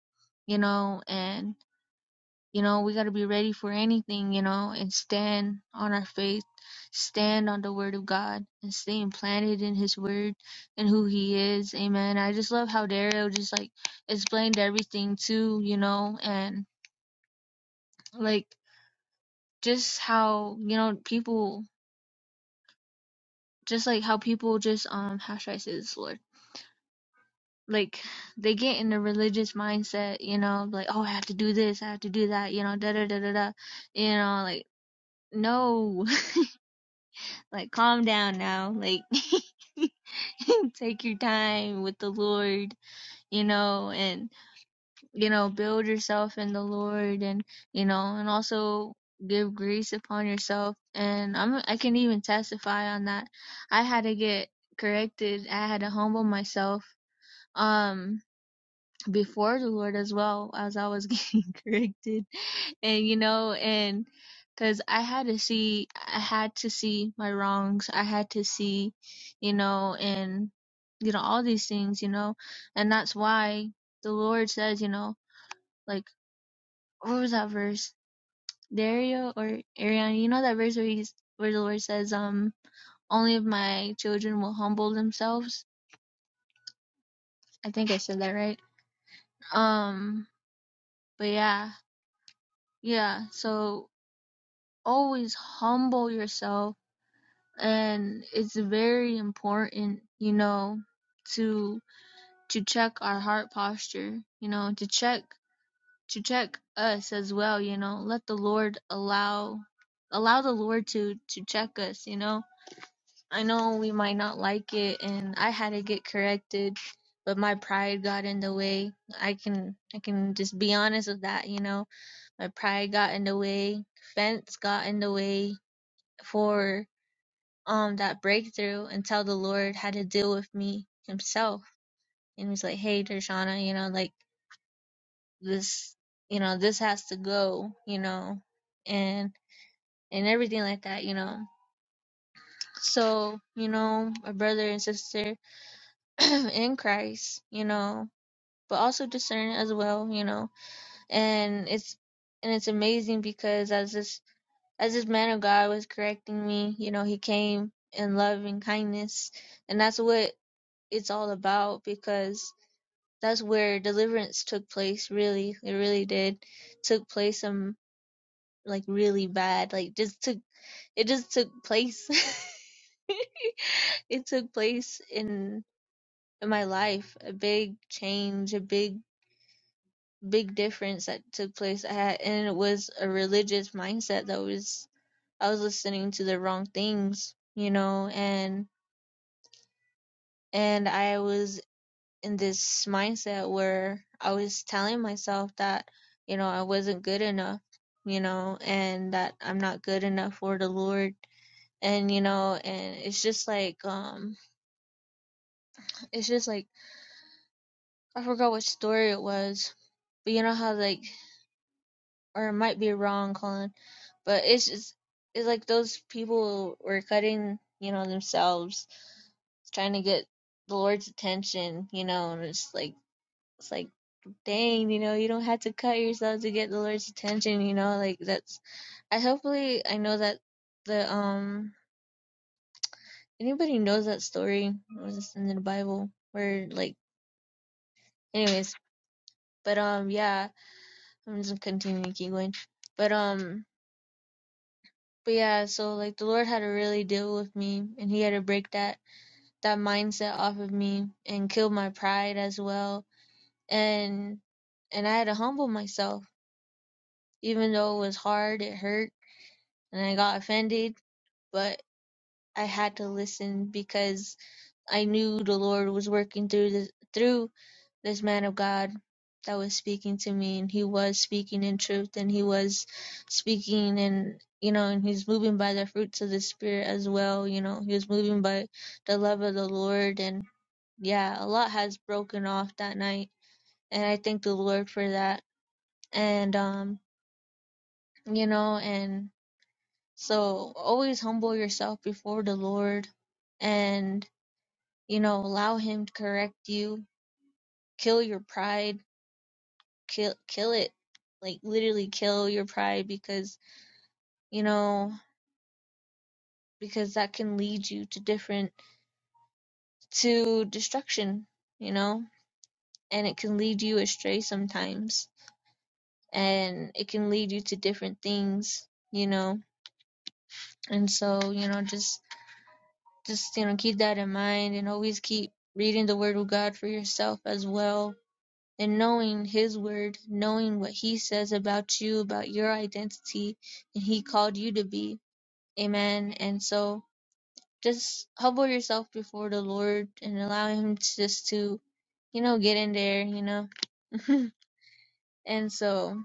Speaker 1: you know and You know, we got to be ready for anything, you know, and stand on our faith, stand on the word of God, and stay implanted in his word and who he is. Amen. I just love how Daryl just like explained everything too, you know, and like just how, you know, people, just like how people just, um, how should I say this, Lord? Like they get in a religious mindset, you know, like, oh, I have to do this, I have to do that, you know, da da da da da, you know, like, no. Like, calm down now. Like, *laughs* take your time with the Lord, you know, and, you know, build yourself in the Lord and, you know, and also give grace upon yourself. And I'm, I can even testify on that. I had to get corrected. I had to humble myself, um, before the Lord as well as I was getting *laughs* corrected and you know and because i had to see i had to see my wrongs i had to see you know and you know all these things you know and that's why the lord says you know like what was that verse dario or ariana you know that verse where he's where the lord says um only if my children will humble themselves i think i said that right um but yeah yeah so always humble yourself and it's very important you know to to check our heart posture you know to check to check us as well you know let the lord allow allow the lord to to check us you know i know we might not like it and i had to get corrected but my pride got in the way i can i can just be honest with that you know my pride got in the way fence got in the way for um that breakthrough until the Lord had to deal with me himself and he was like, Hey Dershana, you know, like this you know, this has to go, you know, and and everything like that, you know. So, you know, a brother and sister *clears throat* in Christ, you know, but also discern as well, you know. And it's and it's amazing because as this as this man of God was correcting me, you know, he came in love and kindness and that's what it's all about because that's where deliverance took place really it really did took place some like really bad like just took it just took place *laughs* it took place in, in my life a big change a big big difference that took place i had and it was a religious mindset that was i was listening to the wrong things you know and and i was in this mindset where I was telling myself that, you know, I wasn't good enough, you know, and that I'm not good enough for the Lord. And, you know, and it's just like, um, *sighs* it's just like, I forgot what story it was, but you know how, like, or it might be wrong, Colin, but it's just, it's like those people were cutting, you know, themselves, trying to get the Lord's attention, you know, and it's like, it's like, dang, you know, you don't have to cut yourself to get the Lord's attention, you know, like that's I hopefully I know that the um anybody knows that story was this in the Bible where like anyways, but um yeah, I'm just continuing to keep going. But um but yeah, so like the Lord had to really deal with me and he had to break that that mindset off of me and kill my pride as well. And and I had to humble myself even though it was hard, it hurt, and I got offended but I had to listen because I knew the Lord was working through this through this man of God that was speaking to me and he was speaking in truth and he was speaking and you know and he's moving by the fruits of the spirit as well you know he was moving by the love of the lord and yeah a lot has broken off that night and i thank the lord for that and um you know and so always humble yourself before the lord and you know, allow him to correct you, kill your pride, kill kill it. Like literally kill your pride because, you know, because that can lead you to different to destruction, you know? And it can lead you astray sometimes. And it can lead you to different things, you know. And so, you know, just just you know, keep that in mind and always keep reading the word of God for yourself as well and knowing his word, knowing what he says about you, about your identity, and he called you to be. Amen. And so just humble yourself before the Lord and allow him to just to, you know, get in there, you know. *laughs* and so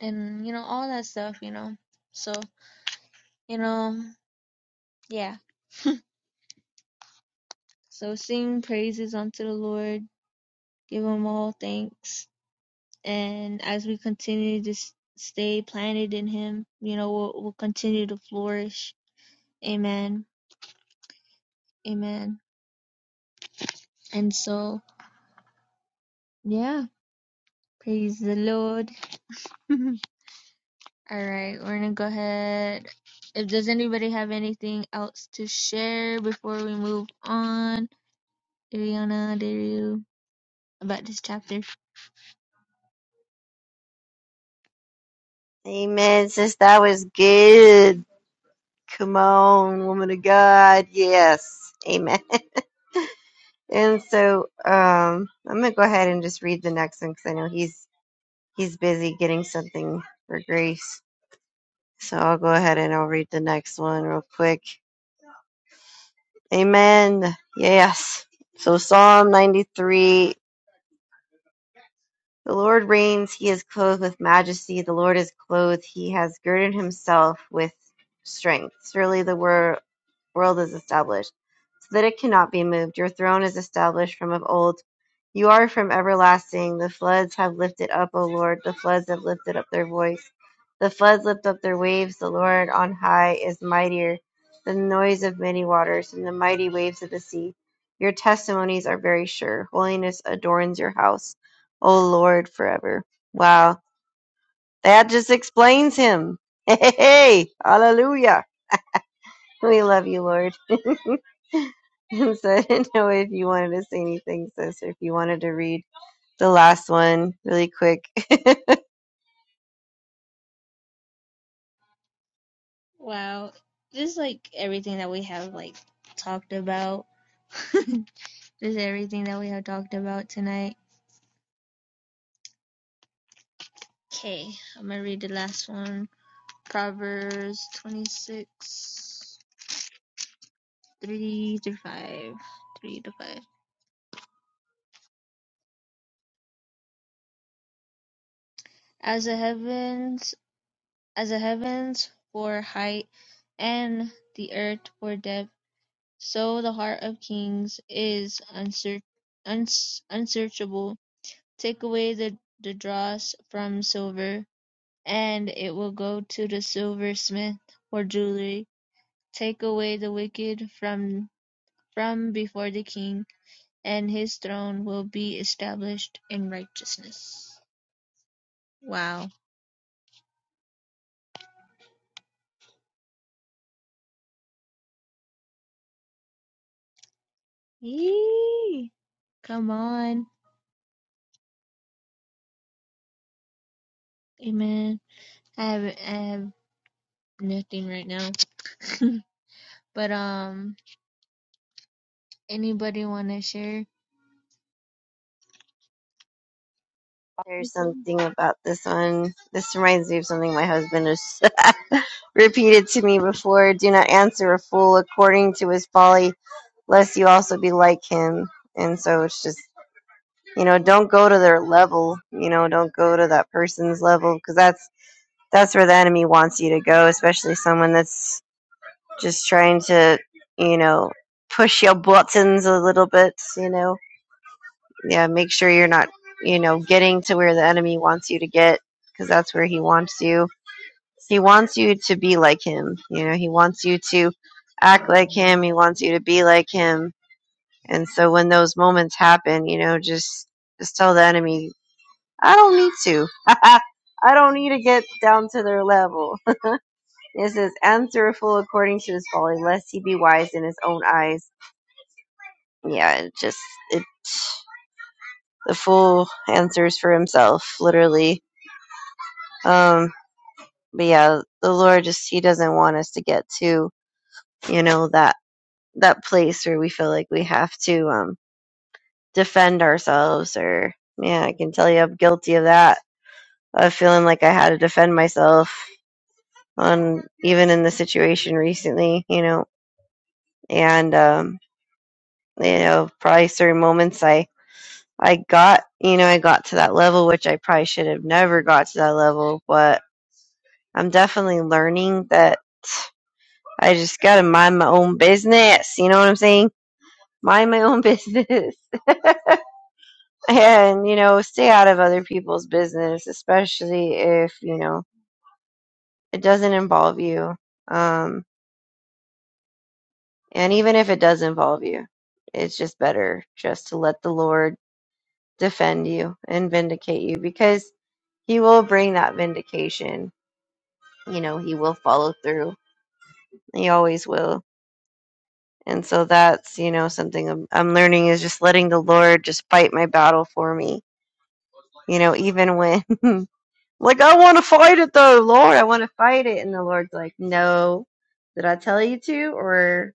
Speaker 1: and you know, all that stuff, you know. So, you know, yeah. So sing praises unto the Lord, give him all thanks and as we continue to s- stay planted in him you know we'll, we'll continue to flourish amen amen and so yeah praise the lord *laughs* all right we're gonna go ahead if does anybody have anything else to share before we move on Ariana, Daru, about this chapter
Speaker 3: amen sis that was good come on woman of god yes amen *laughs* and so um i'm gonna go ahead and just read the next one because i know he's he's busy getting something for grace So I'll go ahead and I'll read the next one real quick. Amen. Yes. So Psalm 93 The Lord reigns, he is clothed with majesty. The Lord is clothed, he has girded himself with strength. Surely the word. world is established, so that it cannot be moved. Your throne is established from of old. You are from everlasting. The floods have lifted up, O Lord. The floods have lifted up their voice. The floods lift up their waves. The Lord on high is mightier than the noise of many waters and the mighty waves of the sea. Your testimonies are very sure. Holiness adorns your house, O Lord, forever. Wow. That just explains him. *laughs* Hey, hey, hey. hallelujah. We love you, Lord. *laughs* and so I didn't know if you wanted to say anything, sis, or if you wanted to read the last one really quick. *laughs*
Speaker 1: wow just like everything that we have like talked about *laughs* just everything that we have talked about tonight Okay, I'm gonna read the last one. Proverbs 26, 3 to 5. 3 to 5. As the heavens, as the heavens for height, and the earth for depth, so the heart of kings is unsearch, uns, unsearchable. Take away the, the dross from silver, and it will go to the silversmith for jewelry. Take away the wicked from from before the king, and his throne will be established in righteousness. Wow. Yee. Come on. Amen. I have I have nothing right now. *laughs* but um anybody wanna share? *laughs*
Speaker 3: There's something about this one. This reminds me of something my husband has *laughs* repeated to me before. Do not answer a fool according to his folly, lest you also be like him. And so it's just, you know, don't go to their level. You know, don't go to that person's level because that's that's where the enemy wants you to go, especially someone that's Just trying to, you know, push your buttons a little bit, you know. Yeah, make sure you're not, you know, getting to where the enemy wants you to get because that's where he wants you. He wants you to be like him. You know, he wants you to act like him. He wants you to be like him. And so when those moments happen, you know, just just tell the enemy, I don't need to. *laughs* I don't need to get down to their level. *laughs* It says, and through according to his folly, lest he be wise in his own eyes. yeah, it just it the fool answers for himself, literally. Um, but yeah, the Lord just he doesn't want us to get to you know that that place where we feel like we have to um defend ourselves or yeah, I can tell you I'm guilty of that of feeling like I had to defend myself on even in the situation recently, you know, and um you know probably certain moments I. I got, you know, I got to that level, which I probably should have never got to that level, but I'm definitely learning that I just gotta mind my own business. You know what I'm saying? Mind my own *laughs* business. And, you know, stay out of other people's business, especially if, you know, it doesn't involve you. Um, and even if it does involve you, it's just better just to let the Lord defend you and vindicate you because he will bring that vindication you know, he will follow through. He always will. And so that's, you know, something I'm, I'm learning is just letting the Lord just fight my battle for me. You know, even when, *laughs* like, I want to fight it though, Lord, I want to fight it. And the Lord's like, no, did I tell you to? Or,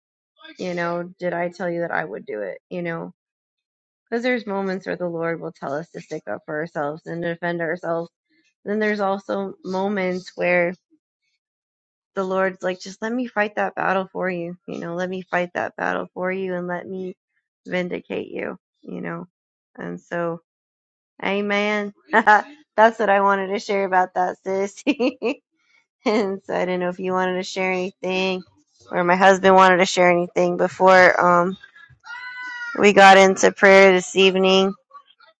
Speaker 3: you know, did I tell you that I would do it? You know, because there's moments where the Lord will tell us to stick up for ourselves and defend ourselves. Then there's also moments where the Lord's like, just let me fight that battle for you. You know, let me fight that battle for you and let me vindicate you, you know. And so, amen. *laughs* That's what I wanted to share about that, sis. *laughs* and so I didn't know if you wanted to share anything or my husband wanted to share anything before um, we got into prayer this evening.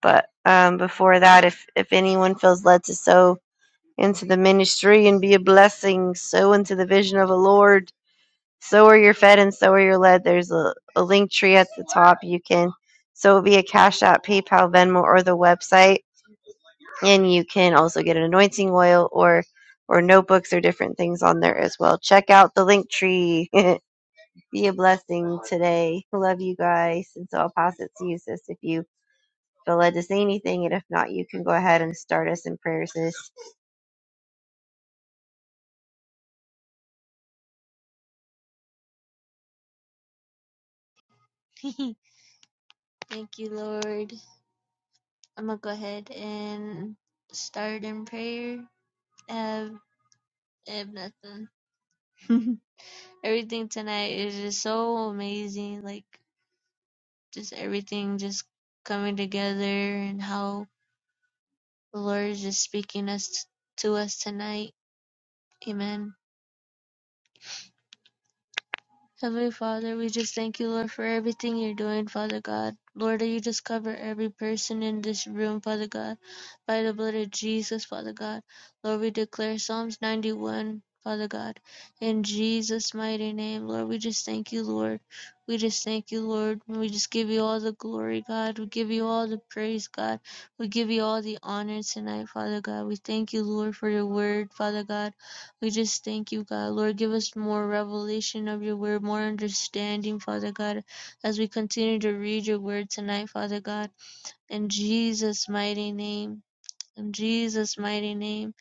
Speaker 3: But um, before that, if, if anyone feels led to sow into the ministry and be a blessing, sow into the vision of the Lord so are your fed and so are your led. There's a, a link tree at the top. You can so it'll be a Cash App, PayPal, Venmo, or the website, and you can also get an anointing oil or or notebooks or different things on there as well. Check out the link tree. *laughs* be a blessing today. Love you guys, and so I'll pass it to you, sis, if you feel led to say anything, and if not, you can go ahead and start us in prayer, sis.
Speaker 1: Thank you, Lord. I'm gonna go ahead and start in prayer. I have, I have nothing. *laughs* everything tonight is just so amazing. Like just everything just coming together and how The Lord is just speaking us to us tonight. Amen. Heavenly Father, we just thank you, Lord, for everything you're doing, Father God. Lord, that you just cover every person in this room, Father God, by the blood of Jesus, Father God. Lord, we declare Psalms 91, Father God, in Jesus' mighty name. Lord, we just thank you, Lord. We just thank you, Lord. We just give you all the glory, God. We give you all the praise, God. We give you all the honor tonight, Father God. We thank you, Lord, for your word, Father God. We just thank you, God. Lord, give us more revelation of your word, more understanding, Father God, as we continue to read your word tonight, Father God. In Jesus' mighty name. In Jesus' mighty name.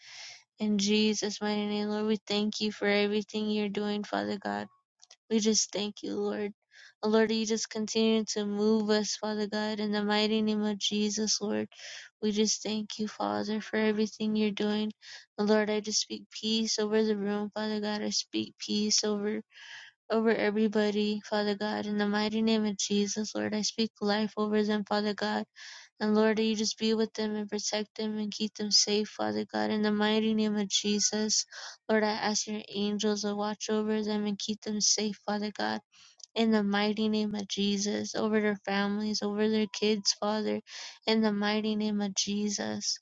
Speaker 1: In Jesus' mighty name. Lord, we thank you for everything you're doing, Father God. We just thank you, Lord. Oh, Lord, you just continue to move us, Father God, in the mighty name of Jesus, Lord. We just thank you, Father, for everything you're doing. Oh, Lord, I just speak peace over the room, Father God. I speak peace over over everybody, Father God, in the mighty name of Jesus, Lord. I speak life over them, Father God. And Lord, you just be with them and protect them and keep them safe, Father God, in the mighty name of Jesus. Lord, I ask your angels to watch over them and keep them safe, Father God in the mighty name of Jesus, over their families, over their kids, Father, in the mighty name of Jesus.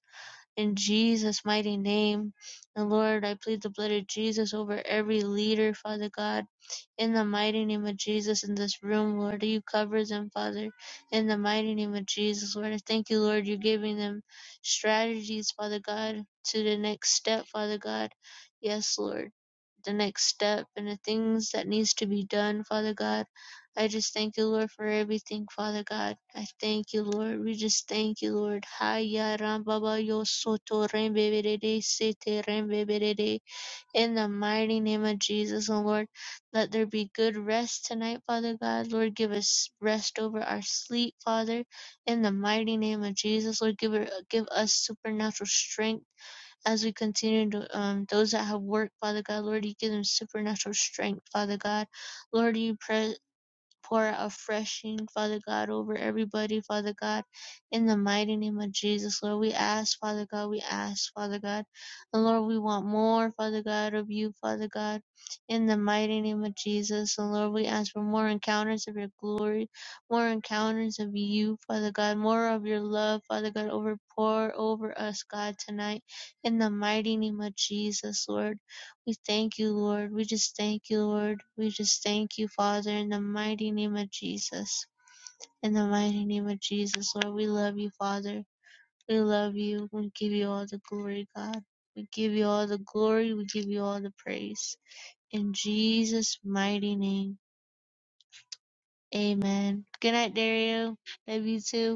Speaker 1: In Jesus' mighty name. And Lord, I plead the blood of Jesus over every leader, Father God. In the mighty name of Jesus in this room, Lord, you cover them, Father. In the mighty name of Jesus, Lord, I thank you, Lord, you're giving them strategies, Father God, to the next step, Father God. Yes, Lord the next step and the things that needs to be done, Father God. I just thank you, Lord, for everything, Father God. I thank you, Lord. We just thank you, Lord. Haya rambaba yo soto rembebede sete rembebede. In the mighty name of Jesus, oh Lord, let there be good rest tonight, Father God. Lord, give us rest over our sleep, Father. In the mighty name of Jesus, Lord, give, her, give us supernatural strength as we continue to um, those that have worked, Father God. Lord, you give them supernatural strength, Father God. Lord, you pray pour a freshing, Father God, over everybody, Father God, in the mighty name of Jesus, Lord. We ask, Father God, we ask, Father God. And Lord, we want more, Father God, of you, Father God, in the mighty name of Jesus. And Lord, we ask for more encounters of your glory, more encounters of you, Father God, more of your love, Father God, over pour over us, God, tonight, in the mighty name of Jesus, Lord. We thank you, Lord. We just thank you, Lord. We just thank you, Father, in the mighty name of Jesus. In the mighty name of Jesus, Lord, we love you, Father. We love you. We give you all the glory, God. We give you all the glory. We give you all the praise. In Jesus' mighty name, amen. Good night, Dario. Love you too.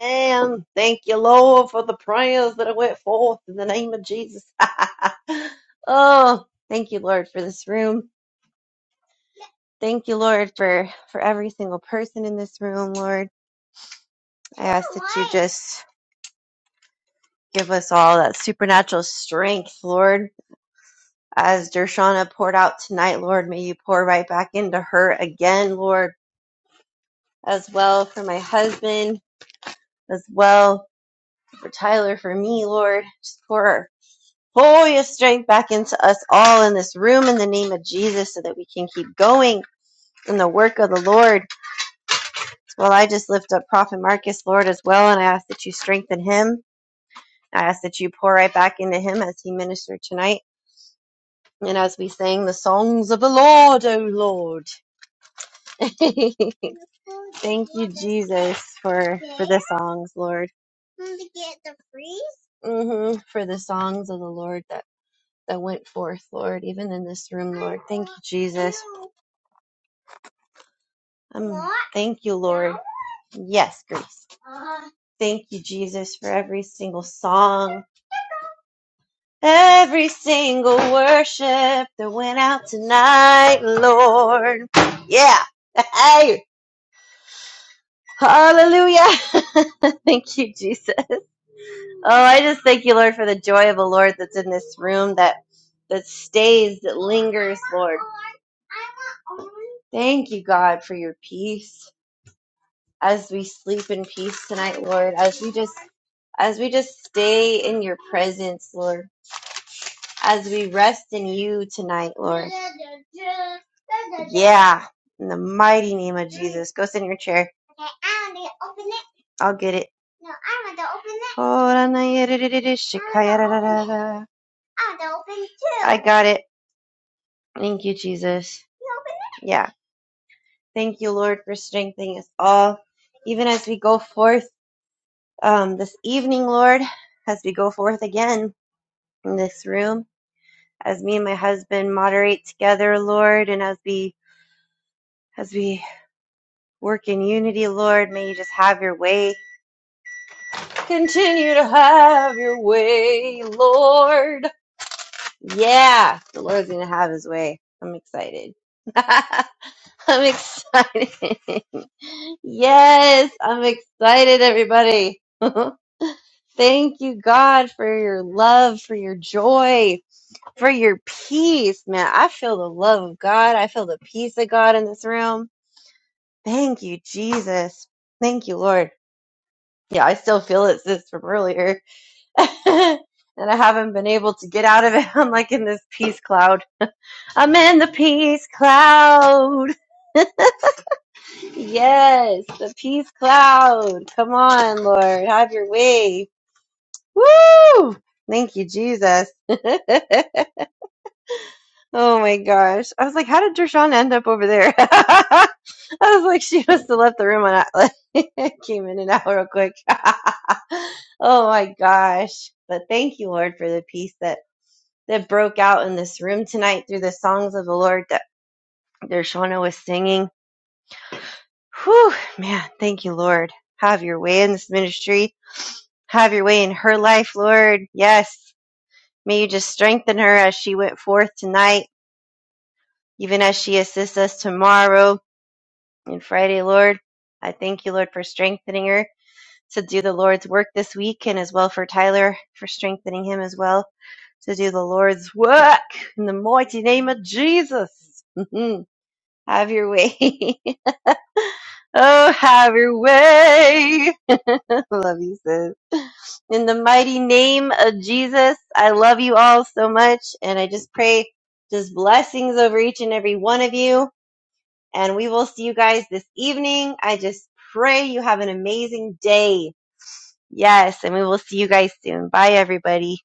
Speaker 3: And thank you, Lord, for the prayers that I went forth in the name of Jesus. *laughs* oh, thank you, Lord, for this room. Thank you, Lord, for, for every single person in this room, Lord. I ask that you just give us all that supernatural strength, Lord. As Dershana poured out tonight, Lord, may you pour right back into her again, Lord, as well for my husband, as well for Tyler, for me, Lord. Just pour Pour your strength back into us all in this room in the name of Jesus so that we can keep going in the work of the Lord. Well, I just lift up Prophet Marcus, Lord, as well, and I ask that you strengthen him. I ask that you pour right back into him as he ministered tonight. And as we sang the songs of the Lord, Oh, Lord. *laughs* Thank you, Jesus, for, for the songs, Lord. hmm For the songs of the Lord that, that went forth, Lord, even in this room, Lord. Thank you, Jesus. Um, thank you, Lord. Yes, Grace. Thank you, Jesus, for every single song, every single worship that went out tonight, Lord. Yeah. Hey. Hallelujah. *laughs* thank you, Jesus. Oh, I just thank you, Lord, for the joy of the Lord that's in this room that that stays, that lingers, Lord. Thank you, God, for your peace. as we sleep in peace tonight, Lord, as we just as we just stay in your presence, Lord, as we rest in you tonight, Lord. Yeah, in the mighty name of Jesus. Go sit in your chair. I'll get it. I got it. Thank you, Jesus. Yeah. Thank you, Lord, for strengthening us all. Even as we go forth um, this evening, Lord, as we go forth again in this room, as me and my husband moderate together, Lord, and as we as we work in unity, Lord, may you just have your way. Continue to have your way, Lord. Yeah, the Lord's gonna have his way. I'm excited. *laughs* I'm excited. *laughs* yes, I'm excited, everybody. *laughs* Thank you, God, for your love, for your joy. for your peace, man. I feel the love of God. I feel the peace of God in this room. Thank you, Jesus. Thank you, Lord. Yeah, I still feel it, sis, from earlier. *laughs* and I haven't been able to get out of it. *laughs* I'm like in this peace cloud. I'm in the peace cloud. *laughs* yes, the peace cloud. Come on, Lord. Have your way. Woo! Thank you, Jesus. *laughs* Oh my gosh. I was like, how did Dershawn end up over there? *laughs* I was like, she must have left the room on Atlas. *laughs* Came in and out real quick. *laughs* oh my gosh. But thank you, Lord, for the peace that, that broke out in this room tonight through the songs of the Lord that Dershana was singing. Whew, man, thank you, Lord. Have your way in this ministry. Have your way in her life, Lord. Yes. May you just strengthen her as she went forth tonight, even as she assists us tomorrow. And Friday, Lord, I thank you, Lord, for strengthening her to do the Lord's work this week, and as well for Tyler for strengthening him as well to do the Lord's work in the mighty name of Jesus. *laughs* have your way. *laughs* oh, have your way. *laughs* love you, sis. In the mighty name of Jesus, I love you all so much, and I just pray just blessings over each and every one of you and we will see you guys this evening. I just pray you have an amazing day. Yes. And we will see you guys soon. Bye, everybody.